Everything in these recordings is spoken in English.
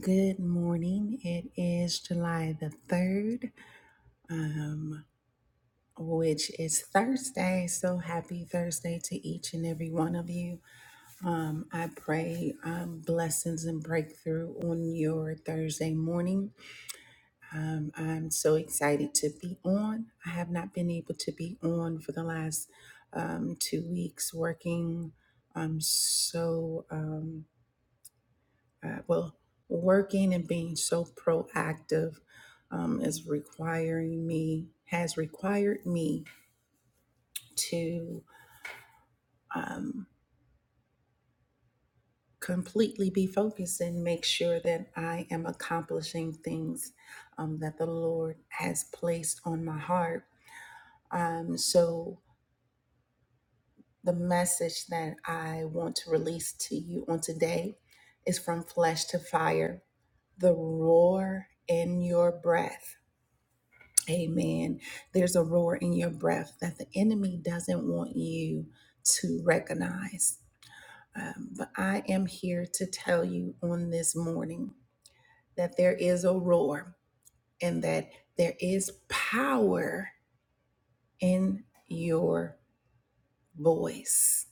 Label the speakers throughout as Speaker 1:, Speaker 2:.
Speaker 1: Good morning. It is July the 3rd, which is Thursday. So happy Thursday to each and every one of you. Um, I pray um, blessings and breakthrough on your Thursday morning. Um, I'm so excited to be on. I have not been able to be on for the last um, two weeks working. I'm so. Um, Uh, well, working and being so proactive um, is requiring me, has required me to um, completely be focused and make sure that I am accomplishing things um, that the Lord has placed on my heart. Um, so, the message that I want to release to you on today is from flesh to fire the roar in your breath. Amen. There's a roar in your breath that the enemy doesn't want you to recognize. Um, but I am here to tell you on this morning that there is a roar and that there is power in your voice.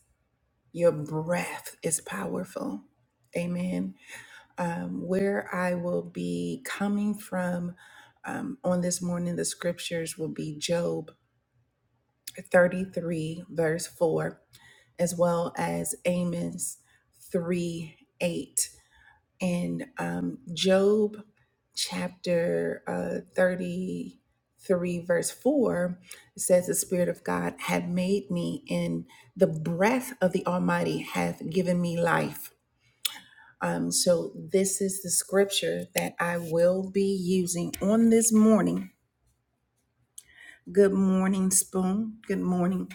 Speaker 1: Your breath is powerful. Amen. Um, where I will be coming from um, on this morning, the scriptures will be Job 33, verse 4, as well as Amos 3 8. And um, Job chapter uh, 33, verse 4 it says, The Spirit of God had made me, and the breath of the Almighty hath given me life. Um, so, this is the scripture that I will be using on this morning. Good morning, Spoon. Good morning,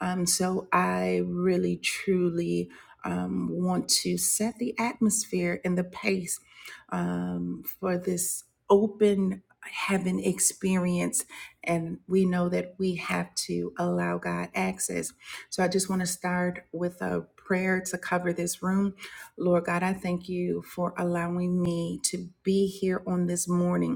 Speaker 1: Um, so I really, truly um, want to set the atmosphere and the pace um, for this open heaven experience. And we know that we have to allow God access. So I just want to start with a prayer to cover this room. Lord God, I thank you for allowing me to be here on this morning.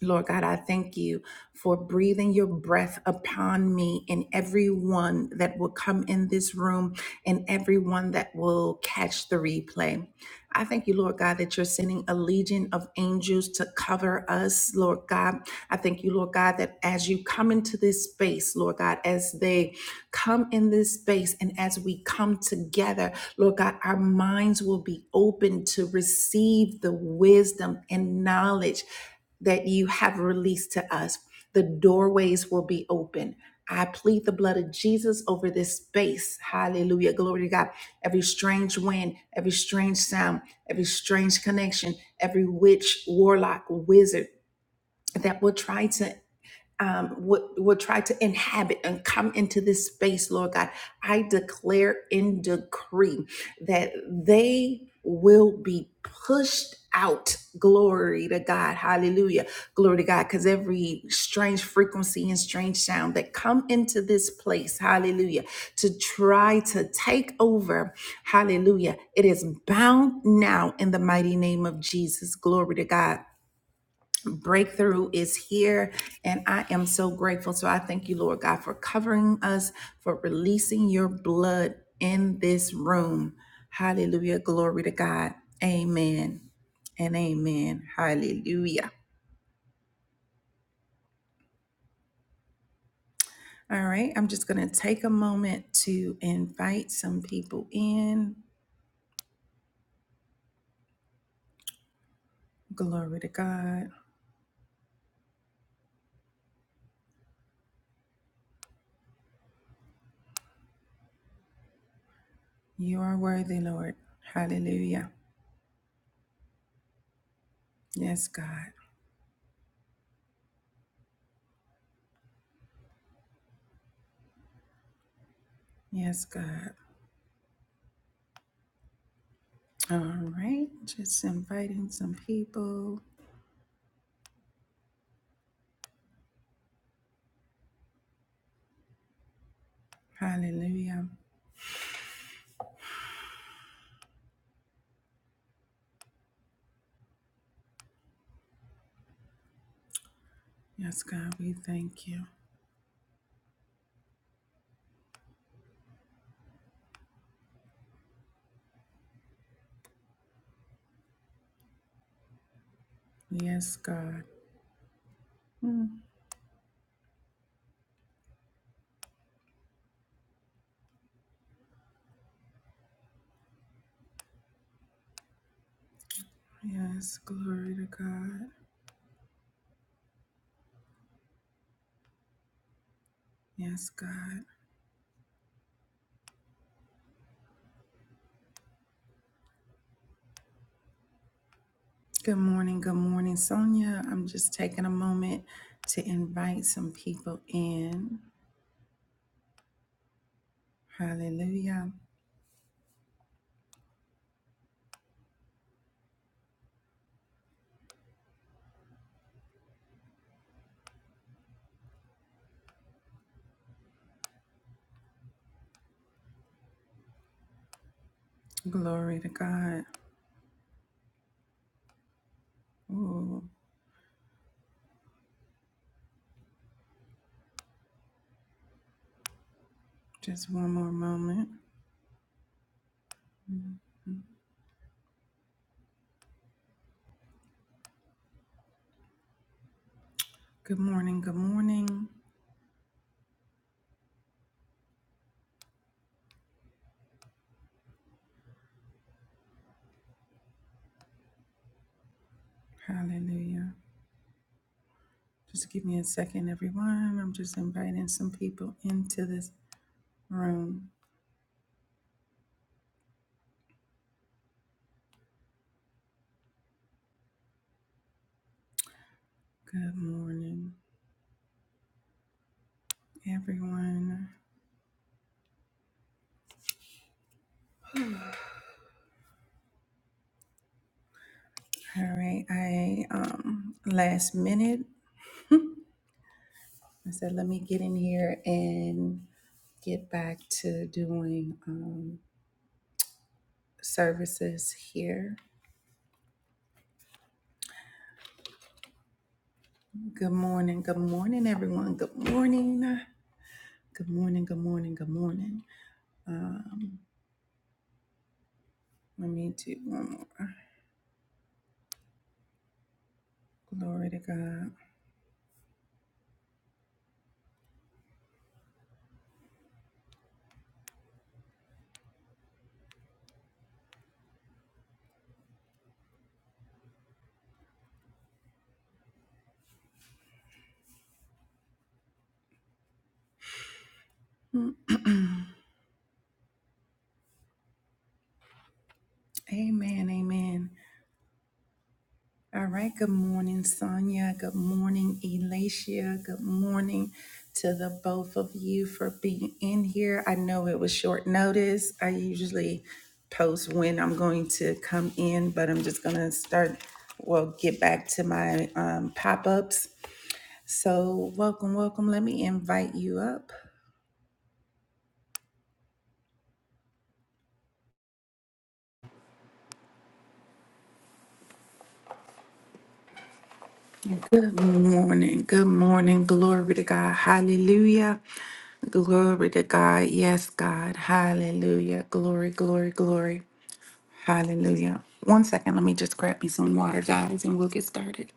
Speaker 1: Lord God, I thank you for breathing your breath upon me and everyone that will come in this room and everyone that will catch the replay. I thank you, Lord God, that you're sending a legion of angels to cover us, Lord God. I thank you, Lord God, that as you come into this space, Lord God, as they come in this space and as we come together, Lord God, our minds will be open to receive the wisdom and knowledge that you have released to us. The doorways will be open. I plead the blood of Jesus over this space. Hallelujah. Glory to God. Every strange wind, every strange sound, every strange connection, every witch, warlock, wizard that will try to um, would would try to inhabit and come into this space, Lord God. I declare and decree that they will be pushed out. Glory to God. Hallelujah. Glory to God. Because every strange frequency and strange sound that come into this place, hallelujah, to try to take over, hallelujah, it is bound now in the mighty name of Jesus. Glory to God breakthrough is here and i am so grateful so i thank you lord god for covering us for releasing your blood in this room hallelujah glory to god amen and amen hallelujah all right i'm just going to take a moment to invite some people in glory to god you are worthy lord hallelujah yes god yes god all right just inviting some people Hallelujah. Yes, God, we thank you. Yes, God. Mm. Yes, glory to God. Yes, God. Good morning. Good morning, Sonia. I'm just taking a moment to invite some people in. Hallelujah. Glory to God. Oh, just one more moment. Mm-hmm. Good morning. Good morning. Hallelujah. Just give me a second, everyone. I'm just inviting some people into this room. Good morning, everyone. All right, I um last minute I said let me get in here and get back to doing um services here. Good morning, good morning, everyone. Good morning. Good morning, good morning, good morning. Let me do one more. Glory to God. Amen, amen. All right. Good morning, Sonia. Good morning, Elacia. Good morning to the both of you for being in here. I know it was short notice. I usually post when I'm going to come in, but I'm just going to start, well, get back to my um, pop ups. So, welcome, welcome. Let me invite you up. Good morning. Good morning. Glory to God. Hallelujah. Glory to God. Yes, God. Hallelujah. Glory, glory, glory. Hallelujah. One second. Let me just grab me some water, guys, and we'll get started.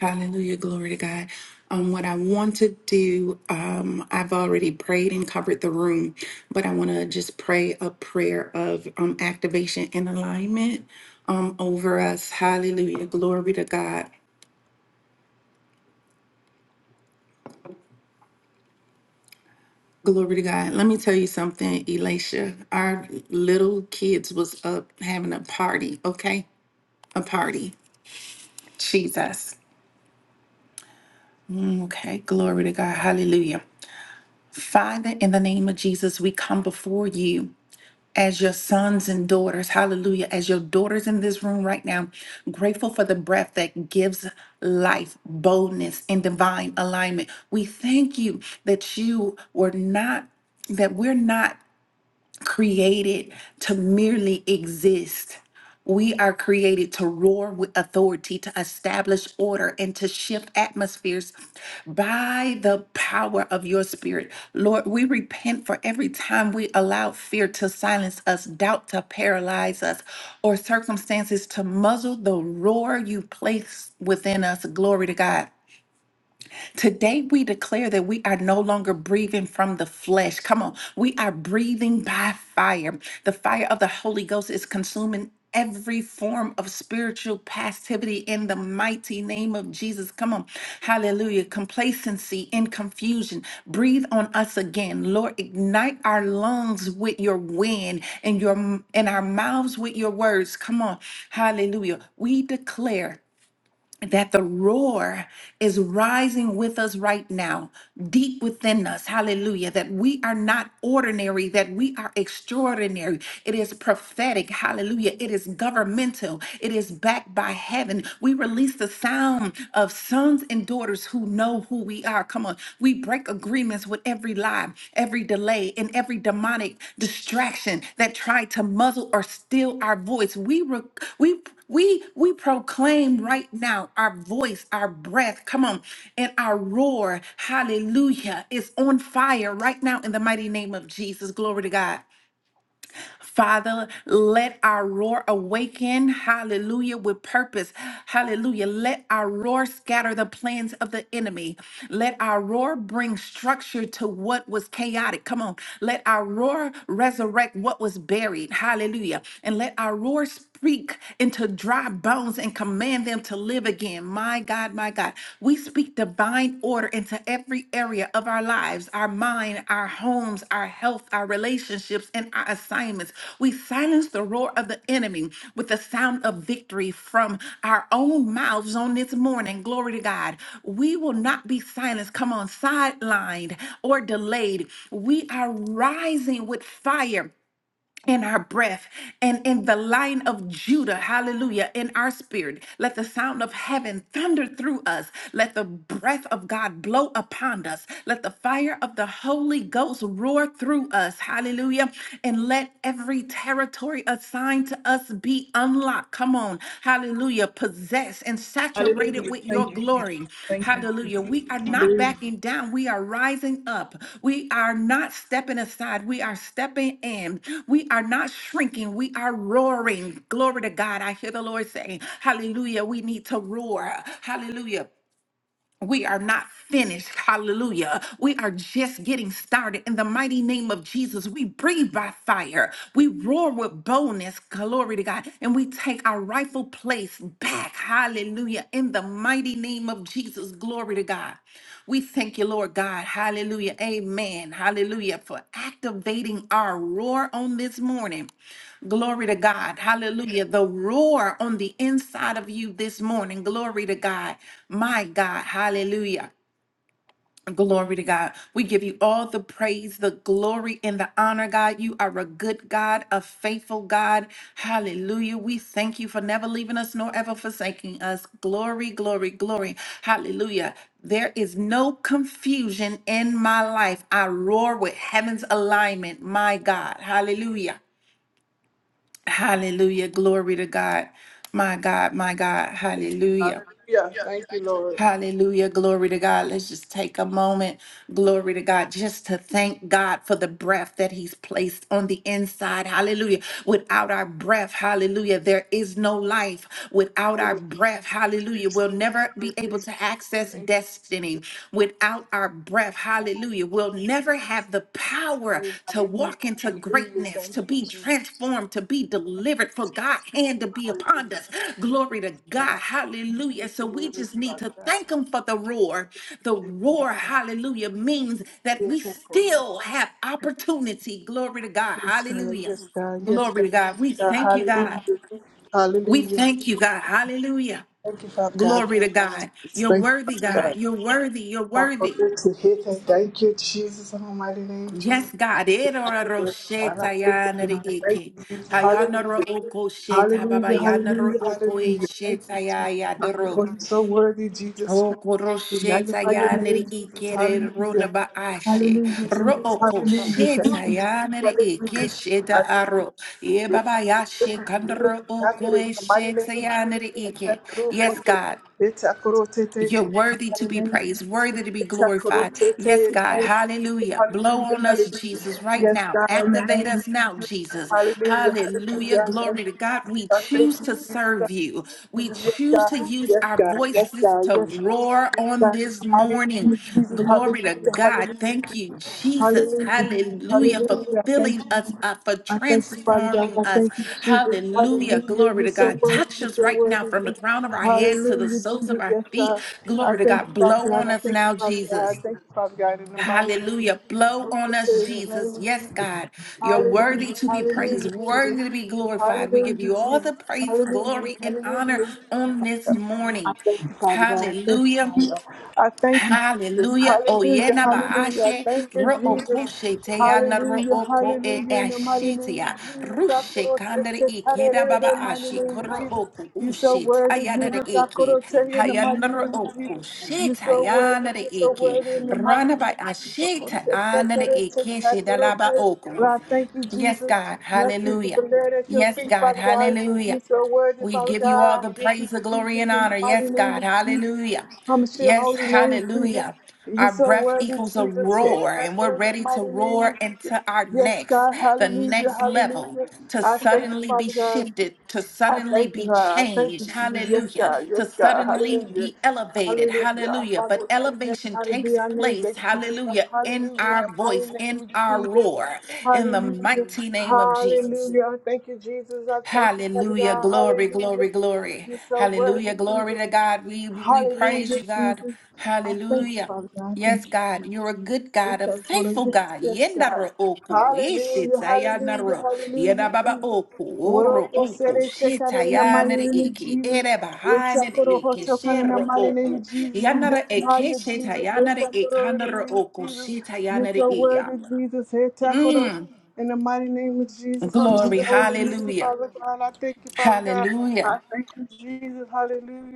Speaker 1: Hallelujah. Glory to God. Um, what I want to do, um, I've already prayed and covered the room, but I want to just pray a prayer of um, activation and alignment um, over us. Hallelujah. Glory to God. Glory to God. Let me tell you something, Elisha. Our little kids was up having a party, okay? A party. Jesus. Okay. Glory to God. Hallelujah. Father, in the name of Jesus, we come before you as your sons and daughters. Hallelujah. As your daughters in this room right now, grateful for the breath that gives life, boldness, and divine alignment. We thank you that you were not that we're not created to merely exist. We are created to roar with authority, to establish order, and to shift atmospheres by the power of your spirit. Lord, we repent for every time we allow fear to silence us, doubt to paralyze us, or circumstances to muzzle the roar you place within us. Glory to God. Today we declare that we are no longer breathing from the flesh. Come on, we are breathing by fire. The fire of the Holy Ghost is consuming every form of spiritual passivity in the mighty name of Jesus. Come on. Hallelujah. Complacency and confusion. Breathe on us again. Lord, ignite our lungs with your wind and your and our mouths with your words. Come on. Hallelujah. We declare that the roar is rising with us right now, deep within us. Hallelujah. That we are not ordinary, that we are extraordinary. It is prophetic. Hallelujah. It is governmental. It is backed by heaven. We release the sound of sons and daughters who know who we are. Come on. We break agreements with every lie, every delay, and every demonic distraction that tried to muzzle or steal our voice. We, re- we we we proclaim right now our voice, our breath, come on, and our roar, hallelujah, is on fire right now in the mighty name of Jesus. Glory to God. Father, let our roar awaken, hallelujah, with purpose. Hallelujah. Let our roar scatter the plans of the enemy. Let our roar bring structure to what was chaotic. Come on. Let our roar resurrect what was buried. Hallelujah. And let our roar speak into dry bones and command them to live again. My God, my God. We speak divine order into every area of our lives our mind, our homes, our health, our relationships, and our assignments. We silence the roar of the enemy with the sound of victory from our own mouths on this morning. Glory to God. We will not be silenced, come on, sidelined or delayed. We are rising with fire in our breath and in the line of Judah, hallelujah, in our spirit. Let the sound of heaven thunder through us. Let the breath of God blow upon us. Let the fire of the Holy Ghost roar through us, hallelujah. And let every territory assigned to us be unlocked. Come on throne, hallelujah, possessed and saturated
Speaker 2: Hallelujah.
Speaker 1: with
Speaker 2: Thank
Speaker 1: your
Speaker 2: you.
Speaker 1: glory.
Speaker 2: Thank you.
Speaker 1: Hallelujah. We are not backing down. We are rising up. We are not stepping aside. We are stepping in. We are not shrinking. We are roaring. Glory to God. I hear the Lord saying, Hallelujah. We need to roar. Hallelujah. We are not finished. Hallelujah. We are just getting started. In the mighty name of Jesus, we breathe by fire. We roar with boldness. Glory to God. And we take our rightful place back. Hallelujah. In the mighty name of Jesus, glory to God. We thank you, Lord God. Hallelujah. Amen. Hallelujah. For activating our roar on this morning. Glory to God. Hallelujah. The roar on the inside of you this morning. Glory to God. My God. Hallelujah. Glory to God. We give you all the praise, the glory, and the honor, God. You are a good God, a faithful God. Hallelujah. We thank you for never leaving us nor ever forsaking us. Glory, glory, glory. Hallelujah. There is no confusion in my life. I roar with heaven's alignment, my God. Hallelujah. Hallelujah. Glory to God. My God, my God. Hallelujah.
Speaker 2: Hallelujah. Thank you, Lord.
Speaker 1: Hallelujah. Glory to God. Let's just take a moment. Glory to God. Just to thank God for the breath that He's placed on the inside. Hallelujah. Without our breath, hallelujah, there is no life. Without our breath, hallelujah, we'll never be able
Speaker 2: Hallelujah.
Speaker 1: to access
Speaker 2: Thank
Speaker 1: destiny. Without our breath, hallelujah, we'll never have the power
Speaker 2: you.
Speaker 1: to
Speaker 2: Hallelujah.
Speaker 1: walk into
Speaker 2: Hallelujah.
Speaker 1: greatness,
Speaker 2: Thank
Speaker 1: to
Speaker 2: you,
Speaker 1: be
Speaker 2: Jesus.
Speaker 1: transformed, to be delivered, for God's hand to be upon us.
Speaker 2: Hallelujah.
Speaker 1: Glory to
Speaker 2: God.
Speaker 1: God.
Speaker 2: Thank
Speaker 1: Hallelujah.
Speaker 2: you
Speaker 1: So
Speaker 2: for
Speaker 1: we
Speaker 2: your word,
Speaker 1: just need
Speaker 2: Father
Speaker 1: to
Speaker 2: God.
Speaker 1: thank Him for the roar. The roar, hallelujah, means that
Speaker 2: Yes,
Speaker 1: we
Speaker 2: Lord.
Speaker 1: still have opportunity. Glory to God.
Speaker 2: Yes, God.
Speaker 1: Hallelujah.
Speaker 2: Yes, God. Yes,
Speaker 1: Glory
Speaker 2: God.
Speaker 1: to God.
Speaker 2: Yes,
Speaker 1: We
Speaker 2: God.
Speaker 1: thank you, God.
Speaker 2: Hallelujah.
Speaker 1: We
Speaker 2: Hallelujah.
Speaker 1: thank you, God. Hallelujah.
Speaker 2: Thank you, Father God.
Speaker 1: Glory to God. You're
Speaker 2: Thank you,
Speaker 1: worthy,
Speaker 2: Father
Speaker 1: God.
Speaker 2: God.
Speaker 1: You're worthy. You're
Speaker 2: I for
Speaker 1: worthy.
Speaker 2: to hear that. Thank you, Jesus, in the mighty name, Jesus.
Speaker 1: Yes, God.
Speaker 2: Thank
Speaker 1: Erora
Speaker 2: you, Lord. God, I
Speaker 1: rosheta
Speaker 2: thank
Speaker 1: yana
Speaker 2: you,
Speaker 1: re
Speaker 2: Lord. Thank
Speaker 1: eke.
Speaker 2: you, Jesus.
Speaker 1: Hayana ro
Speaker 2: Hallelujah.
Speaker 1: oko sheta baba
Speaker 2: Hallelujah,
Speaker 1: yana ro
Speaker 2: hallelujah,
Speaker 1: oko e
Speaker 2: hallelujah. Thank you,
Speaker 1: sheta ya
Speaker 2: Jesus.
Speaker 1: ya
Speaker 2: My God,
Speaker 1: doro.
Speaker 2: you're so worthy, Jesus.
Speaker 1: Oko
Speaker 2: We
Speaker 1: rosheta
Speaker 2: magnify your
Speaker 1: yana
Speaker 2: name,
Speaker 1: re
Speaker 2: Jesus.
Speaker 1: eke re rona
Speaker 2: Hallelujah.
Speaker 1: ba ashe.
Speaker 2: Hallelujah,
Speaker 1: Ro
Speaker 2: Jesus.
Speaker 1: oko
Speaker 2: Hallelujah. Thank
Speaker 1: sheta
Speaker 2: you,
Speaker 1: yana de eke
Speaker 2: Jesus.
Speaker 1: sheta
Speaker 2: Hallelujah.
Speaker 1: aro. Ye baba yashe kandro
Speaker 2: Attack it
Speaker 1: oko e
Speaker 2: in the mighty
Speaker 1: sheta
Speaker 2: name of Jesus.
Speaker 1: yana re eke.
Speaker 2: it all for
Speaker 1: Yes,
Speaker 2: it.
Speaker 1: God.
Speaker 2: Attack it all, it.
Speaker 1: You're
Speaker 2: In
Speaker 1: worthy to be praised, worthy to be glorified. Yes, God. Hallelujah. Blow on us, Jesus, right
Speaker 2: Yes,
Speaker 1: now.
Speaker 2: God, in the
Speaker 1: Activate
Speaker 2: name of
Speaker 1: us now,
Speaker 2: Jesus.
Speaker 1: Jesus.
Speaker 2: Hallelujah,
Speaker 1: Hallelujah.
Speaker 2: hallelujah. I Thank
Speaker 1: Glory to
Speaker 2: you,
Speaker 1: God.
Speaker 2: Jesus.
Speaker 1: We
Speaker 2: I
Speaker 1: choose
Speaker 2: thank
Speaker 1: to
Speaker 2: you,
Speaker 1: serve
Speaker 2: Jesus.
Speaker 1: you. We
Speaker 2: Jesus, yes,
Speaker 1: choose to
Speaker 2: God,
Speaker 1: use
Speaker 2: yes,
Speaker 1: our
Speaker 2: God, yes,
Speaker 1: voices
Speaker 2: God,
Speaker 1: to
Speaker 2: yes, God,
Speaker 1: roar
Speaker 2: yes,
Speaker 1: on
Speaker 2: God, in
Speaker 1: this
Speaker 2: the mighty
Speaker 1: morning.
Speaker 2: name Jesus,
Speaker 1: Glory to
Speaker 2: hallelujah,
Speaker 1: God.
Speaker 2: hallelujah,
Speaker 1: Thank you, Jesus.
Speaker 2: hallelujah, Jesus,
Speaker 1: Hallelujah. For
Speaker 2: hallelujah, I
Speaker 1: filling
Speaker 2: thank you,
Speaker 1: us
Speaker 2: Jesus.
Speaker 1: up, for
Speaker 2: I thank you, Father God,
Speaker 1: transforming
Speaker 2: I
Speaker 1: us.
Speaker 2: thank you, Jesus,
Speaker 1: Hallelujah.
Speaker 2: hallelujah,
Speaker 1: Glory
Speaker 2: you're
Speaker 1: to
Speaker 2: so
Speaker 1: God.
Speaker 2: worthy,
Speaker 1: Touch
Speaker 2: you're
Speaker 1: us
Speaker 2: so
Speaker 1: right now
Speaker 2: worthy,
Speaker 1: from the crown of our heads to the
Speaker 2: hallelujah,
Speaker 1: soles of
Speaker 2: Jesus,
Speaker 1: our
Speaker 2: yes,
Speaker 1: feet.
Speaker 2: God, I
Speaker 1: Glory to
Speaker 2: thank
Speaker 1: God.
Speaker 2: you, Father
Speaker 1: Blow
Speaker 2: God,
Speaker 1: on
Speaker 2: I
Speaker 1: us
Speaker 2: thank you,
Speaker 1: now,
Speaker 2: Father God, I
Speaker 1: Jesus.
Speaker 2: thank you, Father God, in the mighty name of
Speaker 1: Hallelujah.
Speaker 2: Jesus,
Speaker 1: Blow
Speaker 2: hope
Speaker 1: on
Speaker 2: to
Speaker 1: us,
Speaker 2: the name
Speaker 1: Jesus.
Speaker 2: of
Speaker 1: Yes,
Speaker 2: Jesus,
Speaker 1: God. You're
Speaker 2: hallelujah,
Speaker 1: worthy to be
Speaker 2: hallelujah,
Speaker 1: praised, worthy
Speaker 2: Jesus.
Speaker 1: to be glorified. We give
Speaker 2: Hallelujah,
Speaker 1: you all
Speaker 2: Jesus.
Speaker 1: the praise,
Speaker 2: Hallelujah,
Speaker 1: glory, and honor
Speaker 2: hallelujah.
Speaker 1: on this
Speaker 2: I
Speaker 1: morning.
Speaker 2: thank you, Father God.
Speaker 1: Hallelujah.
Speaker 2: I thank you, Jesus.
Speaker 1: Hallelujah. Oh yeah,
Speaker 2: Hallelujah, hallelujah. I
Speaker 1: nabaashe.
Speaker 2: thank you,
Speaker 1: Ro'o
Speaker 2: Jesus.
Speaker 1: koshete ya na
Speaker 2: Hallelujah,
Speaker 1: ro'o ko e
Speaker 2: hallelujah. In the mighty
Speaker 1: ashete
Speaker 2: name of
Speaker 1: ya.
Speaker 2: Jesus, I
Speaker 1: Rushe
Speaker 2: protect
Speaker 1: kandere
Speaker 2: you.
Speaker 1: ike da
Speaker 2: Hallelujah, in
Speaker 1: baba
Speaker 2: the mighty
Speaker 1: ashi.
Speaker 2: name of
Speaker 1: Koro
Speaker 2: Jesus.
Speaker 1: o ku
Speaker 2: You so
Speaker 1: ushe ta
Speaker 2: worthy,
Speaker 1: ya na de
Speaker 2: Jesus. I
Speaker 1: ike.
Speaker 2: protect you in the
Speaker 1: Hayana
Speaker 2: mighty name of
Speaker 1: ro'o
Speaker 2: Jesus.
Speaker 1: koshe
Speaker 2: You so worthy,
Speaker 1: tayana de
Speaker 2: you so
Speaker 1: ike.
Speaker 2: worthy in the mighty
Speaker 1: Rana
Speaker 2: name
Speaker 1: by
Speaker 2: of Jesus.
Speaker 1: ashete
Speaker 2: Protect you,
Speaker 1: ana de
Speaker 2: protect you,
Speaker 1: ike she da la
Speaker 2: protect
Speaker 1: laba
Speaker 2: you.
Speaker 1: oku.
Speaker 2: Lord, I thank you,
Speaker 1: Yes,
Speaker 2: Jesus.
Speaker 1: God.
Speaker 2: Nothing to
Speaker 1: Hallelujah.
Speaker 2: blur at your
Speaker 1: Yes,
Speaker 2: feet,
Speaker 1: God.
Speaker 2: Father God.
Speaker 1: Hallelujah.
Speaker 2: You're so worthy,
Speaker 1: We
Speaker 2: Father
Speaker 1: give you all
Speaker 2: God.
Speaker 1: the
Speaker 2: Thank you,
Speaker 1: praise, the glory,
Speaker 2: Jesus,
Speaker 1: and
Speaker 2: in
Speaker 1: honor.
Speaker 2: the
Speaker 1: Yes,
Speaker 2: mighty name
Speaker 1: God.
Speaker 2: of Jesus.
Speaker 1: Hallelujah.
Speaker 2: Promise your
Speaker 1: Yes,
Speaker 2: holy name, Jesus.
Speaker 1: hallelujah.
Speaker 2: You're
Speaker 1: Our
Speaker 2: so
Speaker 1: breath
Speaker 2: worthy,
Speaker 1: equals a
Speaker 2: Jesus. Take
Speaker 1: roar,
Speaker 2: that
Speaker 1: and we're
Speaker 2: in the
Speaker 1: ready to
Speaker 2: mighty name
Speaker 1: roar
Speaker 2: of Jesus.
Speaker 1: into our
Speaker 2: Yes,
Speaker 1: next,
Speaker 2: God,
Speaker 1: the
Speaker 2: hallelujah,
Speaker 1: next level,
Speaker 2: hallelujah.
Speaker 1: to
Speaker 2: I thank you,
Speaker 1: suddenly be
Speaker 2: Father God.
Speaker 1: shifted, to
Speaker 2: I
Speaker 1: suddenly
Speaker 2: thank you,
Speaker 1: be
Speaker 2: God. I thank you,
Speaker 1: changed.
Speaker 2: Jesus. Yes,
Speaker 1: Hallelujah.
Speaker 2: God,
Speaker 1: To
Speaker 2: yes, God,
Speaker 1: suddenly
Speaker 2: hallelujah.
Speaker 1: be elevated.
Speaker 2: Hallelujah. Our
Speaker 1: Hallelujah.
Speaker 2: Father,
Speaker 1: But
Speaker 2: which art in heaven,
Speaker 1: elevation
Speaker 2: hallelujah. be
Speaker 1: takes
Speaker 2: our name, thy
Speaker 1: place.
Speaker 2: kingdom come.
Speaker 1: Hallelujah. In
Speaker 2: Hallelujah, in the
Speaker 1: our
Speaker 2: mighty
Speaker 1: voice,
Speaker 2: name
Speaker 1: in
Speaker 2: of
Speaker 1: our
Speaker 2: Jesus.
Speaker 1: roar, in the
Speaker 2: Hallelujah,
Speaker 1: mighty name of Jesus.
Speaker 2: hallelujah. I thank you, Jesus. I thank you, Father
Speaker 1: Hallelujah.
Speaker 2: God,
Speaker 1: Glory, glory,
Speaker 2: hallelujah.
Speaker 1: glory.
Speaker 2: You're so worthy,
Speaker 1: Hallelujah. Glory
Speaker 2: Jesus.
Speaker 1: to God. We we praise you,
Speaker 2: Hallelujah,
Speaker 1: God.
Speaker 2: Jesus. I thank you,
Speaker 1: Hallelujah.
Speaker 2: Father God. I
Speaker 1: Yes,
Speaker 2: thank you,
Speaker 1: God,
Speaker 2: Jesus.
Speaker 1: you're a good
Speaker 2: We
Speaker 1: God, a
Speaker 2: thank you, Lord.
Speaker 1: faithful
Speaker 2: yes,
Speaker 1: God.
Speaker 2: yes, God.
Speaker 1: Yendaro oku,
Speaker 2: Hallelujah, hallelujah,
Speaker 1: ishitayanaro,
Speaker 2: hallelujah,
Speaker 1: yedababa
Speaker 2: Jesus.
Speaker 1: oku,
Speaker 2: What up,
Speaker 1: oro
Speaker 2: what said
Speaker 1: oku,
Speaker 2: they take out in the mighty
Speaker 1: shitayanere
Speaker 2: name of
Speaker 1: eke,
Speaker 2: Jesus. We
Speaker 1: erebahanere
Speaker 2: take out of
Speaker 1: eke,
Speaker 2: hotel in the
Speaker 1: shero
Speaker 2: mighty name of
Speaker 1: oku,
Speaker 2: Jesus. We
Speaker 1: yanara
Speaker 2: lift you
Speaker 1: eke,
Speaker 2: higher, Jesus. We take
Speaker 1: shitayanere
Speaker 2: out in the
Speaker 1: ekandaro
Speaker 2: name of
Speaker 1: oku,
Speaker 2: Jesus. You're
Speaker 1: shitayanere
Speaker 2: so
Speaker 1: ea.
Speaker 2: worthy, Jesus. Hey, tackle the-
Speaker 1: Mm.
Speaker 2: in the mighty name of Jesus, I'm just
Speaker 1: Glory,
Speaker 2: holy name,
Speaker 1: hallelujah,
Speaker 2: Father God. I thank you, Father God.
Speaker 1: hallelujah.
Speaker 2: I thank you, Jesus.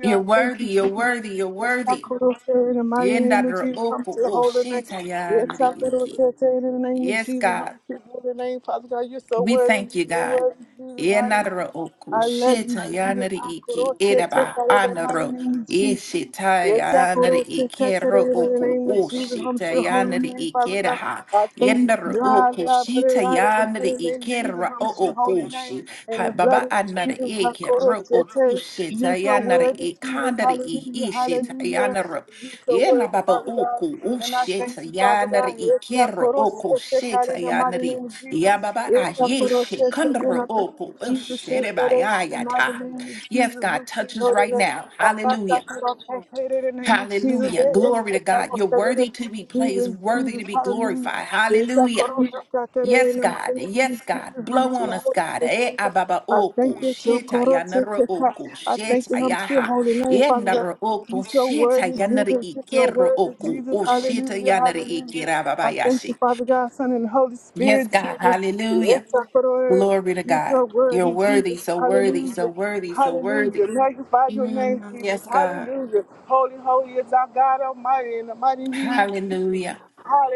Speaker 1: You're
Speaker 2: I thank
Speaker 1: worthy,
Speaker 2: you,
Speaker 1: you're
Speaker 2: Jesus.
Speaker 1: worthy, you're
Speaker 2: Yes, I
Speaker 1: worthy.
Speaker 2: could have said in the mighty
Speaker 1: Yenda
Speaker 2: name of
Speaker 1: dra
Speaker 2: Jesus, come
Speaker 1: oko
Speaker 2: to the
Speaker 1: o
Speaker 2: holy name.
Speaker 1: shita ya
Speaker 2: Yes,
Speaker 1: ndri
Speaker 2: I could have
Speaker 1: iki.
Speaker 2: said to you in the name of
Speaker 1: Yes,
Speaker 2: Jesus,
Speaker 1: God.
Speaker 2: come to the holy name. Father God, you're so
Speaker 1: We
Speaker 2: worthy,
Speaker 1: thank you,
Speaker 2: you're so
Speaker 1: God.
Speaker 2: worthy, Jesus,
Speaker 1: Yenda dra
Speaker 2: hallelujah.
Speaker 1: oko
Speaker 2: I love you,
Speaker 1: shita ya
Speaker 2: Jesus.
Speaker 1: ndri
Speaker 2: I could
Speaker 1: iki.
Speaker 2: have said, take
Speaker 1: Edaba
Speaker 2: out of the mighty
Speaker 1: anaro.
Speaker 2: name of Jesus.
Speaker 1: Ishita
Speaker 2: Yes, I
Speaker 1: ya
Speaker 2: put
Speaker 1: ndri
Speaker 2: all to
Speaker 1: iki.
Speaker 2: catch
Speaker 1: Ro
Speaker 2: in the
Speaker 1: oko
Speaker 2: name of
Speaker 1: o
Speaker 2: Jesus. I'm
Speaker 1: shita
Speaker 2: your
Speaker 1: ya
Speaker 2: holy
Speaker 1: ndri
Speaker 2: name, Father
Speaker 1: iki.
Speaker 2: God.
Speaker 1: Raha.
Speaker 2: I thank you
Speaker 1: Yenda
Speaker 2: for
Speaker 1: dra
Speaker 2: God.
Speaker 1: oko
Speaker 2: I put
Speaker 1: shita
Speaker 2: it out in the
Speaker 1: ya ndri
Speaker 2: mighty name of
Speaker 1: iki.
Speaker 2: Jesus.
Speaker 1: Ra
Speaker 2: I'm
Speaker 1: o
Speaker 2: your holy
Speaker 1: oko
Speaker 2: name.
Speaker 1: shi.
Speaker 2: In
Speaker 1: Ha,
Speaker 2: the blood
Speaker 1: Baba
Speaker 2: of
Speaker 1: Yandere
Speaker 2: Jesus, I
Speaker 1: e ke
Speaker 2: call it
Speaker 1: ro
Speaker 2: to
Speaker 1: o
Speaker 2: you.
Speaker 1: kushe ta
Speaker 2: You're so
Speaker 1: yandere
Speaker 2: worthy,
Speaker 1: e
Speaker 2: Jesus.
Speaker 1: kandere e
Speaker 2: Hallelujah,
Speaker 1: ishe ta
Speaker 2: hallelujah.
Speaker 1: yandere.
Speaker 2: You so
Speaker 1: Yena
Speaker 2: worthy,
Speaker 1: baba
Speaker 2: Father
Speaker 1: o
Speaker 2: God.
Speaker 1: ku
Speaker 2: And I
Speaker 1: ushe ta
Speaker 2: thank you, Father
Speaker 1: yandere
Speaker 2: God.
Speaker 1: e
Speaker 2: Yes, I
Speaker 1: kero
Speaker 2: coro-
Speaker 1: o
Speaker 2: yes, I
Speaker 1: kushe
Speaker 2: call
Speaker 1: ta
Speaker 2: in the mighty
Speaker 1: yandere.
Speaker 2: name of
Speaker 1: Ya
Speaker 2: Jesus.
Speaker 1: baba
Speaker 2: Yes,
Speaker 1: a
Speaker 2: I coro-
Speaker 1: yeshe
Speaker 2: yes, I do
Speaker 1: oku
Speaker 2: I
Speaker 1: o
Speaker 2: thank
Speaker 1: ku
Speaker 2: you, Jesus
Speaker 1: ushe
Speaker 2: said
Speaker 1: de
Speaker 2: that
Speaker 1: ba
Speaker 2: it in the mighty
Speaker 1: ta.
Speaker 2: name of
Speaker 1: Yes,
Speaker 2: Jesus.
Speaker 1: God
Speaker 2: Who should
Speaker 1: touches
Speaker 2: know the
Speaker 1: right
Speaker 2: name?
Speaker 1: now.
Speaker 2: I thought I
Speaker 1: Hallelujah.
Speaker 2: could all take it in the name of Jesus.
Speaker 1: Hallelujah.
Speaker 2: Yes, yes,
Speaker 1: Glory to
Speaker 2: yes, I
Speaker 1: God.
Speaker 2: call
Speaker 1: You're
Speaker 2: it
Speaker 1: worthy to be
Speaker 2: in.
Speaker 1: praised,
Speaker 2: Jesus,
Speaker 1: worthy
Speaker 2: Jesus,
Speaker 1: to be
Speaker 2: hallelujah.
Speaker 1: glorified.
Speaker 2: Yes, I
Speaker 1: Hallelujah.
Speaker 2: coro- yes, I do
Speaker 1: Yes,
Speaker 2: in the
Speaker 1: God.
Speaker 2: mighty
Speaker 1: Yes,
Speaker 2: name of
Speaker 1: God.
Speaker 2: Jesus. I'm
Speaker 1: Blow
Speaker 2: your
Speaker 1: on us,
Speaker 2: holy
Speaker 1: God.
Speaker 2: name,
Speaker 1: Eh,
Speaker 2: Father God.
Speaker 1: ababa
Speaker 2: I
Speaker 1: oko,
Speaker 2: thank you to
Speaker 1: sheta
Speaker 2: Koro
Speaker 1: yanara oko,
Speaker 2: I thank
Speaker 1: sheta
Speaker 2: you, I'm to your
Speaker 1: yaha.
Speaker 2: holy name, Father God.
Speaker 1: Yenara
Speaker 2: You're
Speaker 1: oko,
Speaker 2: so
Speaker 1: sheta
Speaker 2: worthy,
Speaker 1: yanara
Speaker 2: Jesus. You're so
Speaker 1: ikera
Speaker 2: worthy,
Speaker 1: oko,
Speaker 2: Jesus.
Speaker 1: o sheta
Speaker 2: Hallelujah,
Speaker 1: yanara
Speaker 2: hallelujah.
Speaker 1: ikera ababa
Speaker 2: I thank you, Father God, Son, and Holy
Speaker 1: Yes,
Speaker 2: Spirit,
Speaker 1: God.
Speaker 2: Jesus.
Speaker 1: Hallelujah.
Speaker 2: You're
Speaker 1: Glory to God.
Speaker 2: so
Speaker 1: You're
Speaker 2: worthy,
Speaker 1: worthy,
Speaker 2: Jesus.
Speaker 1: so worthy, so
Speaker 2: Hallelujah.
Speaker 1: worthy, so worthy.
Speaker 2: Hallelujah. Magnify your name,
Speaker 1: Mm,
Speaker 2: Jesus.
Speaker 1: yes, God.
Speaker 2: Hallelujah. Holy, holy is our God Almighty in the mighty name of Jesus.
Speaker 1: Hallelujah.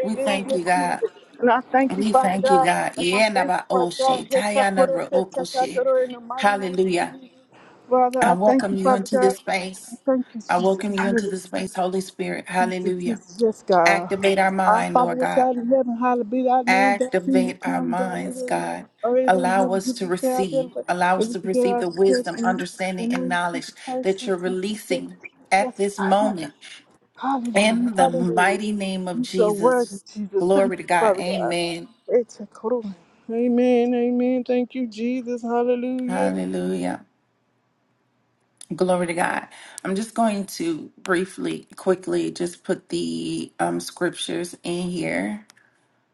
Speaker 1: We thank you, God.
Speaker 2: Jesus. And I thank you,
Speaker 1: We
Speaker 2: Father
Speaker 1: thank you,
Speaker 2: God.
Speaker 1: God.
Speaker 2: And I thank you,
Speaker 1: Yenaba
Speaker 2: Father God.
Speaker 1: oshi,
Speaker 2: Yes, I put us
Speaker 1: tayanara oko
Speaker 2: check out the
Speaker 1: shi.
Speaker 2: door in the mighty name of
Speaker 1: Hallelujah.
Speaker 2: Jesus. Father,
Speaker 1: I
Speaker 2: I thank
Speaker 1: welcome
Speaker 2: you,
Speaker 1: you
Speaker 2: Father
Speaker 1: into
Speaker 2: God.
Speaker 1: this
Speaker 2: I
Speaker 1: space.
Speaker 2: Thank you,
Speaker 1: I
Speaker 2: Jesus.
Speaker 1: welcome you into
Speaker 2: Hallelujah.
Speaker 1: this space, Holy Spirit.
Speaker 2: Thank you,
Speaker 1: Hallelujah.
Speaker 2: Jesus. Yes, God.
Speaker 1: Activate our
Speaker 2: Our
Speaker 1: mind,
Speaker 2: Father,
Speaker 1: Lord
Speaker 2: which
Speaker 1: God.
Speaker 2: art in heaven, hallowed be thy name. Thy kingdom
Speaker 1: Activate our
Speaker 2: come, thy will
Speaker 1: minds,
Speaker 2: be done on
Speaker 1: God.
Speaker 2: earth as it is in
Speaker 1: Allow
Speaker 2: heaven.
Speaker 1: us
Speaker 2: Give
Speaker 1: to
Speaker 2: us our daily
Speaker 1: receive.
Speaker 2: bread.
Speaker 1: Allow
Speaker 2: And
Speaker 1: us
Speaker 2: we
Speaker 1: to
Speaker 2: forget
Speaker 1: receive
Speaker 2: our
Speaker 1: the
Speaker 2: trespasses,
Speaker 1: wisdom,
Speaker 2: and
Speaker 1: understanding,
Speaker 2: we
Speaker 1: and
Speaker 2: forgive
Speaker 1: knowledge
Speaker 2: Jesus Christ.
Speaker 1: that
Speaker 2: who sent
Speaker 1: you're
Speaker 2: us us.
Speaker 1: releasing at
Speaker 2: Yes,
Speaker 1: this
Speaker 2: God. Yes.
Speaker 1: moment.
Speaker 2: Hallelujah.
Speaker 1: In the
Speaker 2: Hallelujah.
Speaker 1: mighty name of
Speaker 2: You so worthy,
Speaker 1: Jesus.
Speaker 2: Jesus. Thank
Speaker 1: Glory
Speaker 2: you,
Speaker 1: to God.
Speaker 2: Father God.
Speaker 1: Amen.
Speaker 2: It's a cool. Amen. Amen. Thank you, Jesus. Hallelujah.
Speaker 1: Hallelujah. Glory to God. I'm just going to briefly, quickly, just put the um, scriptures in here.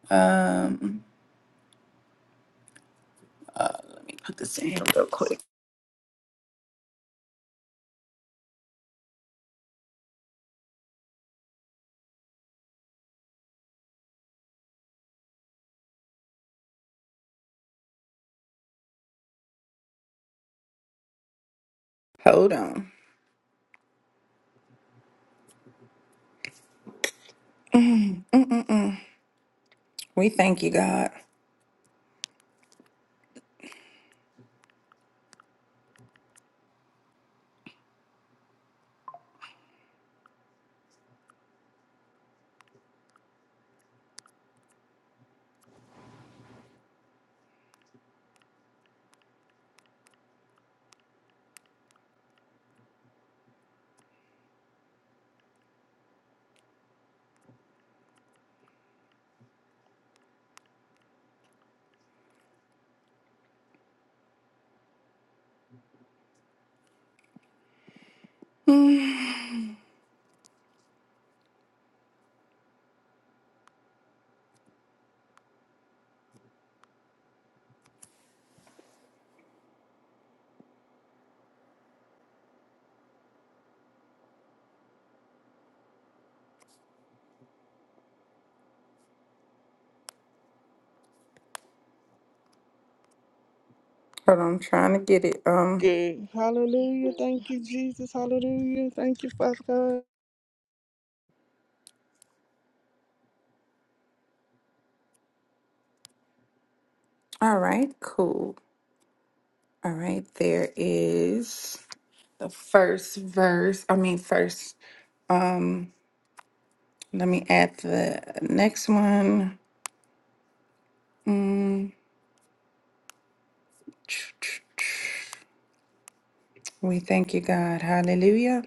Speaker 1: Um, let me put this in here real quick. Hold on. We thank you, God. Hmm. Hold on, I'm trying to get it. Um,
Speaker 2: good. Hallelujah. Thank you, Jesus. Hallelujah. Thank you, Father God.
Speaker 1: all right, cool. All right, there is the first verse. I mean, first. Um, let me add the next one. Mm. We thank you, God. Hallelujah.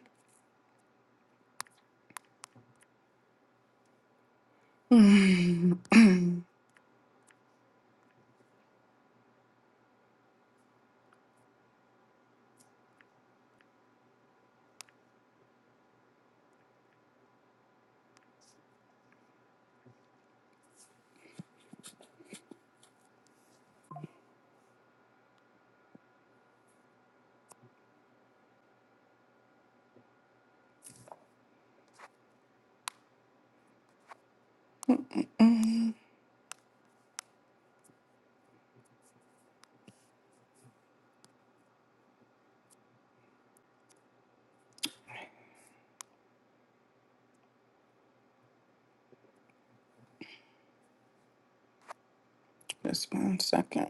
Speaker 1: Just one second.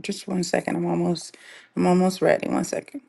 Speaker 1: Just one second. I'm almost I'm almost ready. One second.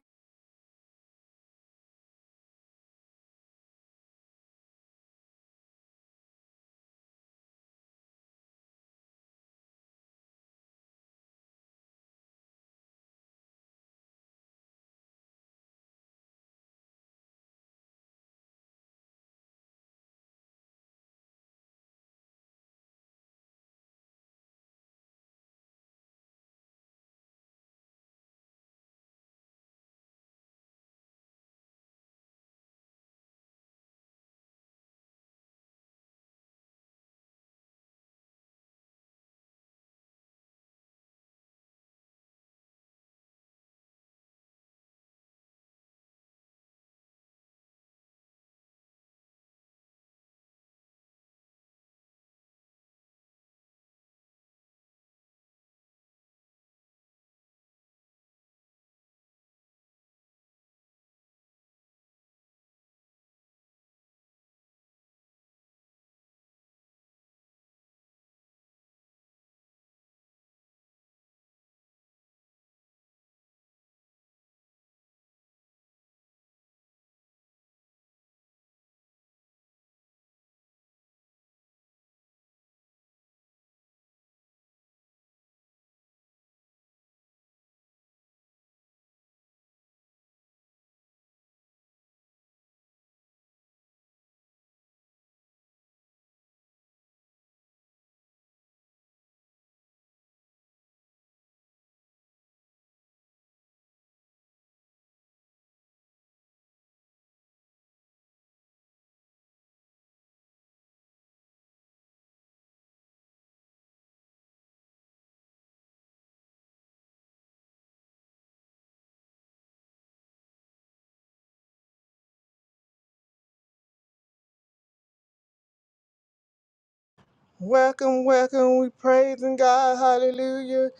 Speaker 2: Welcome, welcome. We praising God. Hallelujah.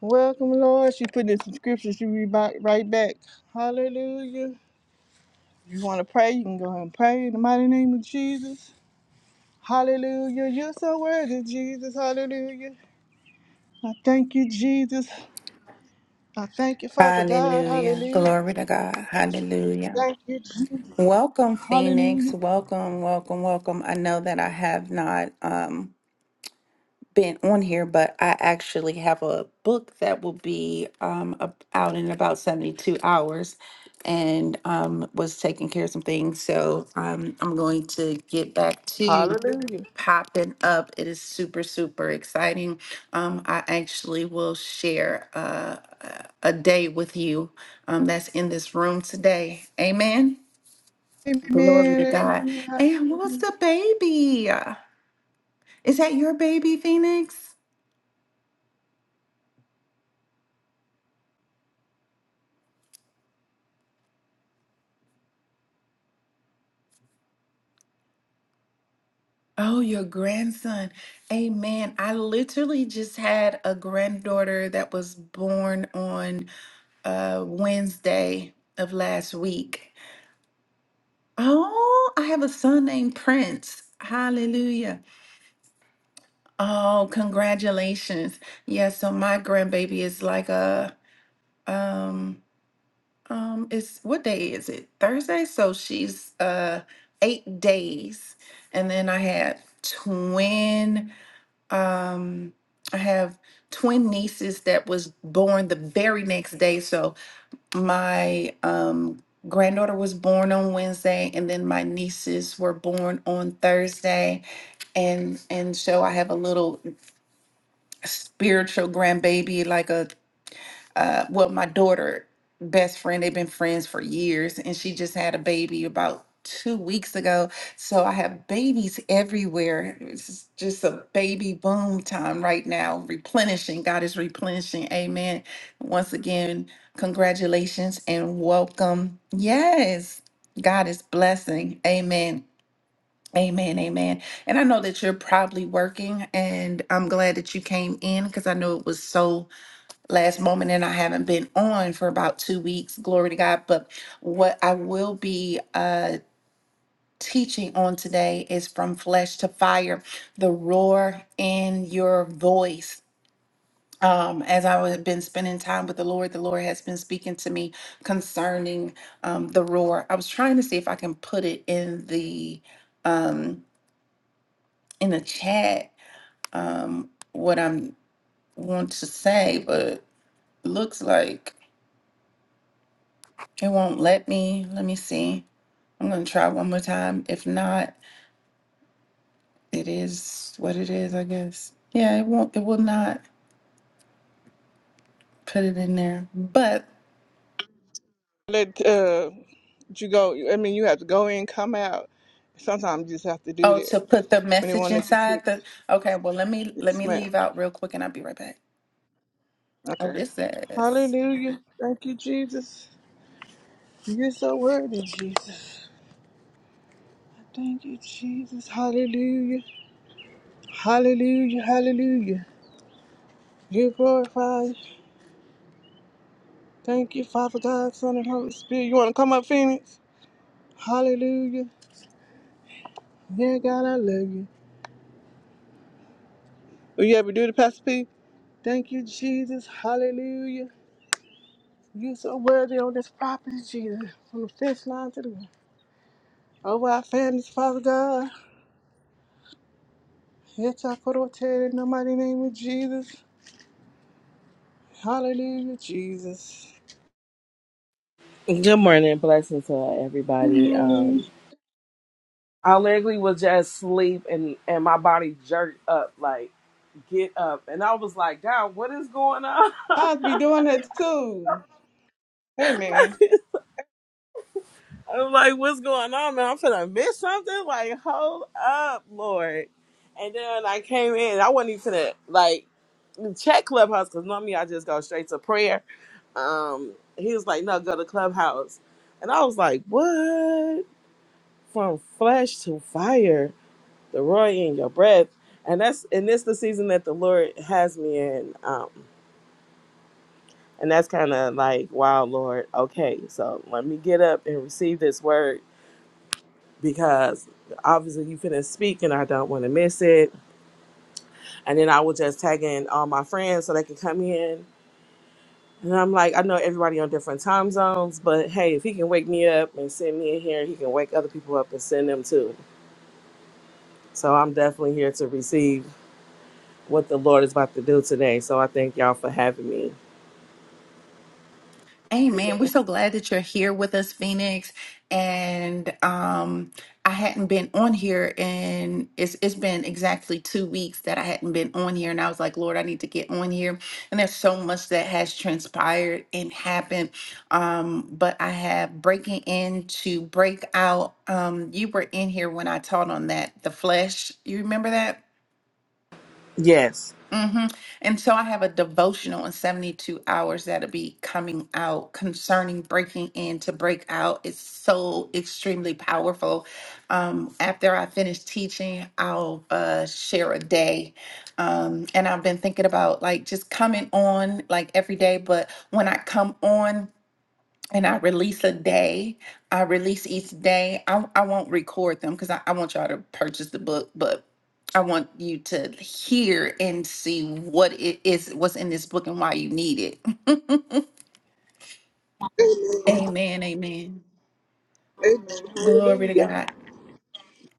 Speaker 2: Welcome, Lord. She put in some scriptures. She read back, right back. Hallelujah. You want to pray? You can go ahead and pray in the mighty name of Jesus. Hallelujah. You're so worthy, Jesus. Hallelujah. I thank you, Jesus. I thank you, Father God.
Speaker 1: Hallelujah.
Speaker 2: Hallelujah.
Speaker 1: Glory to God. Hallelujah.
Speaker 2: Thank you, Jesus.
Speaker 1: Welcome, Phoenix.
Speaker 2: Hallelujah.
Speaker 1: Welcome, welcome, welcome. I know that I have not. Um, been on here, but I actually have a book that will be um, ab- out in about 72 hours and um, was taking care of some things. So um, I'm going to get back to
Speaker 2: Hallelujah.
Speaker 1: popping up. It is super, super exciting. Um, I actually will share uh, a a day with you um, that's in this room today. Amen. Glory to
Speaker 2: Amen.
Speaker 1: God.
Speaker 2: Amen.
Speaker 1: And what's the baby? Is that your baby, Phoenix? Oh, your grandson. Amen. I literally just had a granddaughter that was born on uh, Wednesday of last week. Oh, I have a son named Prince. Hallelujah. Oh, congratulations. Yeah, so my grandbaby is like a um um it's what day is it? Thursday. So she's uh 8 days. And then I had twin Um, I have twin nieces that was born the very next day. So my um, granddaughter was born on Wednesday, and then my nieces were born on Thursday, and and so I have a little spiritual grandbaby, like a uh, well, my daughter best friend, they've been friends for years, and she just had a baby about two weeks ago. So I have babies everywhere. It's just a baby boom time right now, replenishing. God is replenishing. Amen. Once again, congratulations and welcome. Yes, God is blessing. Amen. Amen, amen. And I know that you're probably working, and I'm glad that you came in because I know it was so last moment and I haven't been on for about two weeks. Glory to God. But what I will be uh teaching on today is from flesh to fire, the roar in your voice. Um, as I have been spending time with the Lord, the Lord has been speaking to me concerning um, the roar. I was trying to see if I can put it in the um, in the chat um, what I'm want to say, but looks like It won't let me. Let me see. I'm gonna try one more time. If not, it is what it is, I guess. Yeah, it won't it will not put it in there. But
Speaker 2: Let uh, you go. I mean, you have to go in, come out. Sometimes you just have to do
Speaker 1: oh
Speaker 2: that
Speaker 1: to put the
Speaker 2: when they
Speaker 1: message
Speaker 2: won't let you teach.
Speaker 1: inside the okay, well let me let
Speaker 2: Yes,
Speaker 1: me
Speaker 2: ma'am.
Speaker 1: leave out real quick and I'll be right back. Oh,
Speaker 2: Okay.
Speaker 1: this is.
Speaker 2: Hallelujah. Thank you, Jesus. You're so worthy, Jesus. Thank you, Jesus. Hallelujah. Hallelujah. Hallelujah. You glorify. Thank you, Father God, Son, and Holy Spirit. You want to come up, Phoenix? Hallelujah. Yeah, God, I love you. Will you ever do the Pastor P? Thank you, Jesus. Hallelujah. You so worthy on this property, Jesus. From the fifth line to the over our families, Father God. It's our in the mighty name of Jesus. Hallelujah, Jesus.
Speaker 3: Good morning, blessings to
Speaker 2: Good
Speaker 3: everybody.
Speaker 2: morning.
Speaker 3: Um, I literally was just asleep and and my body jerked up, like get up, and I was like, God, what is going on?
Speaker 2: I'll be doing that too. Amen.
Speaker 3: I'm like, what's going on, man? I'm finna miss something. Like, hold up, Lord. And then I came in. I wasn't even finna like check Clubhouse because normally I just go straight to prayer. Um, he was like, no, go to Clubhouse, and I was like, what? From flesh to fire the roy in your breath and that's and this the season that the lord has me in um and that's kind of like wow lord okay so let me get up and receive this word because obviously you finna speak and i don't want to miss it and then i will just tag in all my friends so they can come in and i'm like i know everybody on different time zones but hey if he can wake me up and send me in here he can wake other people up and send them too so i'm definitely here to receive what the lord is about to do today so i thank y'all for having me
Speaker 1: Amen. We're so glad that you're here with us, Phoenix. And um, I hadn't been on here, and it's it's been exactly two weeks that I hadn't been on here, and I was like, Lord, I need to get on here. And there's so much that has transpired and happened. Um, but I have breaking into breakout. Um, you were in here when I taught on that, the flesh. You remember that?
Speaker 3: Yes,
Speaker 1: Mm-hmm. And so I have a devotional in 72 hours that'll be coming out concerning breaking in to break out. It's so extremely powerful. Um, after I finish teaching, I'll uh, share a day. Um, and I've been thinking about like just coming on like every day, but when I come on, and I release a day. I release each day. I, I won't record them because I, I want y'all to purchase the book, but I want you to hear and see what it is, what's in this book, and why you need it. Amen. Amen.
Speaker 2: Amen.
Speaker 1: Glory to
Speaker 2: Hallelujah.
Speaker 1: God.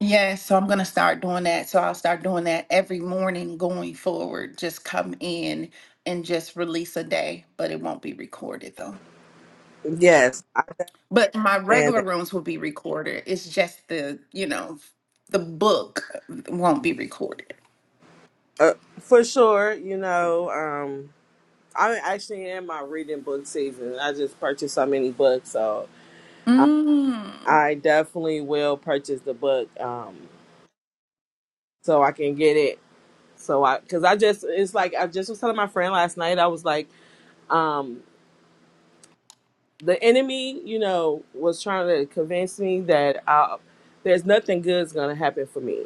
Speaker 1: Yes, so I'm going to start doing that. So I'll start doing that every morning going forward. Just come in and just release a day, but it won't be recorded though.
Speaker 3: yes, I
Speaker 1: But my
Speaker 3: understand
Speaker 1: regular
Speaker 3: that
Speaker 1: rooms will be recorded. It's just the, you know, the book won't be recorded.
Speaker 3: uh, for sure. You know, um, I'm actually in my reading book season. I just purchased so many books, so I,
Speaker 1: Mm.
Speaker 3: I definitely will purchase the book um, so I can get it. So I, because I just, it's like I just was telling my friend last night. I was like, um, the enemy, you know, was trying to convince me that uh there's nothing good's gonna happen for me.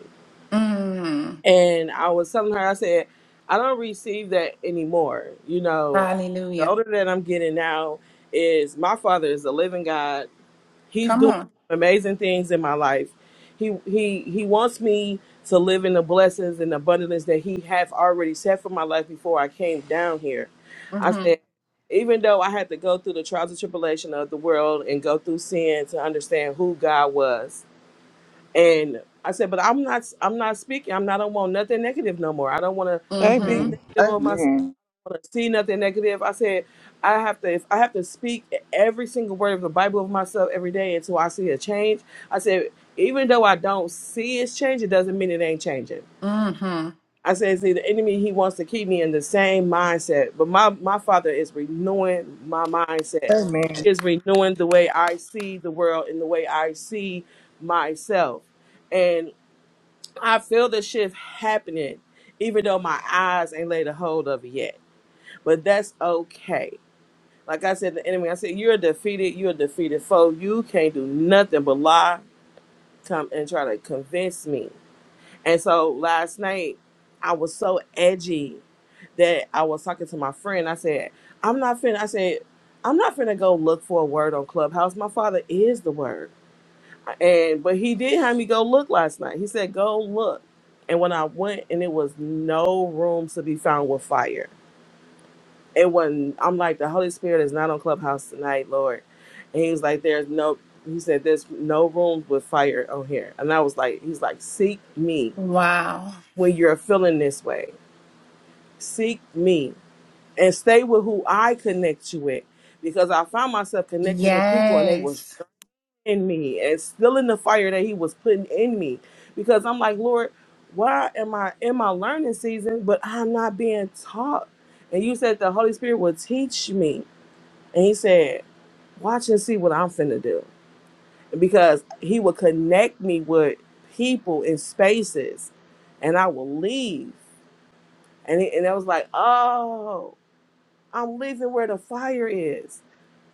Speaker 1: Mm.
Speaker 3: And I was telling her, I said, I don't receive that anymore. You know, the
Speaker 1: Hallelujah.
Speaker 3: older that I'm getting now is my father is a living God. He's
Speaker 1: Come
Speaker 3: doing
Speaker 1: on.
Speaker 3: amazing things in my life. He he he wants me to live in the blessings and abundance that he have already set for my life before I came down here. I
Speaker 1: Mm-hmm.
Speaker 3: said, even though I had to go through the trials and tribulation of the world and go through sin to understand who God was, and I said, but I'm not I'm not speaking. I'm not I don't want nothing negative no more. I don't want to speak
Speaker 1: Mm-hmm.
Speaker 2: Amen.
Speaker 3: negative on myself.
Speaker 2: Amen.
Speaker 3: I don't want to see nothing negative. I said, I have to if I have to speak every single word of the Bible of myself every day until I see a change. I said, even though I don't see it's changing, doesn't mean it ain't changing.
Speaker 1: Mm-hmm.
Speaker 3: I said, see, the enemy he wants to keep me in the same mindset, but my my father is renewing my mindset. He is renewing the way I see the world and the way I see myself I feel the shift happening, even though my eyes ain't laid a hold of it yet. But that's okay. Like I said, the enemy, I said, you're a defeated, you're a defeated foe. You can't do nothing but lie, come and try to convince me. And so last night, I was so edgy that I was talking to my friend. I said, I'm not finna, I said, I'm not finna go look for a word on Clubhouse. My father is the word. And but he did have me go look last night. He said, "Go look." And when I went, and it was no rooms to be found with fire. And when I'm like, the Holy Spirit is not on Clubhouse tonight, Lord. And he was like, "There's no." He said, "There's no rooms with fire on here." And I was like, "He's like, seek me
Speaker 1: Wow.
Speaker 3: when you're feeling this way. Seek me and stay with who I connect you with." Because I found myself connecting with people, and they was
Speaker 1: Yes.
Speaker 3: in me and still in the fire that he was putting in me because i'm like lord why am i in my learning season but i'm not being taught and you said the holy spirit will teach me and he said watch and see what i'm finna do because he will connect me with people in spaces and i will leave and, it, and i was like oh i'm leaving where the fire is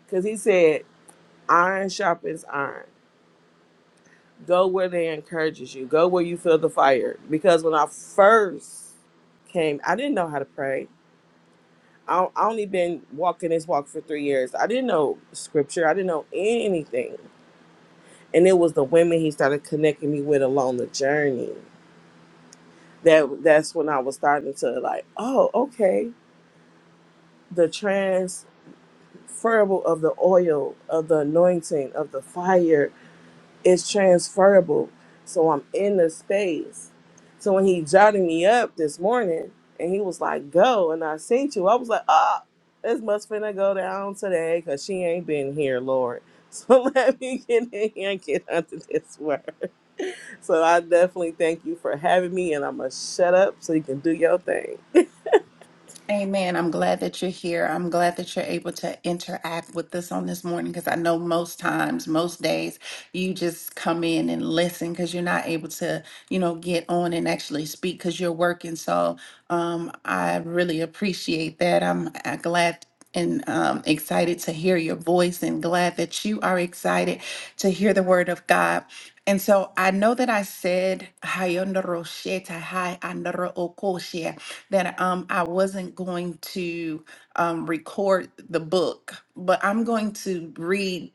Speaker 3: because he said iron sharpens iron Go where they encourages you. Go where you feel the fire. Because when I first came, I didn't know how to pray. I I only been walking this walk for three years. I didn't know scripture. I didn't know anything. And it was the women he started connecting me with along the journey. That that's when I was starting to like, oh, okay. The transferable of the oil, of the anointing, of the fire it's transferable. So I'm in the space. So when he jotted me up this morning and he was like, go, and I seen you, I was like, ah, this must finna go down today because she ain't been here, Lord. So let me get in here and get under this word. So I definitely thank you for having me and I'm going to shut up so you can do your thing.
Speaker 1: Amen. I'm glad that you're here. I'm glad that you're able to interact with us on this morning because I know most times, most days, you just come in and listen because you're not able to, you know, get on and actually speak because you're working. So um, I really appreciate that. I'm uh, glad and um, excited to hear your voice and glad that you are excited to hear the word of God. And so I know that I said, "Hayondorosheta, hayandorookoshia." that um, I wasn't going to um, record the book, but I'm going to read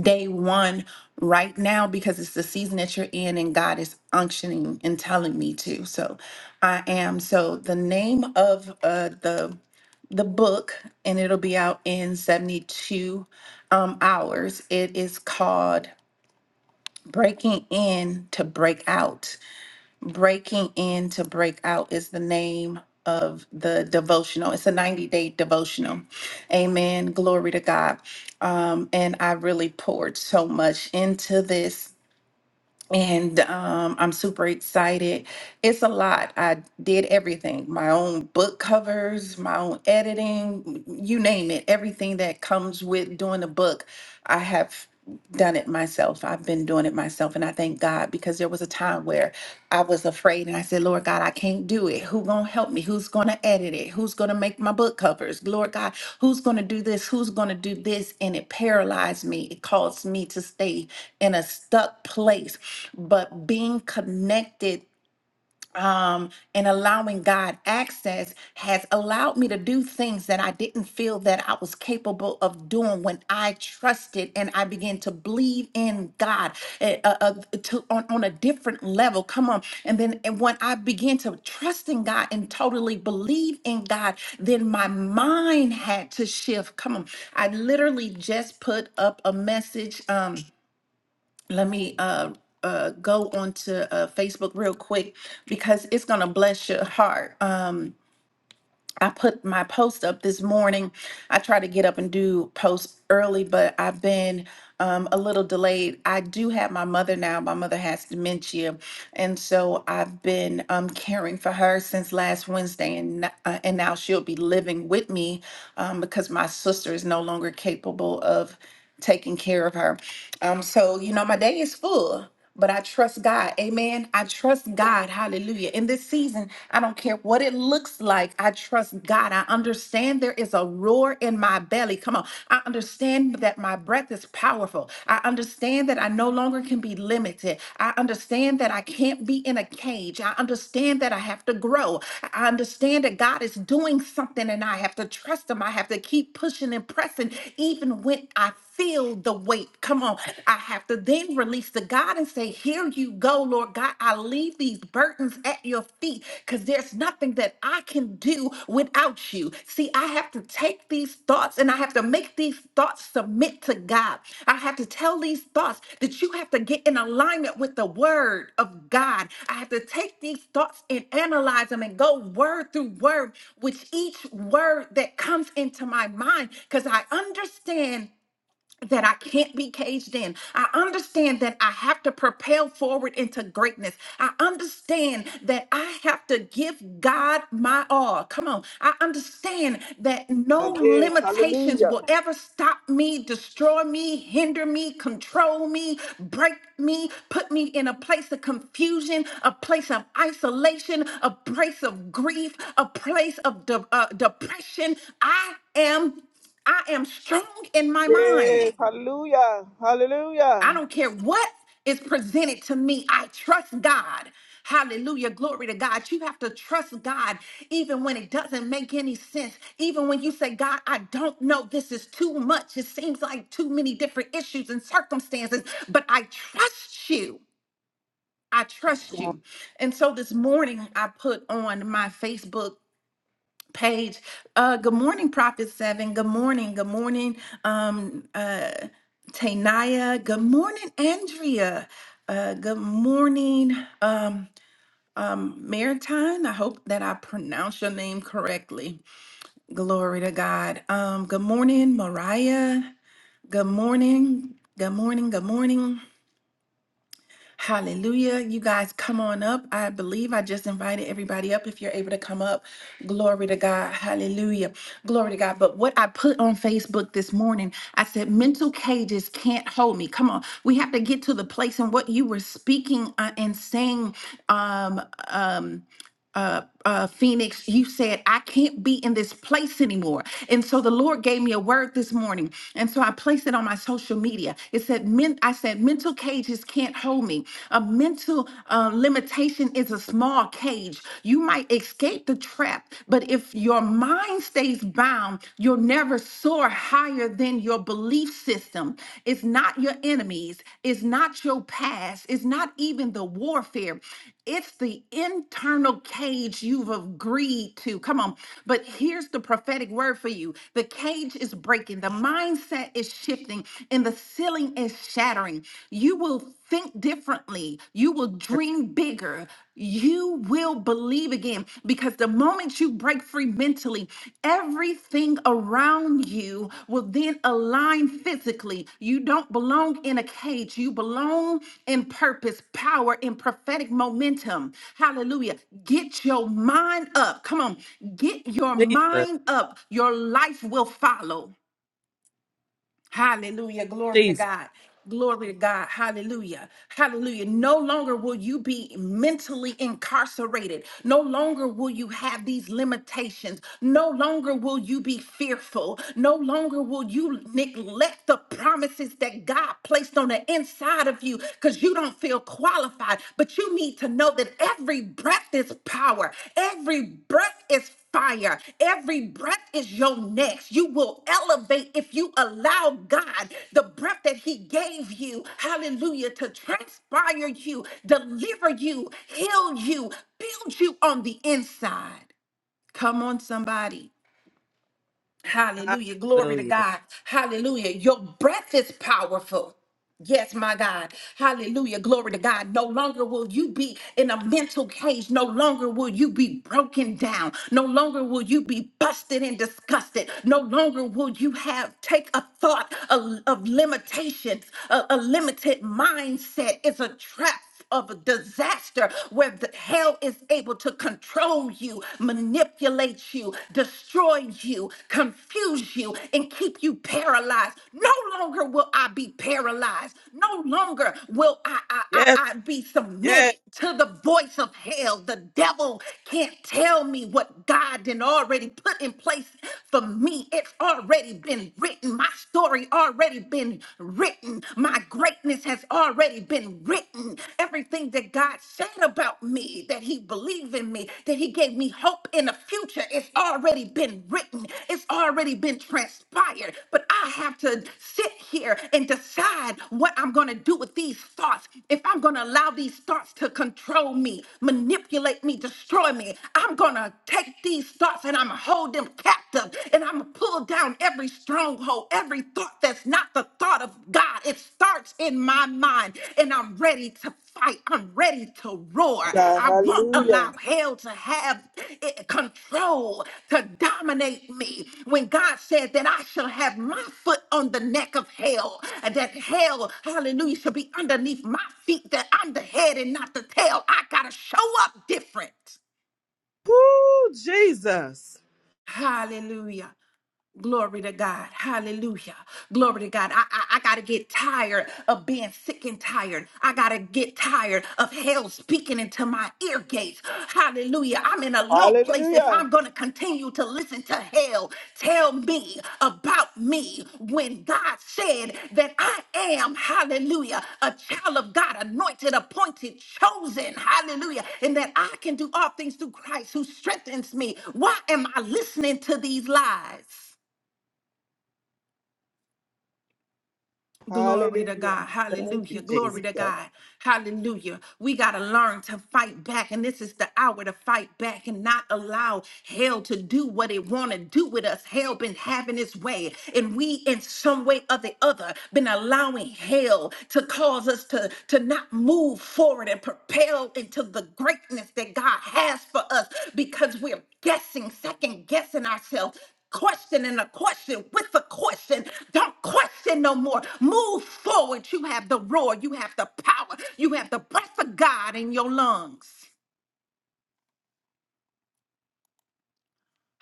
Speaker 1: day one right now because it's the season that you're in and God is unctioning and telling me to. So I am. So the name of uh, the the book and it'll be out in 72 um, hours. It is called Breaking In to Break Out Breaking In to Break Out is the name of the devotional. It's a 90 day devotional. Amen. Glory to God. Um, and I really poured so much into this. And um, I'm super excited it's a lot. I did everything my own book covers, my own editing, you name it, everything that comes with doing a book. I have done it myself. I've been doing it myself. And I thank God because there was a time where I was afraid and I said, Lord God, I can't do it. Who gonna help me? Who's gonna edit it? Who's gonna make my book covers? Lord God, who's gonna do this? Who's gonna do this? And it paralyzed me. It caused me to stay in a stuck place. But being connected um, and allowing God access has allowed me to do things that I didn't feel that I was capable of doing when I trusted and I began to believe in God eh, uh, uh, to, on, on a different level. Come on. And then and when I began to trust in God and totally believe in God, then my mind had to shift. Come on. I literally just put up a message. Um, let me uh, uh, go onto uh, Facebook real quick because it's going to bless your heart. Um, I put my post up this morning. I try to get up and do posts early, but I've been um, a little delayed. I do have my mother now. My mother has dementia, and so I've been um, caring for her since last Wednesday, and n- uh, and now she'll be living with me um, because my sister is no longer capable of taking care of her. Um, so you know, my day is full but I trust God. Amen. I trust God. Hallelujah. In this season, I don't care what it looks like. I trust God. I understand there is a roar in my belly. Come on. I understand that my breath is powerful. I understand that I no longer can be limited. I understand that I can't be in a cage. I understand that I have to grow. I understand that God is doing something and I have to trust Him. I have to keep pushing and pressing, even when I feel the weight. Come on. I have to then release to God and say, Here you go, Lord God. I leave these burdens at your feet because there's nothing that I can do without you. See, I have to take these thoughts and I have to make these thoughts submit to God. I have to tell these thoughts that you have to get in alignment with the word of God. I have to take these thoughts and analyze them and go word through word with each word that comes into my mind because I understand that I can't be caged in. I understand that I have to propel forward into greatness. I understand that I have to give God my all. Come on. I understand that no
Speaker 2: Yes,
Speaker 1: limitations
Speaker 2: hallelujah.
Speaker 1: will ever stop me, destroy me, hinder me, control me, break me, put me in a place of confusion, a place of isolation, a place of grief, a place of de- uh, depression. I am I am strong in my mind.
Speaker 2: Yes, hallelujah.
Speaker 1: I
Speaker 2: Hallelujah.
Speaker 1: don't care what is presented to me. I trust God. Hallelujah. Glory to God. You have to trust God even when it doesn't make any sense. Even when you say, God, I don't know. This is too much. It seems like too many different issues and circumstances, but I trust you. I trust you. And so this morning, I put on my Facebook Paige. Uh, good morning, Prophet Seven. Good morning. Good morning, um, uh, Tanaya. Good morning, Andrea. Uh, good morning, um, Maritime. I hope that I pronounced your name correctly. Glory to God. Um, good morning, Mariah. Good morning. Good morning. Good morning. Hallelujah. You guys come on up. I believe I just invited everybody up if you're able to come up. Glory to God. Hallelujah. Glory to God. But what I put on Facebook this morning, I said, mental cages can't hold me. Come on. We have to get to the place and what you were speaking uh, and saying um, um, uh, uh, Phoenix, you said, I can't be in this place anymore. And so the Lord gave me a word this morning. And so I placed it on my social media. It said, men, I said, mental cages can't hold me. A mental uh, limitation is a small cage. You might escape the trap, but if your mind stays bound, you'll never soar higher than your belief belief system. It's not your enemies. It's not your past. It's not even the warfare. It's the internal cage you've agreed to. Come on. But here's the prophetic word for you the cage is breaking, the mindset is shifting, and the ceiling is shattering. You will think differently, you will dream bigger you will believe again because the moment you break free mentally, everything around you will then align physically. You don't belong in a cage, you belong in purpose, power, and prophetic momentum. Hallelujah. Get your mind up. Come on, get your
Speaker 3: Jesus,
Speaker 1: mind up. Your life will follow. Hallelujah. Glory to
Speaker 3: Jesus,
Speaker 1: God. Glory to God. Hallelujah. Hallelujah. No longer will you be mentally incarcerated. No longer will you have these limitations. No longer will you be fearful. No longer will you neglect the promises that God placed on the inside of you because you don't feel qualified. But you need to know that every breath is power. Every breath is fire. Every breath is your next. You will elevate if you allow God, the breath that He gave you, hallelujah, to transpire you, deliver you, heal you, build you on the inside. Come on, somebody. Hallelujah. Glory to
Speaker 3: hallelujah.
Speaker 1: God. Hallelujah. Your breath is powerful. Yes, my God. Hallelujah. Glory to God. No longer will you be in a mental cage. No longer will you be broken down. No longer will you be busted and disgusted. No longer will you have take a thought of, of limitations, a, a limited mindset. It's a trap of disaster where the hell is able to control you, manipulate you, destroy you, confuse you, and keep you paralyzed. No longer will I be paralyzed. No longer will I, I, I,
Speaker 3: Yes,
Speaker 1: I be
Speaker 3: yes.
Speaker 1: submitted to the voice of hell. The devil can't tell me what God did already put in place for me. It's already been written. My story already been been written. My greatness has already been written. Everything that God said about me, that He believed in me, that He gave me hope in the future, it's already been written. It's already been transpired. But I have to sit here and decide what I'm going to do with these thoughts. If I'm going to allow these thoughts to control me, manipulate me, destroy me, I'm going to take these thoughts and I'm going to hold them captive and I'm going to pull down every stronghold, every thought that's not the thought of God. It starts in my mind. And I'm ready to fight. I'm ready to roar.
Speaker 2: God,
Speaker 1: I won't
Speaker 2: hallelujah.
Speaker 1: allow hell to have it, control, to dominate me. When God said that I shall have my foot on the neck of hell, and that hell, hallelujah, shall be underneath my feet, that I'm the head and not the tail. I got to show up different.
Speaker 3: Woo, Jesus.
Speaker 1: Hallelujah. Glory to God. Hallelujah. Glory to God. I, I, I got to get tired of being sick and tired. I got to get tired of hell speaking into my ear gates. Hallelujah. I'm in a low place if
Speaker 2: Hallelujah.
Speaker 1: I'm going to continue to listen to hell tell me about me when God said that I am, hallelujah, a child of God, anointed, appointed, chosen. Hallelujah. And that I can do all things through Christ who strengthens me. Why am I listening to these lies? Glory to
Speaker 2: Hallelujah.
Speaker 1: God.
Speaker 3: Thank
Speaker 2: Thank
Speaker 3: you,
Speaker 1: Hallelujah.
Speaker 2: you,
Speaker 1: Glory
Speaker 3: Jesus.
Speaker 1: to
Speaker 2: Jesus.
Speaker 1: God. Hallelujah. We got to learn to fight back. And this is the hour to fight back and not allow hell to do what it want to do with us. Hell been having its way. And we, in some way or the other, been allowing hell to cause us to, to not move forward and propel into the greatness that God has for us because we're guessing, second guessing ourselves, questioning a question with a question. Don't question no more. Move forward. You have the roar, you have the power, you have the breath of God in your lungs.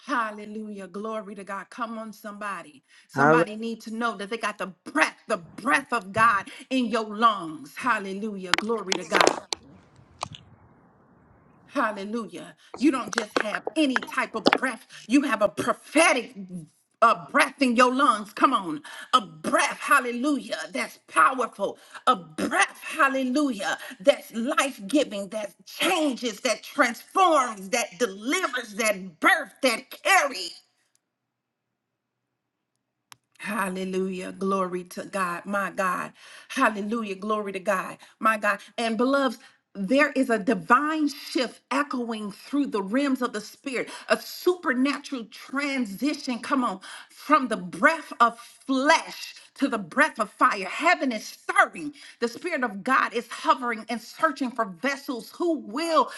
Speaker 1: Hallelujah. Glory to God. Come on, somebody. Somebody
Speaker 3: Hallelujah.
Speaker 1: need to know that they got the breath, the breath of God in your lungs. Hallelujah. Glory to God. Hallelujah. You don't just have any type of breath, you have a prophetic uh, breath in your lungs. Come on. A breath, hallelujah, that's powerful. A breath, hallelujah, that's life giving, that changes, that transforms, that delivers, that birth, that carries. Hallelujah. Glory to God. My God. Hallelujah. Glory to God. My God. And beloveds, there is a divine shift echoing through the realms of the spirit, a supernatural transition. Come on. From the breath of flesh to the breath of fire. Heaven is stirring. The Spirit of God is hovering and searching for vessels who will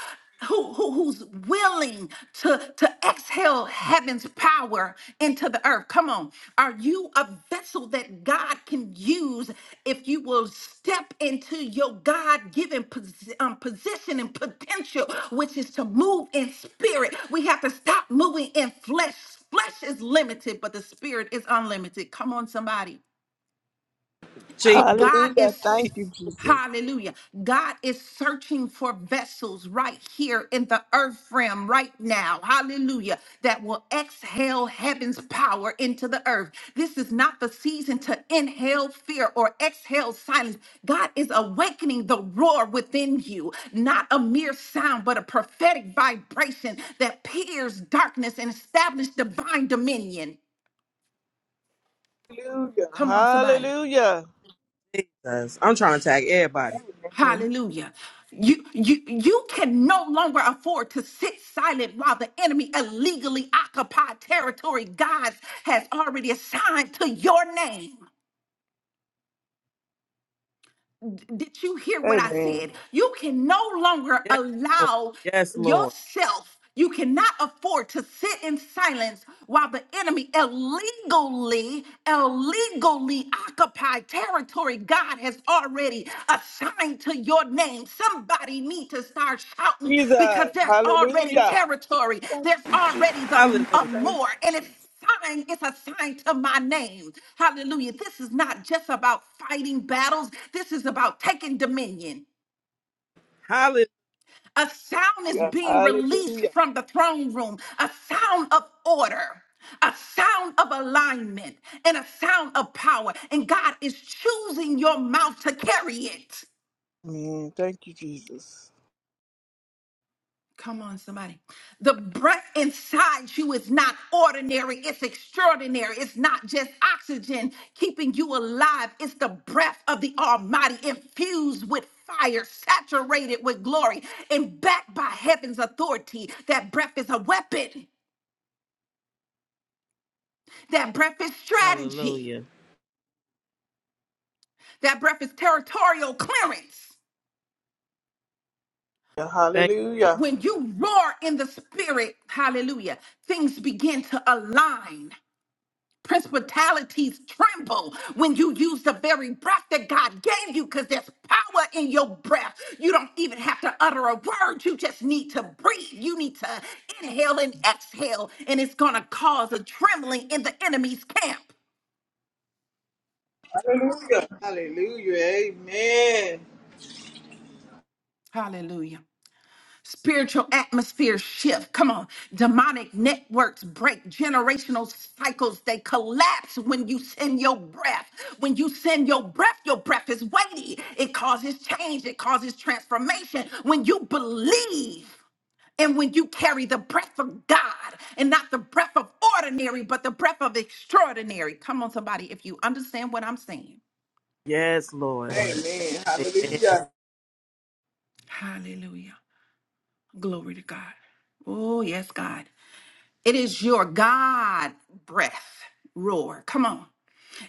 Speaker 1: who, who who's willing to to exhale heaven's power into the earth come on are you a vessel that god can use if you will step into your god-given posi- um, position and potential which is to move in spirit we have to stop moving in flesh flesh is limited but the spirit is unlimited come on somebody so God
Speaker 2: Hallelujah.
Speaker 1: is,
Speaker 2: Thank you, Jesus.
Speaker 1: hallelujah, God is searching for vessels right here in the earth realm right now, hallelujah, that will exhale heaven's power into the earth. This is not the season to inhale fear or exhale silence. God is awakening the roar within you, not a mere sound, but a prophetic vibration that pierces darkness and establishes divine dominion.
Speaker 2: Hallelujah.
Speaker 1: Come on, somebody.
Speaker 2: Hallelujah.
Speaker 3: Jesus. I'm trying to tag everybody.
Speaker 2: Amen.
Speaker 1: Hallelujah. You, you, you can no longer afford to sit silent while the enemy illegally occupied territory God has already assigned to your name. did you hear what I
Speaker 2: Amen.
Speaker 1: said? You can no longer
Speaker 3: Yes, Lord.
Speaker 1: allow
Speaker 3: Yes, Lord.
Speaker 1: yourself, you cannot afford to sit in silence while the enemy illegally, illegally occupy territory God has already assigned to your name. Somebody need to start shouting
Speaker 2: Jesus.
Speaker 1: because there's already
Speaker 2: Hallelujah.
Speaker 1: territory.
Speaker 2: Thank
Speaker 1: There's
Speaker 2: you, Jesus.
Speaker 1: already
Speaker 3: Hallelujah.
Speaker 1: the a
Speaker 2: Thank
Speaker 1: more.
Speaker 2: you,
Speaker 1: And it's
Speaker 2: Jesus.
Speaker 1: sign is assigned to my name. Hallelujah. This is not just about fighting battles, this is about taking dominion.
Speaker 3: Hallelujah.
Speaker 1: A sound is
Speaker 2: Yeah.
Speaker 1: being released
Speaker 2: Hallelujah.
Speaker 1: from the throne room, a sound of order. A sound of alignment and a sound of power, and God is choosing your mouth to carry it.
Speaker 2: Amen. Thank you, Jesus.
Speaker 1: Come on, somebody. The breath inside you is not ordinary, it's extraordinary. It's not just oxygen keeping you alive, it's the breath of the Almighty infused with fire, saturated with glory, and backed by heaven's authority. That breath is a weapon, that breath is strategy,
Speaker 3: Hallelujah.
Speaker 1: that breath is territorial clearance.
Speaker 2: Yeah.
Speaker 3: Thank you, Lord.
Speaker 2: Hallelujah.
Speaker 1: When you roar in the spirit, hallelujah, things begin to align. Principalities tremble when you use the very breath that God gave you because there's power in your breath. You don't even have to utter a word. You just need to breathe. You need to inhale and exhale, and it's going to cause a trembling in the enemy's camp.
Speaker 2: Hallelujah. Hallelujah. Amen.
Speaker 1: Hallelujah. Spiritual atmosphere shift. Come on. Demonic networks break generational cycles. They collapse when you send your breath. When you send your breath, your breath is weighty. It causes change, it causes transformation. When you believe, and when you carry the breath of God and not the breath of ordinary, but the breath of extraordinary. Come on, somebody, if you understand what I'm saying.
Speaker 3: Yes, Lord.
Speaker 2: Amen.
Speaker 3: Amen.
Speaker 2: Hallelujah.
Speaker 1: Hallelujah. Glory to God. Oh, yes, God. It is your God breath roar. Come on.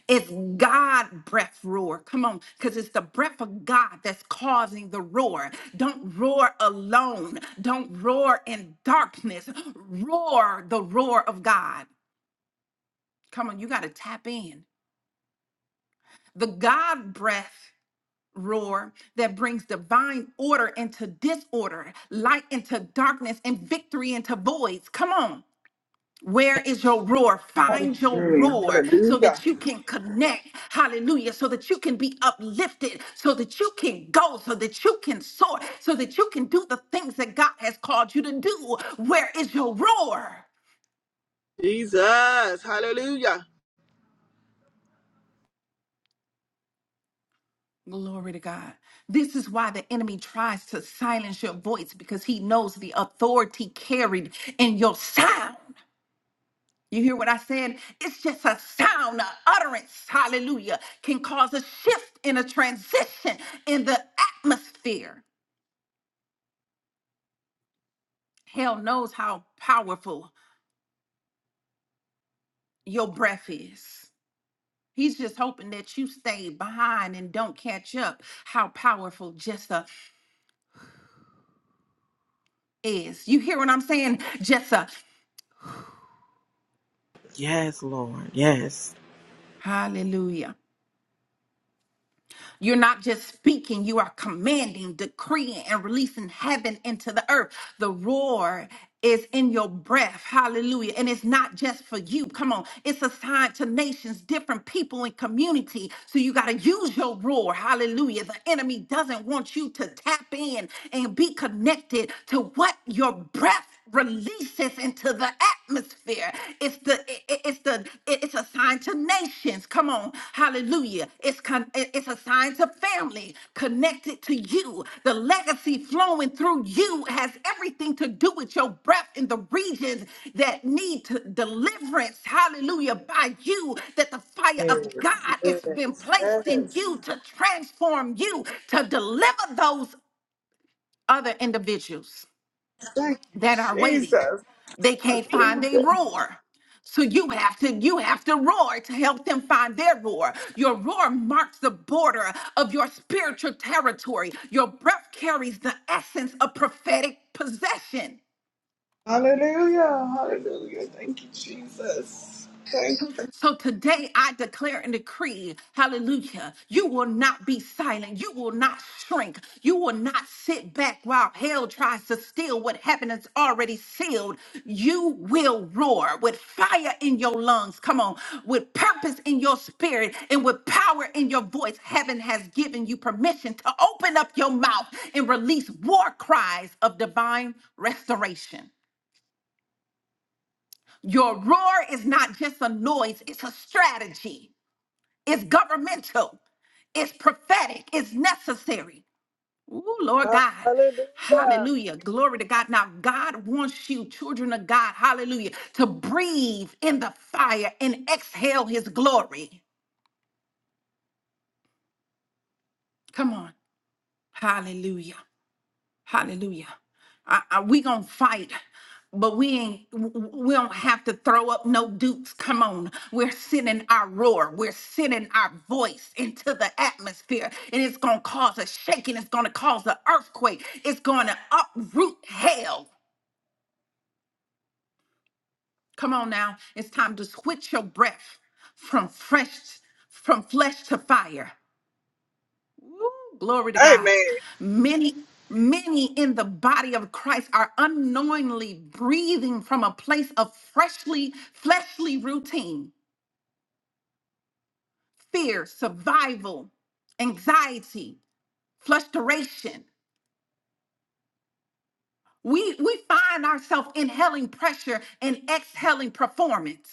Speaker 1: It's God breath roar. Come on. Because it's the breath of God that's causing the roar. Don't roar alone. Don't roar in darkness. Roar the roar of God. Come on. You got to tap in. The God breath roar that brings divine order into disorder, light into darkness, and victory into voids. Come on. Where is your roar? Find your
Speaker 2: Amen.
Speaker 1: roar so that
Speaker 2: Hallelujah.
Speaker 1: you can connect. Hallelujah. So that you can be uplifted, so that you can go, so that you can soar, so that you can do the things that God has called you to do. Where is your roar?
Speaker 2: Jesus. Hallelujah.
Speaker 1: Glory to God. This is why the enemy tries to silence your voice because he knows the authority carried in your sound. You hear what I said? It's just a sound, an utterance, hallelujah, can cause a shift in a transition in the atmosphere. Hell knows how powerful your breath is. He's just hoping that you stay behind and don't catch up how powerful Jessa is. You hear what I'm saying? Jessa,
Speaker 3: Yes, Lord. Yes.
Speaker 1: hallelujah. You're not just speaking, you are commanding, decreeing, and releasing heaven into the earth. The roar is in your breath. Hallelujah. And it's not just for you. Come on. It's assigned to nations, different people, and community. So you got to use your roar. Hallelujah. The enemy doesn't want you to tap in and be connected to what your breath releases into the atmosphere. It's the i- i- it's the i- it's a sign to nations. Come on, hallelujah! It's con, i- it's a sign to family connected to you. The legacy flowing through you has everything to do with your breath in the regions that need to deliverance. Hallelujah! By you, that the fire
Speaker 2: Yes.
Speaker 1: of God has been
Speaker 2: Yes.
Speaker 1: placed in
Speaker 2: Yes.
Speaker 1: you to transform you to deliver those other individuals
Speaker 2: Thank you,
Speaker 1: that are waiting.
Speaker 2: Jesus.
Speaker 1: They can't find a
Speaker 2: Hallelujah.
Speaker 1: roar. So you have to you have to roar to help them find their roar. Your roar marks the border of your spiritual territory. Your breath carries the essence of prophetic possession.
Speaker 2: Hallelujah. Hallelujah. Thank you, Jesus. Thank you.
Speaker 1: So today I declare and decree, hallelujah, you will not be silent. You will not shrink. You will not sit back while hell tries to steal what heaven has already sealed. You will roar with fire in your lungs. Come on, with purpose in your spirit and with power in your voice. Heaven has given you permission to open up your mouth and release war cries of divine restoration. Your roar is not just a noise, it's a strategy. It's governmental. It's prophetic. It's necessary. Ooh, Lord God.
Speaker 2: Hallelujah.
Speaker 1: Hallelujah. Glory to God. Now, God wants you, children of God, hallelujah, to breathe in the fire and exhale his glory. Come on. Hallelujah. Hallelujah. I, I, we gonna fight, but we ain't. w- w- We don't have to throw up no dukes. Come on, we're sending our roar. We're sending our voice into the atmosphere, and it's gonna cause a shaking. It's gonna cause an earthquake. It's gonna uproot hell. Come on now, it's time to switch your breath from fresh, from flesh to fire. Woo, glory to God.
Speaker 2: Amen.
Speaker 1: Many, many in the body of Christ are unknowingly breathing from a place of freshly, fleshly routine, fear, survival, anxiety, frustration. We we find ourselves inhaling pressure and exhaling performance.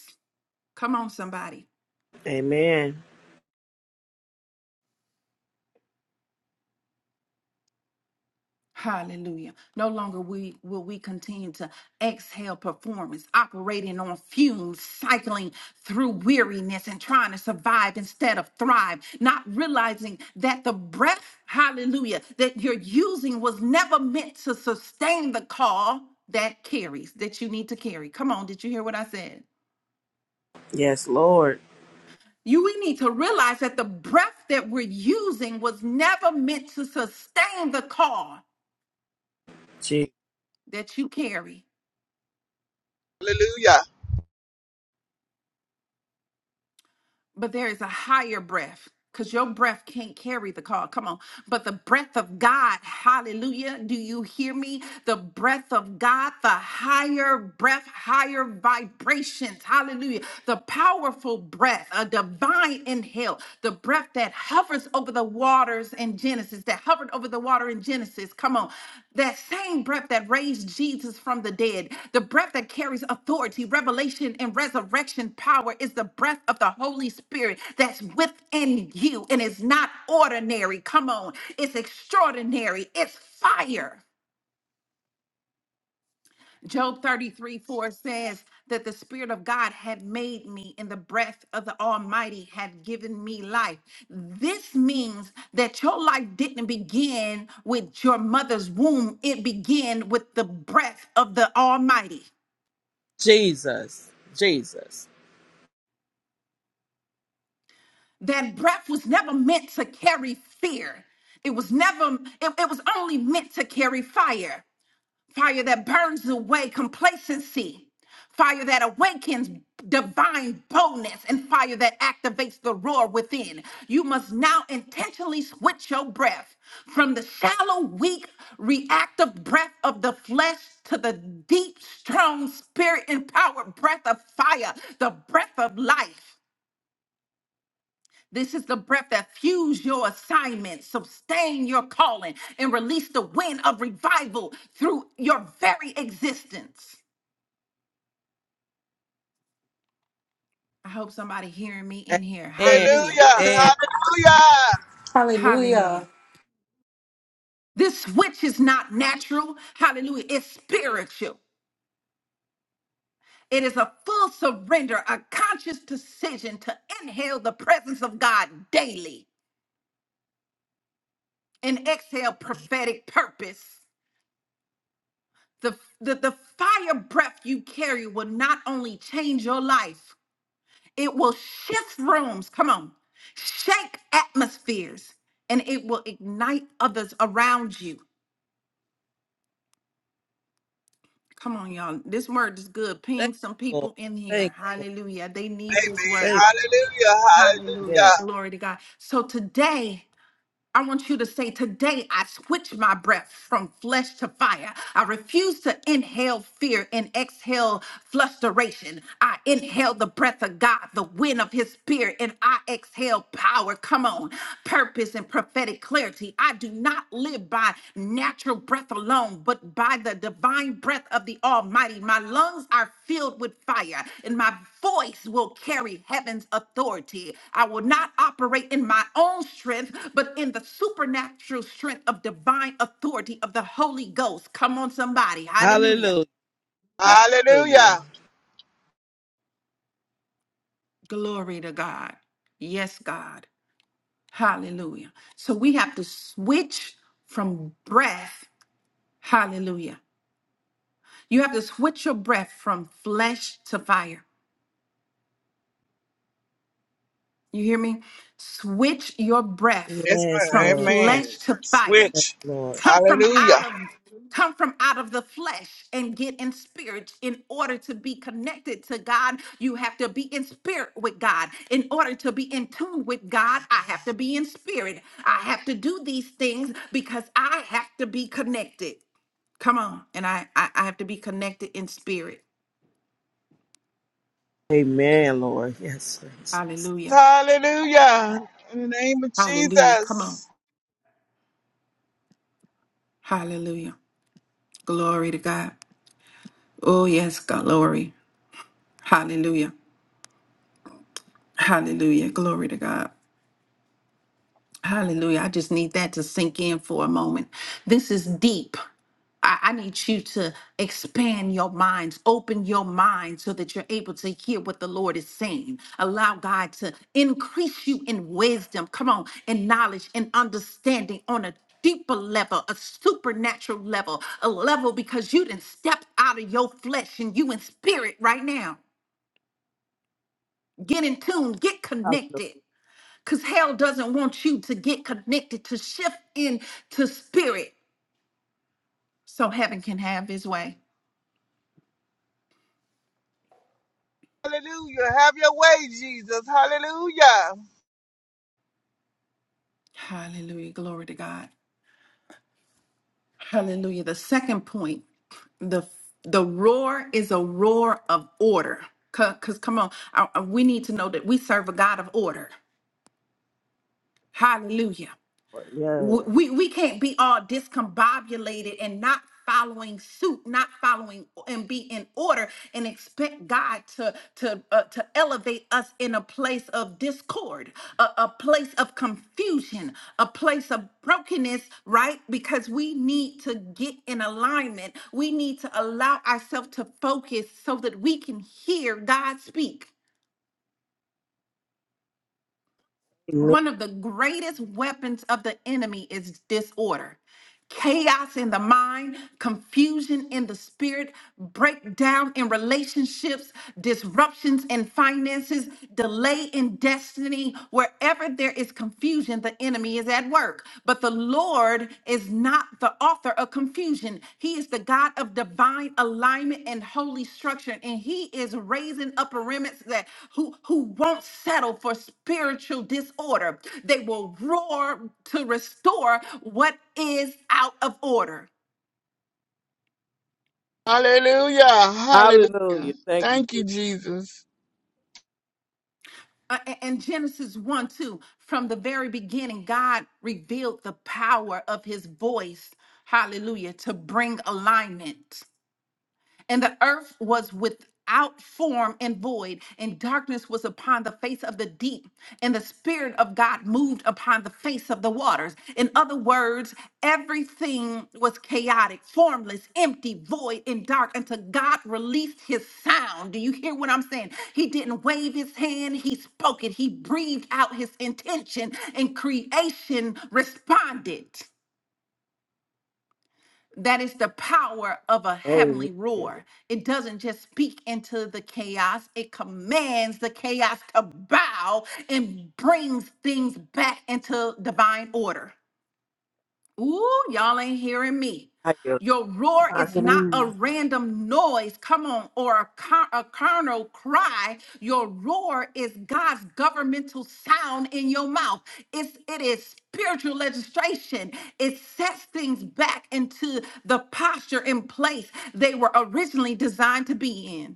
Speaker 1: Come on, somebody.
Speaker 3: Amen.
Speaker 1: Hallelujah. No longer we will we continue to exhale performance, operating on fumes, cycling through weariness and trying to survive instead of thrive, not realizing that the breath, hallelujah, that you're using was never meant to sustain the call that carries, that you need to carry. Come on, did you hear what I said?
Speaker 3: Yes, Lord.
Speaker 1: You we need to realize that the breath that we're using was never meant to sustain the call
Speaker 3: Je-
Speaker 1: that you carry.
Speaker 2: Hallelujah.
Speaker 1: but there is a higher breath because your breath can't carry the call. Come on. But the breath of God, hallelujah. Do you hear me? The breath of God, the higher breath, higher vibrations, hallelujah. The powerful breath, a divine inhale, the breath that hovers over the water waters in Genesis, that hovered over the water in Genesis. Come on. That same breath that raised Jesus from the dead, the breath that carries authority, revelation, and resurrection power is the breath of the Holy Spirit that's within you. And it's not ordinary. Come on. It's extraordinary. It's fire. Job 33 4 says that the Spirit of God had made me, and the breath of the Almighty had given me life. This means that your life didn't begin with your mother's womb, it began with the breath of the Almighty.
Speaker 3: Jesus. Jesus.
Speaker 1: That breath was never meant to carry fear, it was never, it, it was only meant to carry fire. fire that burns away complacency, fire that awakens divine boldness, and fire that activates the roar within. You must now intentionally switch your breath from the shallow, weak, reactive breath of the flesh to the deep, strong, spirit empowered breath of fire, the breath of life. This is the breath that fuels your assignment, sustain your calling, and release the wind of revival through your very existence. I hope somebody hearing me in here.
Speaker 3: Amen.
Speaker 1: Hallelujah.
Speaker 2: Hallelujah.
Speaker 3: Amen.
Speaker 2: Hallelujah.
Speaker 1: Hallelujah.
Speaker 4: Hallelujah.
Speaker 1: This switch is not natural. Hallelujah. It's spiritual. It is a full surrender, a conscious decision to inhale the presence of God daily and exhale prophetic purpose. The, the, the fire breath you carry will not only change your life, It will shift rooms, come on, shake atmospheres, and it will ignite others around you. Come on, y'all. This word is good.
Speaker 3: Thank
Speaker 1: Ping some
Speaker 3: you, Lord.
Speaker 1: people in
Speaker 3: Thank
Speaker 1: here.
Speaker 3: you, Lord.
Speaker 1: Hallelujah. They need this
Speaker 2: Amen.
Speaker 3: Thank
Speaker 1: word.
Speaker 3: you.
Speaker 2: Hallelujah.
Speaker 1: Hallelujah.
Speaker 3: Yes.
Speaker 2: Hallelujah.
Speaker 1: Glory to God. So today, I want you to say, Today I switch my breath from flesh to fire. I refuse to inhale fear and exhale frustration. I inhale the breath of God, the wind of his spirit, and I exhale power. Come on, purpose and prophetic clarity. I do not live by natural natural breath alone, but by the divine breath of the Almighty. My lungs are filled with fire, and my voice will carry heaven's authority. I will not operate in my own strength, but in the supernatural strength of divine authority of the Holy Ghost. Come on, somebody. Hallelujah.
Speaker 3: Hallelujah. Hallelujah.
Speaker 2: Hallelujah.
Speaker 1: Glory to God. Yes, God. Hallelujah. So we have to switch from breath. Hallelujah. You have to switch your breath from flesh to fire. You hear me? Switch your breath
Speaker 2: Yes,
Speaker 3: Yes,
Speaker 1: from
Speaker 2: ma'am.
Speaker 3: Lord.
Speaker 2: Amen.
Speaker 3: Yes,
Speaker 1: flesh to fire.
Speaker 3: yes
Speaker 2: Switch.
Speaker 3: Lord.
Speaker 1: Come from out
Speaker 2: Hallelujah.
Speaker 1: of come from out of the flesh and get in spirit in order to be connected to God. You have to be in spirit with God. In order to be in tune with God, I have to be in spirit. I have to do these things because I have to be connected. Come on. And I I, I have to be connected in spirit.
Speaker 3: Amen, Lord. Yes, Jesus.
Speaker 1: Hallelujah.
Speaker 2: Hallelujah. In the name of
Speaker 1: Hallelujah. Come on.
Speaker 2: Jesus.
Speaker 1: Hallelujah. Glory to God. Oh, yes, God, glory. Yeah. Hallelujah. Glory to God. Hallelujah. I just need that to sink in for a moment. This is deep. I, I need you to expand your minds, open your mind so that you're able to hear what the Lord is saying. Allow God to increase you in wisdom, come on, in knowledge and understanding on a deeper level, a supernatural level, a level because you didn't step out of your flesh and you in spirit right now. Get in tune, get connected.
Speaker 3: Hallelujah.
Speaker 1: because hell doesn't want you to get connected to shift into spirit so heaven can have his way
Speaker 2: Hallelujah. Have your way, Jesus. Hallelujah.
Speaker 1: hallelujah glory to god hallelujah the second point the the roar is a roar of order because come on I- I- we need to know that we serve a god of order hallelujah w-
Speaker 3: Lord.
Speaker 1: we we can't be all discombobulated and not following suit not following o- and be in order and expect god to to uh, to elevate us in a place of discord a, a place of confusion a place of brokenness right because we need to get in alignment we need to allow ourselves to focus so that we can hear god speak
Speaker 3: Amen.
Speaker 1: one of the greatest weapons of the enemy is disorder. Chaos in the mind, confusion in the spirit, breakdown in relationships, disruptions in finances, delay in destiny. Wherever there is confusion, the enemy is at work. But. But the Lord is not the author of confusion. He is the God of divine alignment and holy structure. And he is raising up a remnant that who, who won't settle for spiritual disorder. They will roar to restore what is out of order.
Speaker 2: Hallelujah. Hallelujah.
Speaker 3: Hallelujah. Thank you,
Speaker 2: Thank you,
Speaker 3: Jesus.
Speaker 2: Jesus.
Speaker 1: Uh, a- and Genesis 1 2, from the very beginning, God revealed the power of his voice, hallelujah, to bring alignment. And the earth was without form and void, and darkness was upon the face of the deep. And the Spirit of God moved upon the face of the waters. In other words, everything was chaotic, formless, empty, void, and dark until God released his sound. Do you hear what I'm saying? He didn't wave his hand, he spoke it, he breathed out his intention, and creation responded. That is the power of a
Speaker 3: Amen.
Speaker 1: heavenly roar. It doesn't just speak into the chaos, it commands the chaos to bow and brings things back into divine order. Ooh, y'all ain't hearing me.
Speaker 3: Hallelujah.
Speaker 1: Your roar is not a random noise, come on, or a, car- a carnal cry. Your roar is God's governmental sound in your mouth. It's it is spiritual legislation. It sets things back into the posture and place they were originally designed to be in.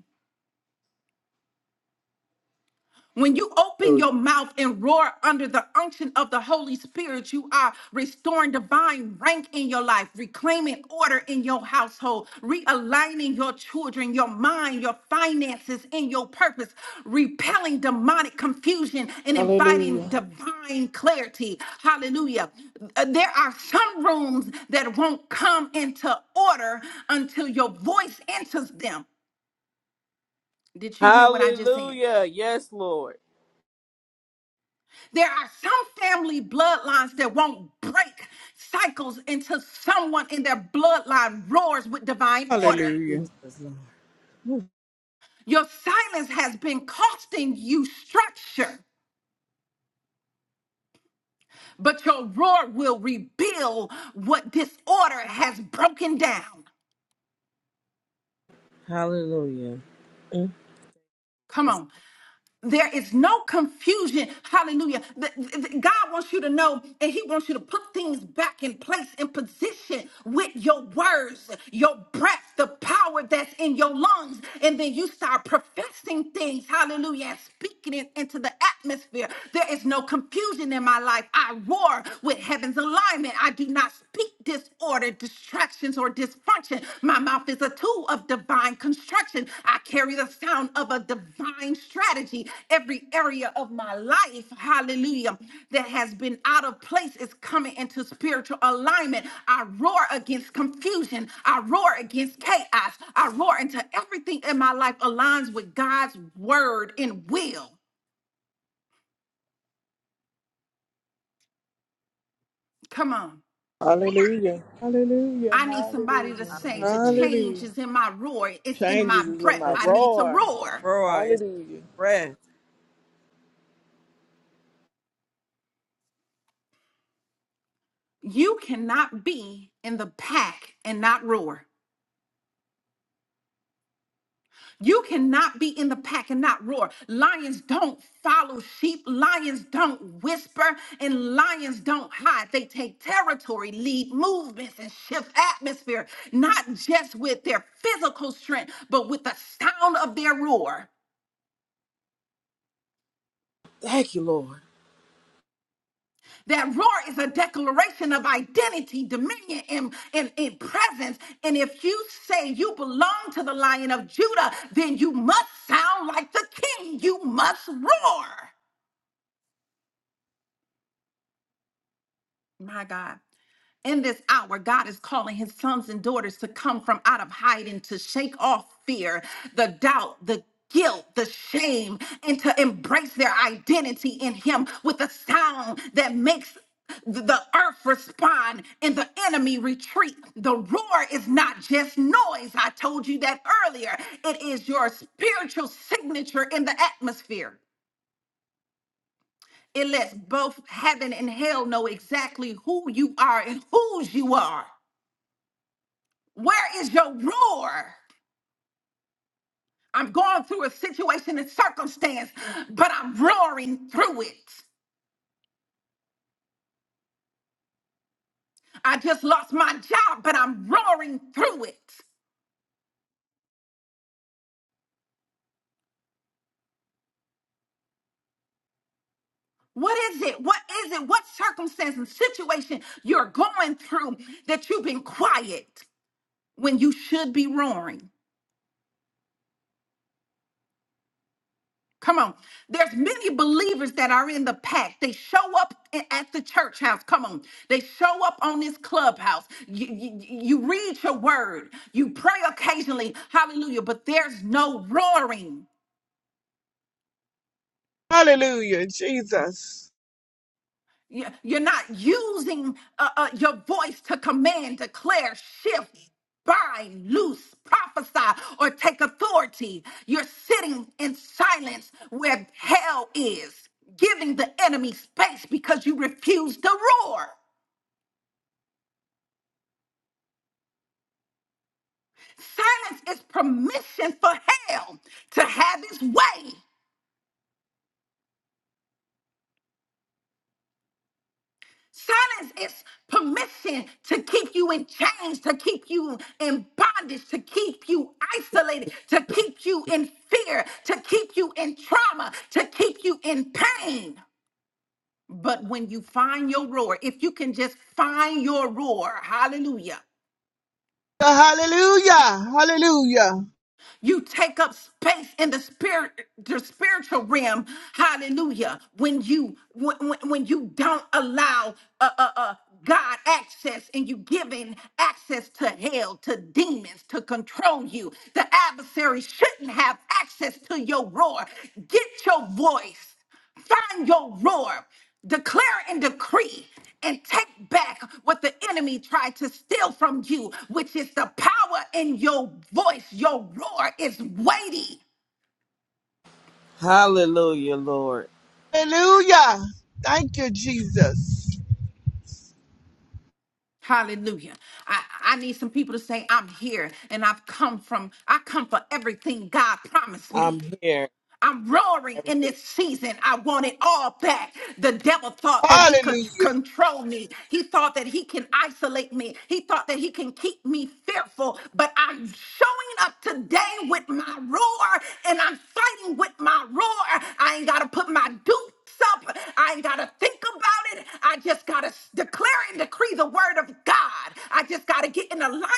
Speaker 1: When you open your mouth and roar under the unction of the Holy Spirit, you are restoring divine rank in your life, reclaiming order in your household, realigning your children, your mind, your finances, and your purpose, repelling demonic confusion and inviting
Speaker 2: Hallelujah.
Speaker 1: divine clarity. Hallelujah. Uh, There are some rooms that won't come into order until your voice enters them. Did you hear what I just said?
Speaker 3: Hallelujah. Yes, Lord.
Speaker 1: There are some family bloodlines that won't break cycles until someone in their bloodline roars with divine order.
Speaker 2: Hallelujah.
Speaker 3: Jesus, Lord. Whew.
Speaker 1: Your silence has been costing you structure, but your roar will rebuild what disorder has broken down.
Speaker 3: Hallelujah. Mm.
Speaker 1: Come
Speaker 3: Yes,
Speaker 1: on. There is no confusion. Hallelujah. Th- th- God wants you to know and He wants you to put things back in place in position with your words, your breath, the power that's in your lungs. And then you start professing things. Hallelujah. And speaking it into the atmosphere. There is no confusion in my life. I roar with heaven's alignment. I do not speak disorder distractions or dysfunction. My mouth is a tool of divine construction. I carry the sound of a divine strategy. Every area of my life, hallelujah, that has been out of place is coming into spiritual alignment. I roar against confusion. I roar against chaos. I roar until everything in my life aligns with God's word and will. Come on.
Speaker 2: Hallelujah. Hallelujah.
Speaker 1: I need somebody to
Speaker 2: Hallelujah.
Speaker 3: I
Speaker 1: say the
Speaker 3: receive
Speaker 2: Hallelujah.
Speaker 1: change is in my roar. It's in my
Speaker 2: Changes is in
Speaker 1: breath.
Speaker 2: my
Speaker 3: the
Speaker 1: I
Speaker 3: change.
Speaker 1: need to
Speaker 2: roar.
Speaker 1: roar.
Speaker 3: Roar is
Speaker 2: Hallelujah.
Speaker 3: breath.
Speaker 1: You cannot be in the pack and not roar. You cannot be in the pack and not roar. Lions don't follow sheep. Lions don't whisper and lions don't hide. They take territory, lead movements, and shift atmosphere, not just with their physical strength, but with the sound of their roar.
Speaker 3: Thank you, Lord.
Speaker 1: That roar is a declaration of identity, dominion, and, and, and presence. And if you say you belong to the lion of Judah, then you must sound like the king. You must roar. My God. In this hour, God is calling his sons and daughters to come from out of hiding, to shake off fear, the doubt, the guilt, the shame, and to embrace their identity in him with a sound that makes th- the earth respond and the enemy retreat. The roar is not just noise. I told you that earlier. It is your spiritual signature in the atmosphere. It lets both heaven and hell know exactly who you are and whose you are. Where is your roar? I'm going through a situation and circumstance, but I'm roaring through it. I just lost my job, but I'm roaring through it. What is it? What is it? What circumstance and situation you're going through that you've been quiet when you should be roaring? Come on. There's many believers that are in the pack. They show up a- at the church house. Come on. They show up on this clubhouse. You, you, you read your word. You pray occasionally. Hallelujah. But there's no roaring.
Speaker 2: Hallelujah. Jesus.
Speaker 1: You- You're not using uh, uh, your voice to command, declare, shift, bind, loose, prophesy, or take authority. You're sitting in silence where hell is, giving the enemy space because you refuse to roar. Silence is permission for hell to have its way. Silence is permission to keep you in chains, to keep you in bondage, to keep you isolated, to keep you in fear, to keep you in trauma, to keep you in pain. But when you find your roar, if you can just find your roar, hallelujah.
Speaker 2: The Hallelujah. Hallelujah.
Speaker 1: You take up space in the spirit, the spiritual realm. Hallelujah. When you when, when when you don't allow uh, uh, uh, God access and you giving access to hell, to demons, to control you, the adversary shouldn't have access to your roar. Get your voice. Find your roar, declare and decree, and take back what the enemy tried to steal from you, which is the power in your voice. Your roar is weighty.
Speaker 3: Hallelujah, Lord.
Speaker 2: Hallelujah. Thank you, Jesus.
Speaker 1: Hallelujah. I, I need some people to say, I'm here and I've come from, I come for everything God promised me.
Speaker 3: I'm here.
Speaker 1: I'm roaring in
Speaker 3: Everything.
Speaker 1: this season. I want it all back. The devil thought that he could
Speaker 2: Hallelujah.
Speaker 1: control me. He thought that he can isolate me. He thought that he can keep me fearful. But I'm showing up today with my roar and I'm fighting with my roar. I ain't got to put my do Stop. I ain't got to think about it. I just got to declare and decree the word of God. I just got to get in alignment.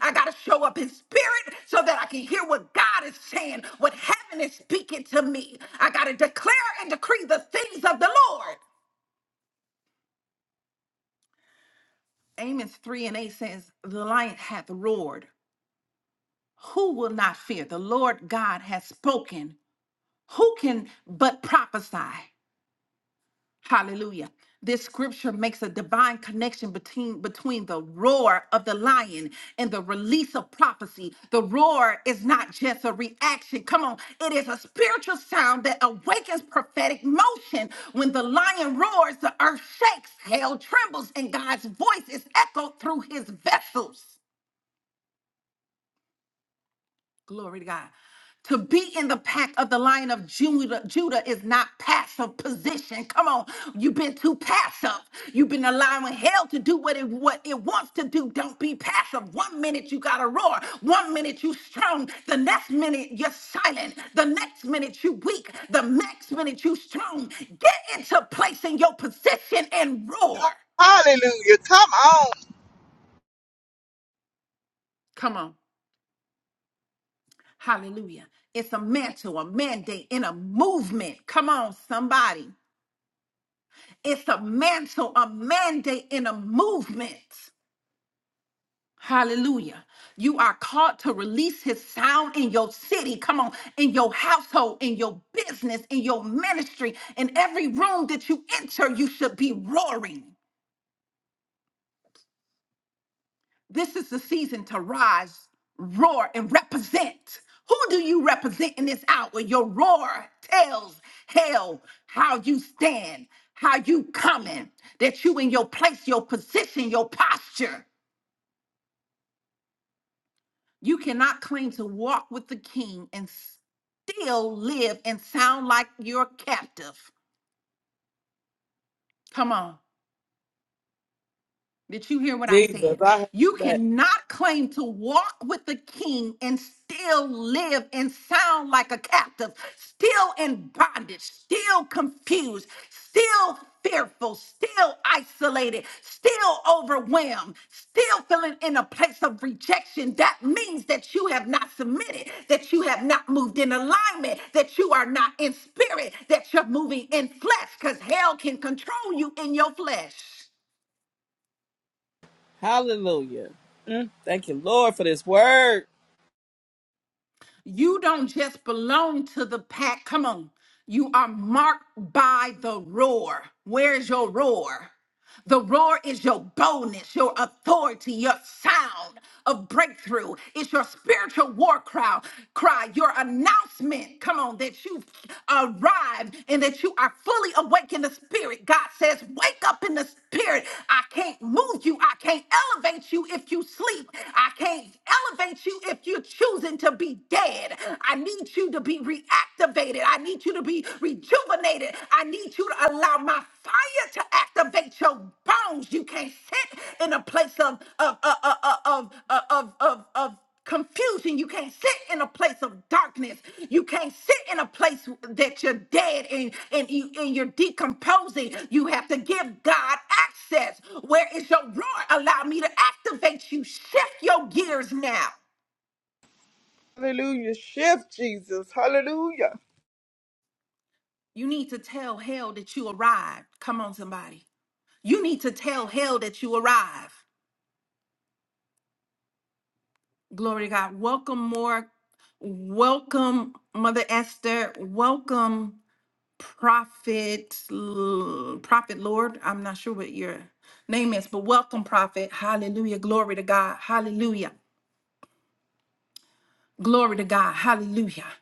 Speaker 1: I got to show up in spirit so that I can hear what God is saying, what heaven is speaking to me. I got to declare and decree the things of the Lord. Amos 3 and 8 says, The lion hath roared. Who will not fear? The Lord God has spoken. Who can but prophesy? Hallelujah. This scripture makes a divine connection between between the roar of the lion and the release of prophecy. The roar is not just a reaction. Come on, it is a spiritual sound that awakens prophetic motion. When the lion roars, the earth shakes, hell trembles, and God's voice is echoed through his vessels. Glory to God. To be in the pack of the lion of Judah, Judah is not passive position. Come on, you've been too passive. You've been allowing hell to do what it what it wants to do. Don't be passive. One minute you gotta roar. One minute you strong. The next minute you're silent. The next minute you weak. The next minute you strong. Get into place in your position and roar.
Speaker 2: Hallelujah. Come on.
Speaker 1: Come on. Hallelujah. It's a mantle, a mandate, and a movement. Come on, somebody. It's a mantle, a mandate, and a movement. Hallelujah. You are called to release his sound in your city. Come on, in your household, in your business, in your ministry, in every room that you enter, you should be roaring. This is the season to rise, roar, and represent. Who do you represent in this hour? Your roar tells hell how you stand, how you coming, that you in your place, your position, your posture. You cannot claim to walk with the king and still live and sound like you're captive. Come on. Did you hear what I
Speaker 3: Jesus,
Speaker 1: said?
Speaker 3: I heard
Speaker 1: You
Speaker 3: that.
Speaker 1: cannot claim to walk with the king and still live and sound like a captive, still in bondage, still confused, still fearful, still isolated, still overwhelmed, still feeling in a place of rejection. That means that you have not submitted, that you have not moved in alignment, that you are not in spirit, that you're moving in flesh because hell can control you in your flesh.
Speaker 3: Hallelujah. Mm. Thank you, Lord, for this word.
Speaker 1: You don't just belong to the pack. Come on. You are marked by the roar. Where's your roar? The roar is your boldness, your authority, your sound of breakthrough. It's your spiritual war cry, cry, your announcement. Come on, that you've arrived and that you are fully awake in the spirit. God says, Wake up in the spirit. I can't move you. I can't elevate you if you sleep. I can't elevate you if you choose choosing to be dead. I need you to be reactivated. I need you to be rejuvenated. I need you to allow my fire to activate your bones. You can't sit in a place of of of of of of, uh, of, of of confusion. You can't sit in a place of darkness. You can't sit in a place that you're dead and, and, you, and you're decomposing. You have to give God access. Where is your roar? Allow me to activate you. Shift your gears now.
Speaker 2: Hallelujah. Shift, Jesus. Hallelujah.
Speaker 1: You need to tell hell that you arrived. Come on, somebody. You need to tell hell that you arrived. Glory to God. Welcome, more. Welcome, Mother Esther. Welcome, Prophet, L- Prophet Lord. I'm not sure what your name is, but welcome, Prophet. Hallelujah. Glory to God. Hallelujah. Glory to God. Hallelujah.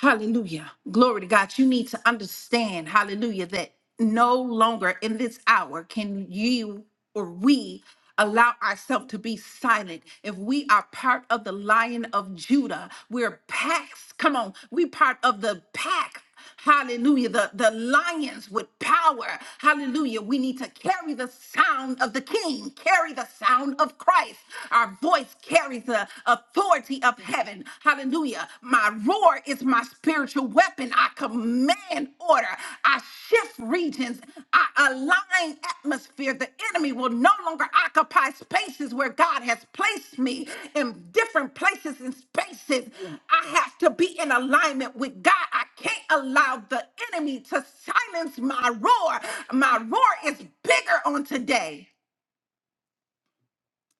Speaker 1: Hallelujah. Glory to God. You need to understand, hallelujah, that no longer in this hour can you or we allow ourselves to be silent. If we are part of the lion of Judah, we're packs. Come on, we part of the pack. Hallelujah. The, the lions with power. Hallelujah. We need to carry the sound of the king, carry the sound of Christ. Our voice carries the authority of heaven. Hallelujah. My roar is my spiritual weapon. I command order. I shift regions. I align atmosphere. The enemy will no longer occupy spaces where God has placed me in different places and spaces. I have to be in alignment with God. I can't allow the enemy to silence my roar. My roar is bigger on today.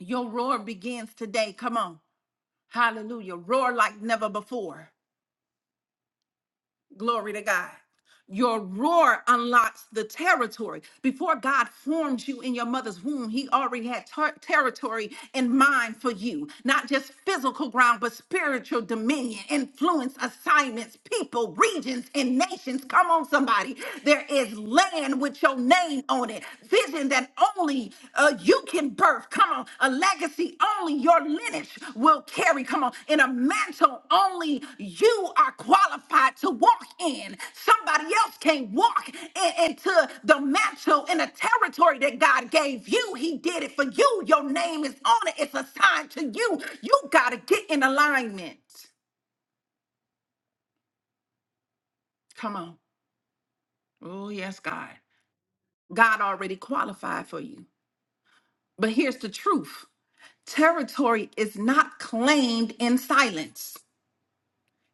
Speaker 1: Your roar begins today. Come on. Hallelujah. Roar like never before. Glory to God. Your roar unlocks the territory. Before God formed you in your mother's womb, He already had ter- territory in mind for you. Not just physical ground, but spiritual dominion, influence, assignments, people, regions, and nations. Come on, somebody. There is land with your name on it, vision that only uh, you can birth. Come on, a legacy only your lineage will carry. Come on, in a mantle only you are qualified to walk in. Somebody else can't walk in- into the mantle in a territory that God gave you. He did it for you. Your name is on it. It's assigned to you. You gotta get in alignment. Come on. Oh yes, God. God already qualified for you. But here's the truth. Territory is not claimed in silence.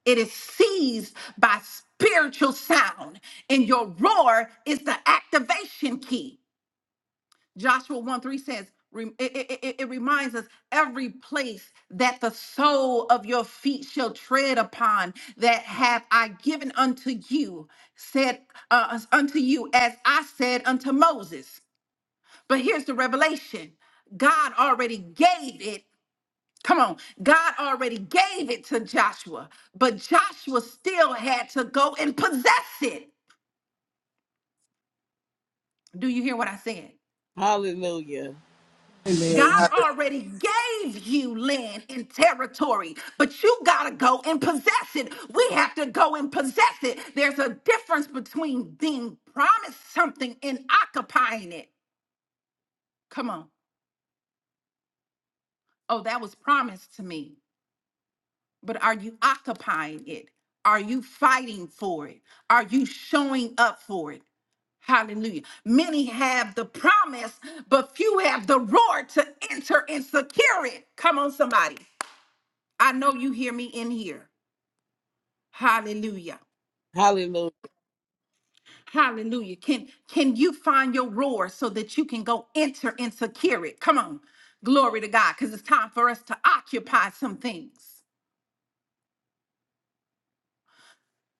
Speaker 1: It is seized by spiritual sound, and your roar is the activation key. Joshua 1 3 says, re- it, it- it- it reminds us every place that the sole of your feet shall tread upon, that have I given unto you, said uh, unto you, as I said unto Moses. But here's the revelation God already gave it Come on. God already gave it to Joshua, but Joshua still had to go and possess it. Do you hear what I said?
Speaker 3: Hallelujah.
Speaker 2: Amen.
Speaker 1: God already gave you land and territory, but you got to go and possess it. We have to go and possess it. There's a difference between being promised something and occupying it. Come on. Oh, that was promised to me. But are you occupying it? Are you fighting for it? Are you showing up for it? Hallelujah. Many have the promise, but few have the roar to enter and secure it. Come on, somebody. I know you hear me in here. Hallelujah.
Speaker 3: Hallelujah.
Speaker 1: Hallelujah. Can can you find your roar so that you can go enter and secure it? Come on. Glory to God. Because it's time for us to occupy some things.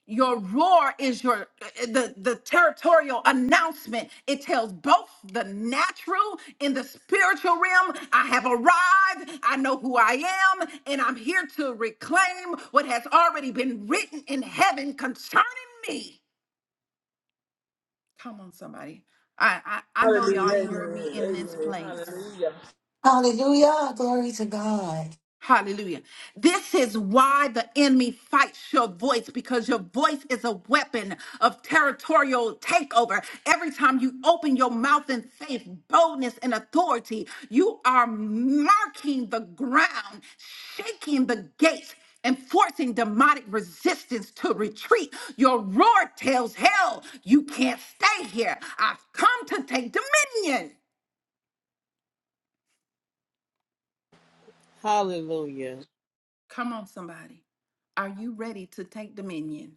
Speaker 1: Your roar is your eh, the the territorial announcement. It tells both the natural and the spiritual realm. I have arrived. I know who I am, and I'm here to reclaim what has already been written in heaven concerning me. Come on, somebody. I I, I know y'all
Speaker 2: Hallelujah.
Speaker 1: hearing
Speaker 2: Amen.
Speaker 1: me in this
Speaker 2: Amen.
Speaker 1: place.
Speaker 2: Hallelujah.
Speaker 4: Hallelujah. Glory to God.
Speaker 1: Hallelujah. This is why the enemy fights your voice because your voice is a weapon of territorial takeover. Every time you open your mouth in faith, boldness, and authority, you are marking the ground, shaking the gates, and forcing demonic resistance to retreat. Your roar tells hell, you can't stay here. I've come to take dominion.
Speaker 3: Hallelujah.
Speaker 1: Come on, somebody. Are you ready to take dominion?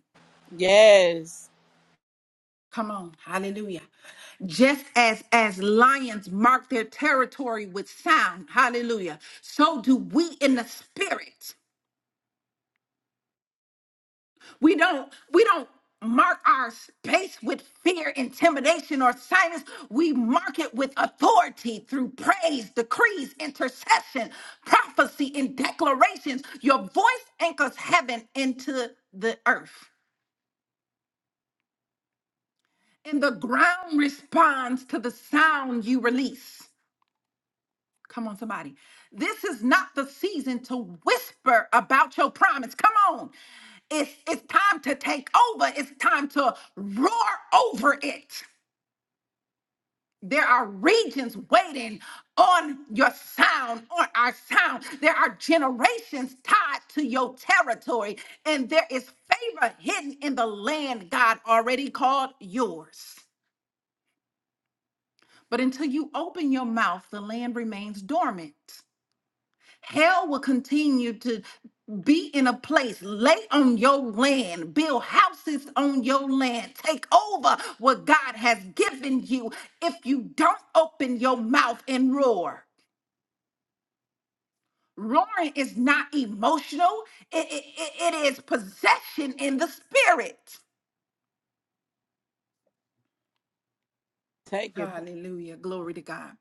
Speaker 3: Yes.
Speaker 1: Come on. Hallelujah. Just as as lions mark their territory with sound, hallelujah. So do we in the spirit. We don't we don't mark our space with fear, intimidation or silence. We mark it with authority through praise, decrees, intercession, prophecy and declarations. Your voice anchors heaven into the earth and the ground responds to the sound you release. Come on, somebody. This is not the season to whisper about your promise. Come on. It's, it's time to take over. It's time to roar over it. There are regions waiting on your sound, on our sound. There are generations tied to your territory, and there is favor hidden in the land God already called yours. But until you open your mouth, the land remains dormant. Hell will continue to be in a place, lay on your land, build houses on your land, take over what God has given you if you don't open your mouth and roar. Roaring is not emotional, it, it it- it is possession in the spirit.
Speaker 3: Take it back.
Speaker 1: Hallelujah. Glory to God.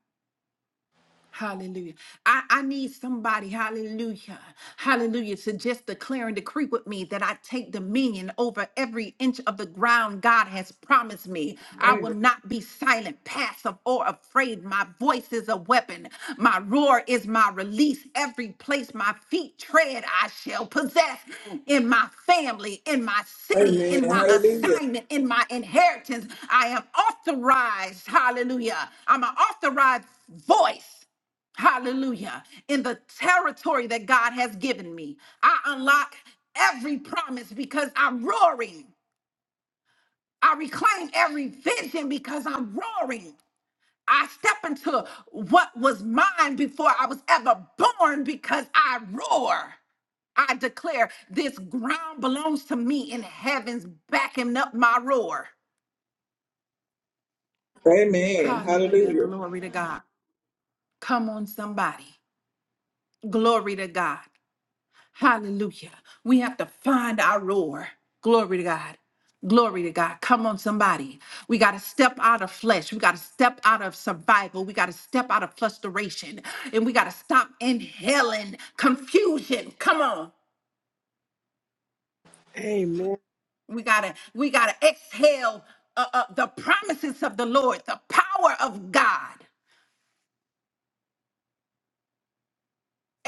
Speaker 1: Hallelujah. I, I need somebody, hallelujah, hallelujah, to just declare and decree with me that I take dominion over every inch of the ground God has promised me. I will
Speaker 2: Amen.
Speaker 1: not be silent, passive, or afraid. My voice is a weapon. My roar is my release. Every place my feet tread, I shall possess in my family, in my city,
Speaker 2: Amen.
Speaker 1: in my
Speaker 2: Hallelujah.
Speaker 1: assignment, in my inheritance. I am authorized, hallelujah. I'm an authorized voice. Hallelujah. In the territory that God has given me, I unlock every promise because I'm roaring. I reclaim every vision because I'm roaring. I step into what was mine before I was ever born because I roar. I declare this ground belongs to me and heaven's backing up my roar.
Speaker 2: Amen.
Speaker 1: Hallelujah.
Speaker 2: Hallelujah.
Speaker 1: Glory to God. Come on, somebody. Glory to God. Hallelujah. We have to find our roar. Glory to God. Glory to God. Come on, somebody. We got to step out of flesh. We got to step out of survival. We got to step out of frustration. And we got to stop inhaling confusion. Come on.
Speaker 3: Amen.
Speaker 1: We got to we got to exhale uh, uh, the promises of the Lord, the power of God.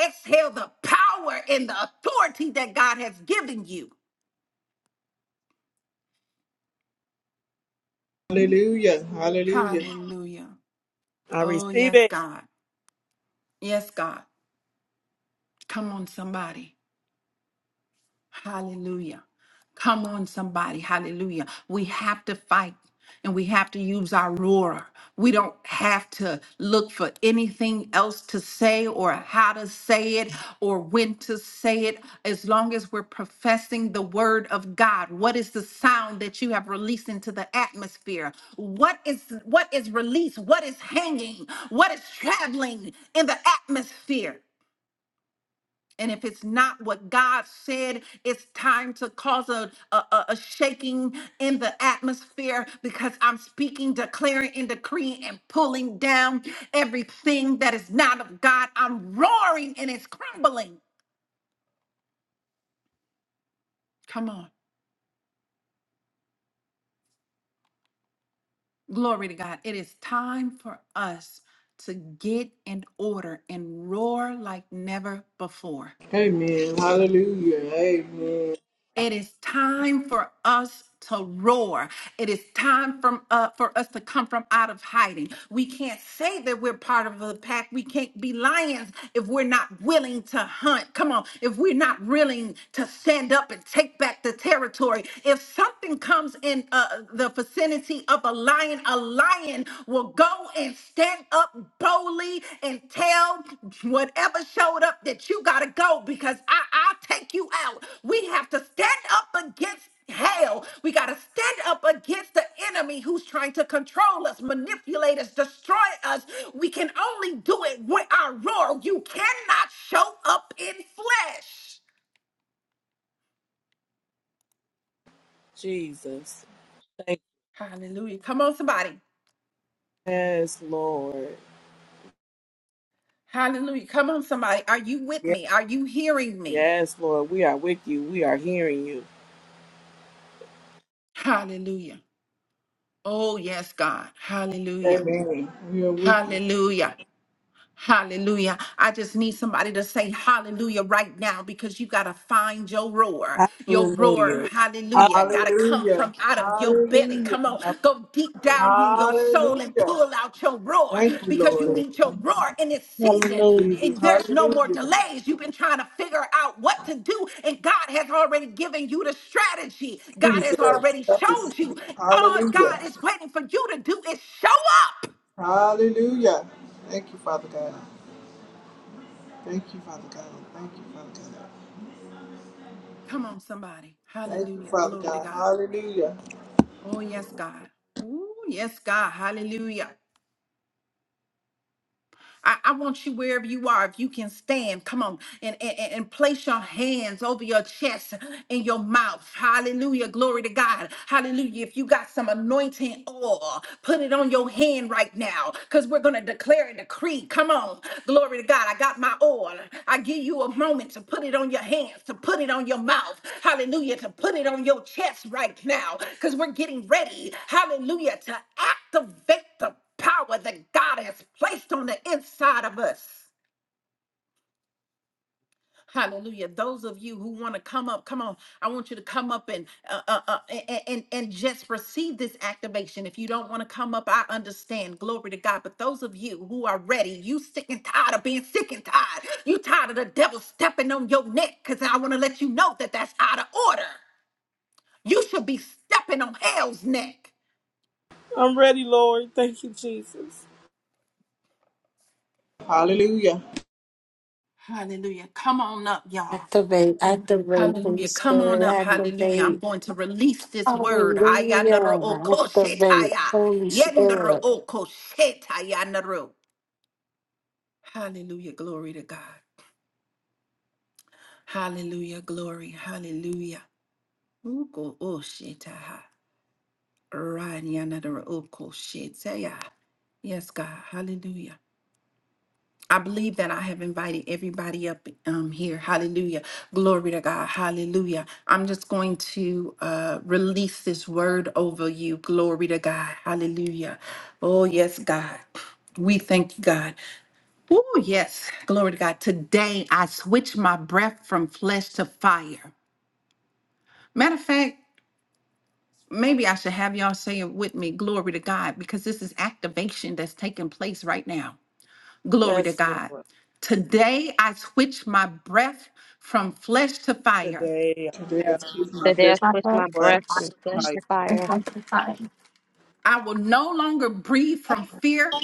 Speaker 1: Exhale the power and the authority that God has given you.
Speaker 2: Hallelujah. Hallelujah.
Speaker 1: Hallelujah.
Speaker 3: I
Speaker 1: Oh,
Speaker 3: receive
Speaker 1: yes,
Speaker 3: it.
Speaker 1: God. Yes, God. Come on, somebody. Hallelujah. Come on, somebody. Hallelujah. We have to fight and we have to use our roar. We don't have to look for anything else to say or how to say it or when to say it. As long as we're professing the word of God, what is the sound that you have released into the atmosphere? What is what is released? What is hanging? What is traveling in the atmosphere? And if it's not what God said, it's time to cause a, a, a a shaking in the atmosphere because I'm speaking, declaring, and decreeing and pulling down everything that is not of God. I'm roaring and it's crumbling. Come on. Glory to God. It is time for us to get in order and roar like never before.
Speaker 2: Amen. Hallelujah. Amen.
Speaker 1: It is time for us to roar. It is time from uh, for us to come from out of hiding. We can't say that we're part of the pack. We can't be lions if we're not willing to hunt. Come on, if we're not willing to stand up and take back the territory. If something comes in uh, the vicinity of a lion, a lion will go and stand up boldly and tell whatever showed up that you gotta go because I, I'll take you out. We have to stand up against hell. We gotta stand up against the enemy who's trying to control us, manipulate us, destroy us. We can only do it with our roar. You cannot show up in flesh.
Speaker 3: Jesus. Thank
Speaker 1: Hallelujah. Come on, somebody.
Speaker 3: you. yes, Lord.
Speaker 1: Hallelujah. Come on, somebody. Are you with
Speaker 3: Yes,
Speaker 1: me? Are you hearing me?
Speaker 3: yes, Lord. We are with you. We are hearing you.
Speaker 1: Hallelujah. Oh, yes, God. Hallelujah.
Speaker 2: Amen. We are with you.
Speaker 1: Hallelujah. Hallelujah. I just need somebody to say hallelujah right now because you got to find your roar. Your roar,
Speaker 3: Hallelujah. Hallelujah.
Speaker 1: hallelujah, got to come from
Speaker 2: Hallelujah.
Speaker 1: out of your belly.
Speaker 2: Hallelujah.
Speaker 1: Come on, go deep down in your soul and
Speaker 2: Hallelujah.
Speaker 1: pull out your roar
Speaker 2: Thank you,
Speaker 1: because you
Speaker 2: Lord.
Speaker 3: Hallelujah.
Speaker 1: need your roar in this season.
Speaker 5: Hallelujah.
Speaker 2: Jesus.
Speaker 1: And there's no more
Speaker 2: Hallelujah.
Speaker 1: delays. You've been trying to figure out what to do, and God has already given you the strategy. God has
Speaker 2: Jesus.
Speaker 1: already
Speaker 2: Help us.
Speaker 1: showed you. All
Speaker 2: Hallelujah.
Speaker 1: God is waiting for you to do is show up.
Speaker 2: Hallelujah. Thank you, Father God. Thank you, Father God. Thank you, Father God.
Speaker 1: Come on, somebody.
Speaker 2: Thank you,
Speaker 1: Hallelujah.
Speaker 2: Father
Speaker 1: Glory to
Speaker 2: God.
Speaker 1: God.
Speaker 2: Hallelujah.
Speaker 1: Oh, yes, God. Oh, yes, God. Hallelujah. I, I want you wherever you are, if you can stand, come on, and, and, and place your hands over your chest and your mouth. Hallelujah. Glory to God. Hallelujah. If you got some anointing oil, put it on your hand right now because we're going to declare and decree. Come on. Glory to God. I got my oil. I give you a moment to put it on your hands, to put it on your mouth. Hallelujah. To put it on your chest right now because we're getting ready. Hallelujah. To activate the power that God has placed on the inside of us. Hallelujah. Those of you who want to come up, come on. I want you to come up and uh, uh, uh, and, and and just receive this activation. If you don't want to come up, I understand. Glory to God. But those of you who are ready, you sick and tired of being sick and tired. You tired of the devil stepping on your neck because I want to let you know that that's out of order. You should be stepping on hell's neck.
Speaker 3: I'm ready, Lord. Thank you, Jesus.
Speaker 2: Hallelujah.
Speaker 1: Hallelujah. Come on up, y'all.
Speaker 4: Activate, activate, Holy
Speaker 1: Hallelujah. Come on
Speaker 4: Spirit,
Speaker 1: up. Hallelujah. I'm
Speaker 4: activate.
Speaker 1: going to release this word.
Speaker 4: Hallelujah. Activate,
Speaker 1: Hayanaro-okoshetaya.
Speaker 4: Holy Spirit.
Speaker 1: Yenaro-okoshetayanaru. Hallelujah. Glory to God. Hallelujah. Glory. Hallelujah. Uko-oshetaha. Ranyanaro-okoshetaya. Yes, God. Hallelujah. I believe that I have invited everybody up um, here. Hallelujah. Glory to God. Hallelujah. I'm just going to uh, release this word over you. Glory to God. Hallelujah. Oh, yes, God. We thank you, God. Oh, yes. Glory to God. Today, I switch my breath from flesh to fire. Matter of fact, maybe I should have y'all say it with me. Glory to God, because this is activation that's taking place right now. Glory to
Speaker 3: Yes,
Speaker 1: God.
Speaker 3: Lord.
Speaker 1: Today I switch my breath from flesh to fire.
Speaker 3: Today
Speaker 2: Today
Speaker 3: I
Speaker 2: I
Speaker 3: was
Speaker 2: choose my
Speaker 6: The day I
Speaker 2: best.
Speaker 7: my head
Speaker 6: switched my
Speaker 7: and my
Speaker 6: breath from
Speaker 3: flushed
Speaker 7: mind
Speaker 6: flesh
Speaker 3: fire.
Speaker 6: to
Speaker 7: is
Speaker 6: fire,
Speaker 7: sanctified.
Speaker 1: I will no longer breathe from fear,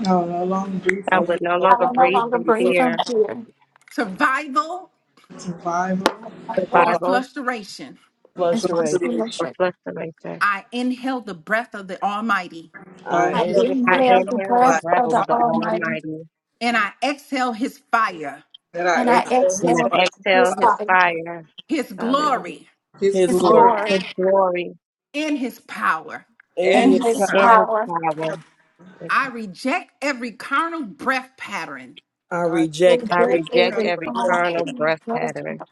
Speaker 2: Now, no longer be
Speaker 3: I
Speaker 6: I
Speaker 2: for
Speaker 6: would
Speaker 3: will
Speaker 6: no
Speaker 8: I
Speaker 3: no
Speaker 7: I
Speaker 6: longer
Speaker 8: will
Speaker 7: will
Speaker 8: no
Speaker 7: no
Speaker 6: breathe
Speaker 7: longer
Speaker 6: from
Speaker 8: longer
Speaker 3: be from
Speaker 7: breathe
Speaker 8: keep
Speaker 6: fear,
Speaker 7: from fear.
Speaker 1: survival,
Speaker 2: survival
Speaker 7: My
Speaker 3: the
Speaker 7: hope
Speaker 1: or
Speaker 3: fire.
Speaker 6: survival,
Speaker 1: frustration.
Speaker 2: and
Speaker 3: flush
Speaker 2: for
Speaker 7: is
Speaker 3: the
Speaker 7: my
Speaker 3: rain.
Speaker 2: liberation.
Speaker 6: or
Speaker 7: stewardship.
Speaker 6: fluctuation.
Speaker 1: I inhale the breath of the Almighty
Speaker 2: I
Speaker 3: I
Speaker 7: I
Speaker 2: hail
Speaker 3: inhale
Speaker 2: the
Speaker 6: I
Speaker 2: breath
Speaker 7: inhale
Speaker 2: of
Speaker 7: the
Speaker 6: inhale the
Speaker 3: the
Speaker 2: my
Speaker 7: breath
Speaker 6: breath
Speaker 7: of
Speaker 3: fire
Speaker 7: the
Speaker 6: of the
Speaker 2: poverty,
Speaker 7: Almighty,
Speaker 6: Almighty.
Speaker 1: and I exhale his fire,
Speaker 2: that I
Speaker 7: and
Speaker 3: and
Speaker 7: I
Speaker 3: I
Speaker 2: exhale
Speaker 6: and
Speaker 2: his,
Speaker 7: exhale
Speaker 2: fire,
Speaker 3: exhale
Speaker 6: I exhale
Speaker 3: the
Speaker 7: His
Speaker 6: his
Speaker 3: fire.
Speaker 7: life,
Speaker 6: fire,
Speaker 1: his
Speaker 6: hallelujah,
Speaker 1: glory,
Speaker 2: his
Speaker 3: His
Speaker 7: His
Speaker 3: glory
Speaker 2: glory
Speaker 7: glory,
Speaker 6: his glory
Speaker 1: and his power.
Speaker 3: and
Speaker 2: and
Speaker 3: his
Speaker 2: his
Speaker 7: and
Speaker 3: power.
Speaker 7: His
Speaker 6: and
Speaker 2: power.
Speaker 6: his
Speaker 7: power.
Speaker 6: power,
Speaker 1: I reject every carnal breath pattern,
Speaker 3: I
Speaker 2: I
Speaker 3: reject
Speaker 6: I
Speaker 2: break
Speaker 7: Reject
Speaker 3: every
Speaker 2: the
Speaker 6: reject
Speaker 2: cup
Speaker 7: every
Speaker 6: every
Speaker 2: of
Speaker 7: form
Speaker 3: pattern,
Speaker 6: carnal breath pattern,
Speaker 7: of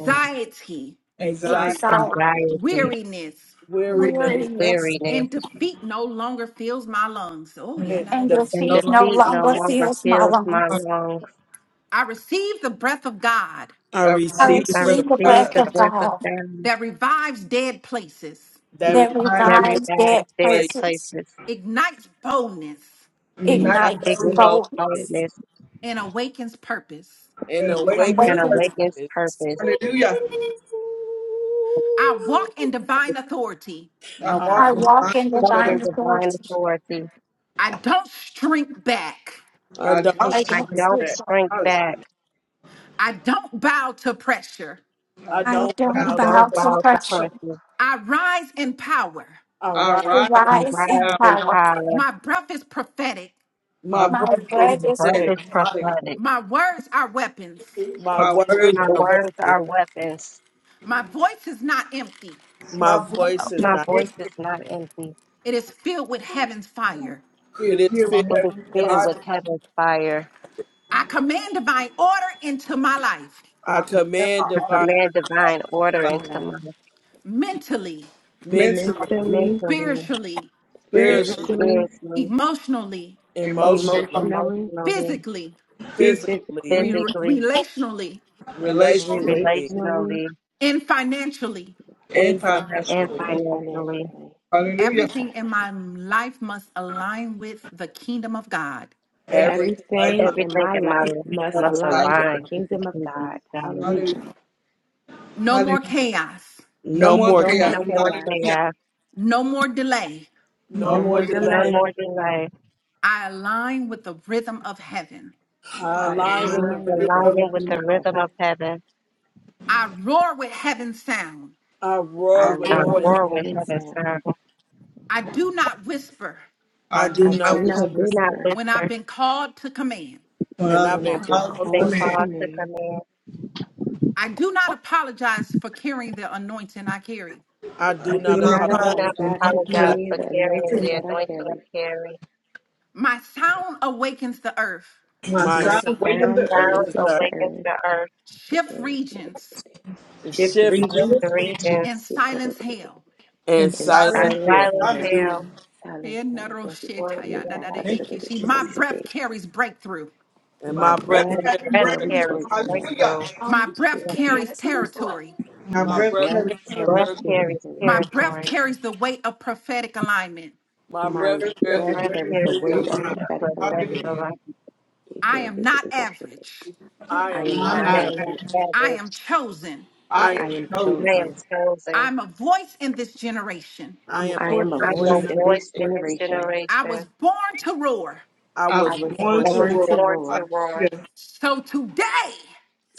Speaker 6: mm,
Speaker 3: anxiety.
Speaker 2: anxiety,
Speaker 7: exile,
Speaker 6: anxiety,
Speaker 1: weariness,
Speaker 3: weariness
Speaker 2: weariness,
Speaker 7: weariness,
Speaker 6: weariness,
Speaker 1: and defeat no longer fills my lungs. Oh, yeah,
Speaker 3: and
Speaker 1: not that
Speaker 7: and
Speaker 3: the
Speaker 6: and
Speaker 1: issue.
Speaker 3: fever.
Speaker 2: no
Speaker 7: defeat no
Speaker 2: longer
Speaker 6: defeat no
Speaker 7: longer
Speaker 6: longer
Speaker 7: fills my
Speaker 6: fills my
Speaker 2: suffer.
Speaker 7: lungs.
Speaker 6: lungs.
Speaker 1: I receive the breath of God
Speaker 3: I
Speaker 2: I
Speaker 7: I
Speaker 2: receive
Speaker 3: receive
Speaker 2: the
Speaker 6: I
Speaker 3: the
Speaker 2: breath
Speaker 7: receive the
Speaker 2: of
Speaker 6: receive
Speaker 7: breath
Speaker 2: God
Speaker 6: the
Speaker 7: of
Speaker 3: God
Speaker 6: breath of
Speaker 7: God
Speaker 6: them
Speaker 1: that revives dead places,
Speaker 3: that
Speaker 2: to
Speaker 7: that
Speaker 2: revive
Speaker 6: that
Speaker 3: resides
Speaker 2: dead,
Speaker 7: revives
Speaker 6: revives
Speaker 7: dead
Speaker 6: their
Speaker 3: place
Speaker 7: places.
Speaker 6: places.
Speaker 1: ignites boldness,
Speaker 3: in
Speaker 2: unite
Speaker 3: night
Speaker 7: ignites
Speaker 2: boldness,
Speaker 6: ignites
Speaker 3: boldness
Speaker 7: boldness
Speaker 6: boldness,
Speaker 1: and awakens purpose.
Speaker 3: and
Speaker 2: and
Speaker 7: and
Speaker 2: awaken his
Speaker 6: and
Speaker 3: awakens
Speaker 7: awakens.
Speaker 2: presence.
Speaker 6: awakens
Speaker 3: purpose.
Speaker 7: purpose.
Speaker 6: purpose.
Speaker 2: Hallelujah.
Speaker 1: I walk in divine authority.
Speaker 2: I
Speaker 1: Yeah,
Speaker 3: I,
Speaker 1: no, the
Speaker 7: I
Speaker 2: walk in
Speaker 1: little
Speaker 2: line
Speaker 7: walk in
Speaker 1: bullshit.
Speaker 2: with
Speaker 1: Yeah,
Speaker 2: joy.
Speaker 6: Suffering
Speaker 7: divine
Speaker 1: no, little
Speaker 6: divine
Speaker 7: authority.
Speaker 1: bullshit.
Speaker 6: authority.
Speaker 1: I don't shrink back.
Speaker 3: I
Speaker 2: I
Speaker 3: don't
Speaker 7: I
Speaker 2: don't
Speaker 3: shrink.
Speaker 6: I
Speaker 7: don't
Speaker 2: shrink
Speaker 6: don't
Speaker 7: sleep.
Speaker 2: back.
Speaker 7: on.
Speaker 6: shrink
Speaker 2: Hallelujah.
Speaker 6: back.
Speaker 1: I don't bow to pressure.
Speaker 2: Uh,
Speaker 3: I
Speaker 7: I
Speaker 2: Dr.
Speaker 3: don't
Speaker 6: I
Speaker 7: don't
Speaker 2: Miles
Speaker 3: bow to.
Speaker 2: is
Speaker 7: bow
Speaker 6: don't
Speaker 2: like,
Speaker 7: to
Speaker 6: bow to
Speaker 7: pressure.
Speaker 6: person.
Speaker 1: I rise in power.
Speaker 3: I rise.
Speaker 7: I
Speaker 2: arise
Speaker 6: I
Speaker 7: rise in
Speaker 6: rise
Speaker 2: now.
Speaker 6: in
Speaker 7: power.
Speaker 6: power.
Speaker 1: My breath is prophetic.
Speaker 3: My
Speaker 2: My
Speaker 7: My
Speaker 3: breath
Speaker 2: book is
Speaker 6: My
Speaker 3: is
Speaker 7: bread is
Speaker 6: birth
Speaker 3: perfect.
Speaker 6: is
Speaker 2: pathetic. Hallelujah.
Speaker 6: prophetic.
Speaker 1: My words are weapons.
Speaker 7: prepared.
Speaker 3: My
Speaker 2: My word
Speaker 3: words
Speaker 6: My
Speaker 3: are
Speaker 2: away.
Speaker 6: words
Speaker 3: weapons.
Speaker 6: are weapons.
Speaker 1: My voice is not empty,
Speaker 3: My
Speaker 2: My book
Speaker 3: voice
Speaker 2: is
Speaker 3: is
Speaker 2: not
Speaker 6: My
Speaker 3: not.
Speaker 6: voice
Speaker 2: empty.
Speaker 6: is not empty.
Speaker 1: it is filled with heaven's fire.
Speaker 3: empty.
Speaker 2: It
Speaker 3: It
Speaker 2: is
Speaker 3: is
Speaker 2: here with
Speaker 3: filled
Speaker 6: It
Speaker 3: with
Speaker 6: is
Speaker 2: Heavenly
Speaker 6: filled
Speaker 3: heaven's.
Speaker 6: with
Speaker 2: Father.
Speaker 6: heaven's fire.
Speaker 1: I command divine order into my life.
Speaker 3: I
Speaker 2: I compare
Speaker 3: command
Speaker 2: my
Speaker 6: I
Speaker 2: origin
Speaker 3: divine
Speaker 6: command
Speaker 3: order
Speaker 6: divine
Speaker 3: in
Speaker 6: order
Speaker 3: my life,
Speaker 8: my
Speaker 6: into
Speaker 8: life
Speaker 6: my
Speaker 1: mentally,
Speaker 3: mentally,
Speaker 2: mentally,
Speaker 8: mentally,
Speaker 6: mentally,
Speaker 1: spiritually,
Speaker 3: spiritually.
Speaker 2: spiritually,
Speaker 8: spiritually,
Speaker 6: spiritually,
Speaker 1: emotionally,
Speaker 2: emotionally,
Speaker 3: emotionally,
Speaker 8: emotionally,
Speaker 6: emotionally,
Speaker 1: physically,
Speaker 2: physically,
Speaker 3: physically,
Speaker 1: re-
Speaker 8: physically,
Speaker 6: physically,
Speaker 1: relationally,
Speaker 2: relationally,
Speaker 3: relationally,
Speaker 8: relationally,
Speaker 6: relationally,
Speaker 1: and financially.
Speaker 2: and
Speaker 3: and
Speaker 6: and
Speaker 2: financially.
Speaker 3: financially.
Speaker 8: and
Speaker 6: financially.
Speaker 8: financially. Thank
Speaker 2: Hallelujah.
Speaker 8: you,
Speaker 1: Everything
Speaker 8: Father.
Speaker 1: in my life must align with the kingdom of God.
Speaker 2: Everything
Speaker 3: Everything
Speaker 2: in
Speaker 3: in
Speaker 2: life
Speaker 3: my
Speaker 8: Everything
Speaker 2: belongs
Speaker 8: in
Speaker 6: Everything
Speaker 8: my
Speaker 6: in my
Speaker 3: life
Speaker 8: life
Speaker 6: life
Speaker 3: align
Speaker 8: must
Speaker 2: to
Speaker 3: with
Speaker 6: must
Speaker 3: the
Speaker 2: God.
Speaker 8: align with
Speaker 3: kingdom.
Speaker 8: the
Speaker 6: align
Speaker 3: of-
Speaker 6: with the
Speaker 8: kingdom of
Speaker 6: kingdom of
Speaker 8: God.
Speaker 6: God.
Speaker 8: Hallelujah.
Speaker 2: Hallelujah.
Speaker 1: No more
Speaker 2: Hallelujah.
Speaker 1: chaos,
Speaker 2: No
Speaker 3: No
Speaker 2: more
Speaker 3: more
Speaker 8: No more
Speaker 3: chaos,
Speaker 2: chaos.
Speaker 6: No more
Speaker 8: chaos,
Speaker 2: Hallelujah.
Speaker 6: chaos,
Speaker 1: no more delay.
Speaker 2: No
Speaker 3: no
Speaker 8: no
Speaker 2: more
Speaker 3: more
Speaker 8: more
Speaker 2: delay.
Speaker 6: no
Speaker 3: delay.
Speaker 8: delay.
Speaker 6: more delay.
Speaker 1: I align with the rhythm of heaven.
Speaker 3: I
Speaker 8: I
Speaker 3: align
Speaker 2: Arise,
Speaker 3: with
Speaker 6: Must
Speaker 3: the
Speaker 8: align
Speaker 3: rhythm
Speaker 8: with the
Speaker 2: Jesus,
Speaker 3: of
Speaker 6: align with
Speaker 8: rhythm
Speaker 6: the
Speaker 8: of
Speaker 6: rhythm
Speaker 8: heaven.
Speaker 6: of heaven.
Speaker 1: I roar with heaven's sound.
Speaker 3: I
Speaker 8: I
Speaker 3: roar
Speaker 2: I remind you
Speaker 3: with
Speaker 2: of
Speaker 6: I'm
Speaker 8: roar
Speaker 3: heaven.
Speaker 8: with
Speaker 6: born with
Speaker 8: heaven's
Speaker 6: heaven's
Speaker 8: sound.
Speaker 6: sound.
Speaker 1: I do not whisper
Speaker 3: I
Speaker 2: I do
Speaker 3: do
Speaker 8: I
Speaker 3: not
Speaker 8: do
Speaker 2: not wish
Speaker 6: So
Speaker 8: not
Speaker 6: do
Speaker 3: waver.
Speaker 6: not
Speaker 8: whisper
Speaker 1: when I've
Speaker 6: whisper,
Speaker 1: been called to command.
Speaker 2: for I
Speaker 3: And I've
Speaker 8: when
Speaker 2: was
Speaker 3: been
Speaker 8: I've been
Speaker 2: proud to
Speaker 3: called
Speaker 6: then
Speaker 3: to c-
Speaker 8: called to
Speaker 2: command.
Speaker 6: cause to
Speaker 8: command.
Speaker 6: command.
Speaker 1: I do not apologize for carrying the anointing I carry.
Speaker 3: I
Speaker 2: I
Speaker 8: I
Speaker 3: do
Speaker 2: do
Speaker 8: do
Speaker 3: not
Speaker 2: not
Speaker 8: not
Speaker 3: apologize
Speaker 6: Do
Speaker 2: pride
Speaker 6: not
Speaker 2: to
Speaker 3: for
Speaker 8: apologize
Speaker 2: anoint
Speaker 8: for
Speaker 2: that I
Speaker 3: the
Speaker 6: apologize
Speaker 8: carrying
Speaker 6: for
Speaker 8: the
Speaker 3: things I
Speaker 6: carrying
Speaker 2: preach.
Speaker 3: care.
Speaker 8: anointing
Speaker 6: the
Speaker 8: that I
Speaker 6: anointing of
Speaker 8: carry.
Speaker 6: carry.
Speaker 1: My sound awakens the earth.
Speaker 2: My
Speaker 3: My
Speaker 2: son
Speaker 8: My
Speaker 3: sound
Speaker 6: The
Speaker 2: waiting the
Speaker 8: sound
Speaker 6: sound
Speaker 3: is
Speaker 2: earth,
Speaker 8: awakens
Speaker 3: the
Speaker 8: the
Speaker 6: awakens
Speaker 8: earth.
Speaker 6: the earth,
Speaker 1: shift regions
Speaker 8: Shift
Speaker 2: you
Speaker 3: shivering
Speaker 6: with the
Speaker 8: regions.
Speaker 2: should be
Speaker 1: and
Speaker 6: regions,
Speaker 1: silence hell.
Speaker 3: and
Speaker 2: and
Speaker 8: In
Speaker 6: and
Speaker 3: silent.
Speaker 2: silent will.
Speaker 8: silence
Speaker 3: air,
Speaker 6: silence
Speaker 8: hell.
Speaker 2: Hallelujah.
Speaker 6: hell.
Speaker 8: Silence
Speaker 1: My
Speaker 8: hell. Thank you,
Speaker 6: Glory to God.
Speaker 8: Father.
Speaker 2: Thank you, Jesus.
Speaker 1: breath carries breakthrough.
Speaker 3: And
Speaker 8: My
Speaker 2: My
Speaker 3: my
Speaker 2: breath
Speaker 3: breath
Speaker 8: breath
Speaker 6: Your
Speaker 3: carries
Speaker 2: carry
Speaker 6: breath
Speaker 8: carries
Speaker 2: breakthrough.
Speaker 3: breakthrough.
Speaker 6: carries
Speaker 8: breakthrough.
Speaker 2: Hallelujah.
Speaker 6: breakthrough.
Speaker 1: My breath
Speaker 6: Your
Speaker 1: carries territory.
Speaker 2: My
Speaker 3: My
Speaker 8: My
Speaker 2: breath
Speaker 3: breath
Speaker 8: breath
Speaker 2: carry courage.
Speaker 3: carries.
Speaker 6: breath
Speaker 8: carries
Speaker 6: carries
Speaker 8: territory.
Speaker 1: My breath
Speaker 6: territory.
Speaker 1: carries the weight of prophetic alignment.
Speaker 3: My
Speaker 2: My
Speaker 8: My
Speaker 3: breath
Speaker 2: breath has
Speaker 3: carries
Speaker 2: the
Speaker 3: the
Speaker 8: breath
Speaker 6: Breath
Speaker 2: wedding
Speaker 8: carries the
Speaker 6: carries
Speaker 2: breaking
Speaker 6: the
Speaker 8: weight
Speaker 2: of
Speaker 8: of
Speaker 2: mine.
Speaker 6: weight of her
Speaker 8: prophetic
Speaker 6: feathers
Speaker 8: alignment.
Speaker 2: Hallelujah.
Speaker 6: like
Speaker 1: I am not average.
Speaker 3: I
Speaker 8: I
Speaker 2: And
Speaker 3: am
Speaker 8: am
Speaker 2: I'm
Speaker 3: not
Speaker 8: not
Speaker 2: not
Speaker 6: man
Speaker 3: average.
Speaker 8: average.
Speaker 6: like
Speaker 2: anxious.
Speaker 1: I
Speaker 6: fabric,
Speaker 1: am chosen.
Speaker 2: I
Speaker 3: I am
Speaker 2: am
Speaker 8: I am
Speaker 2: chosen.
Speaker 6: man
Speaker 8: chosen.
Speaker 6: chosen.
Speaker 1: I'm a voice in this generation.
Speaker 3: I
Speaker 2: I'm a
Speaker 3: am a
Speaker 8: I am
Speaker 3: voice
Speaker 8: a
Speaker 2: portion of the
Speaker 6: I'm
Speaker 3: in
Speaker 6: no
Speaker 8: voice
Speaker 3: this
Speaker 8: in
Speaker 2: generation.
Speaker 6: voice
Speaker 8: this
Speaker 6: in
Speaker 3: generation.
Speaker 6: this
Speaker 8: generation.
Speaker 6: generation
Speaker 1: I was born to roar.
Speaker 3: I
Speaker 2: I'm
Speaker 8: I
Speaker 3: was
Speaker 8: was
Speaker 2: going
Speaker 3: born to
Speaker 6: that
Speaker 2: to
Speaker 6: was
Speaker 8: born
Speaker 2: work.
Speaker 3: war.
Speaker 8: to
Speaker 6: born to
Speaker 8: roar.
Speaker 6: roar.
Speaker 2: Hallelujah.
Speaker 1: So today,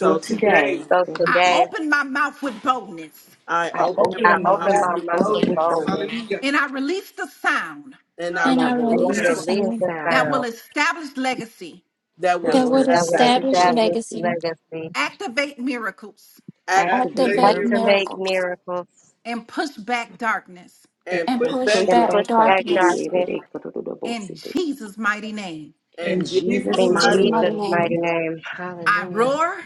Speaker 2: So
Speaker 3: today
Speaker 2: today,
Speaker 8: today,
Speaker 6: So
Speaker 8: thank you,
Speaker 1: I
Speaker 8: Jesus.
Speaker 6: today,
Speaker 1: open my mouth with boldness
Speaker 3: I
Speaker 2: I
Speaker 8: I
Speaker 3: open
Speaker 2: open
Speaker 6: I
Speaker 3: my
Speaker 2: up
Speaker 8: open
Speaker 2: my
Speaker 8: my
Speaker 3: mouth
Speaker 6: open
Speaker 2: mouth
Speaker 6: my
Speaker 3: with
Speaker 8: mouth
Speaker 2: with
Speaker 6: mouth
Speaker 8: with,
Speaker 3: those
Speaker 6: with
Speaker 8: with
Speaker 2: boldness.
Speaker 6: boldness
Speaker 8: boldness
Speaker 2: Hallelujah.
Speaker 1: and I release the sound
Speaker 2: And
Speaker 3: and
Speaker 2: I
Speaker 3: I
Speaker 8: and
Speaker 7: And
Speaker 8: I
Speaker 3: release
Speaker 7: I
Speaker 2: reach
Speaker 6: and I
Speaker 7: release
Speaker 3: the
Speaker 7: the
Speaker 8: release
Speaker 2: down,
Speaker 3: sound
Speaker 6: release
Speaker 8: the
Speaker 7: sound
Speaker 6: the
Speaker 1: that
Speaker 8: sound
Speaker 1: will
Speaker 6: sound
Speaker 1: establish legacy,
Speaker 3: that would
Speaker 8: that
Speaker 7: that
Speaker 8: will
Speaker 7: would
Speaker 6: that
Speaker 3: establish
Speaker 6: would
Speaker 2: down
Speaker 3: the
Speaker 8: establish
Speaker 7: establish
Speaker 2: to
Speaker 6: establish
Speaker 8: legacy,
Speaker 7: legacy,
Speaker 6: legacy,
Speaker 1: activate miracles,
Speaker 3: act of-
Speaker 2: after
Speaker 8: activate
Speaker 2: they
Speaker 7: activate
Speaker 2: hear
Speaker 8: miracles,
Speaker 6: activate
Speaker 7: miracles,
Speaker 6: miracles,
Speaker 1: and push back darkness
Speaker 2: and
Speaker 3: and
Speaker 7: and
Speaker 3: put
Speaker 2: push
Speaker 8: and
Speaker 7: push
Speaker 8: push
Speaker 2: back
Speaker 6: and
Speaker 2: door.
Speaker 7: back
Speaker 8: back
Speaker 6: push back
Speaker 8: darkness.
Speaker 2: Hallelujah.
Speaker 7: darkness.
Speaker 6: darkness
Speaker 1: in Jesus' mighty name.
Speaker 2: In
Speaker 3: and
Speaker 8: In
Speaker 3: G
Speaker 8: Jesus'
Speaker 2: Jesus'
Speaker 6: in
Speaker 7: Jesus'
Speaker 8: mighty
Speaker 2: mighty name,
Speaker 7: mighty
Speaker 6: Jesus'
Speaker 8: name,
Speaker 6: mighty
Speaker 7: name.
Speaker 6: name.
Speaker 1: I
Speaker 6: Hallelujah.
Speaker 1: roar,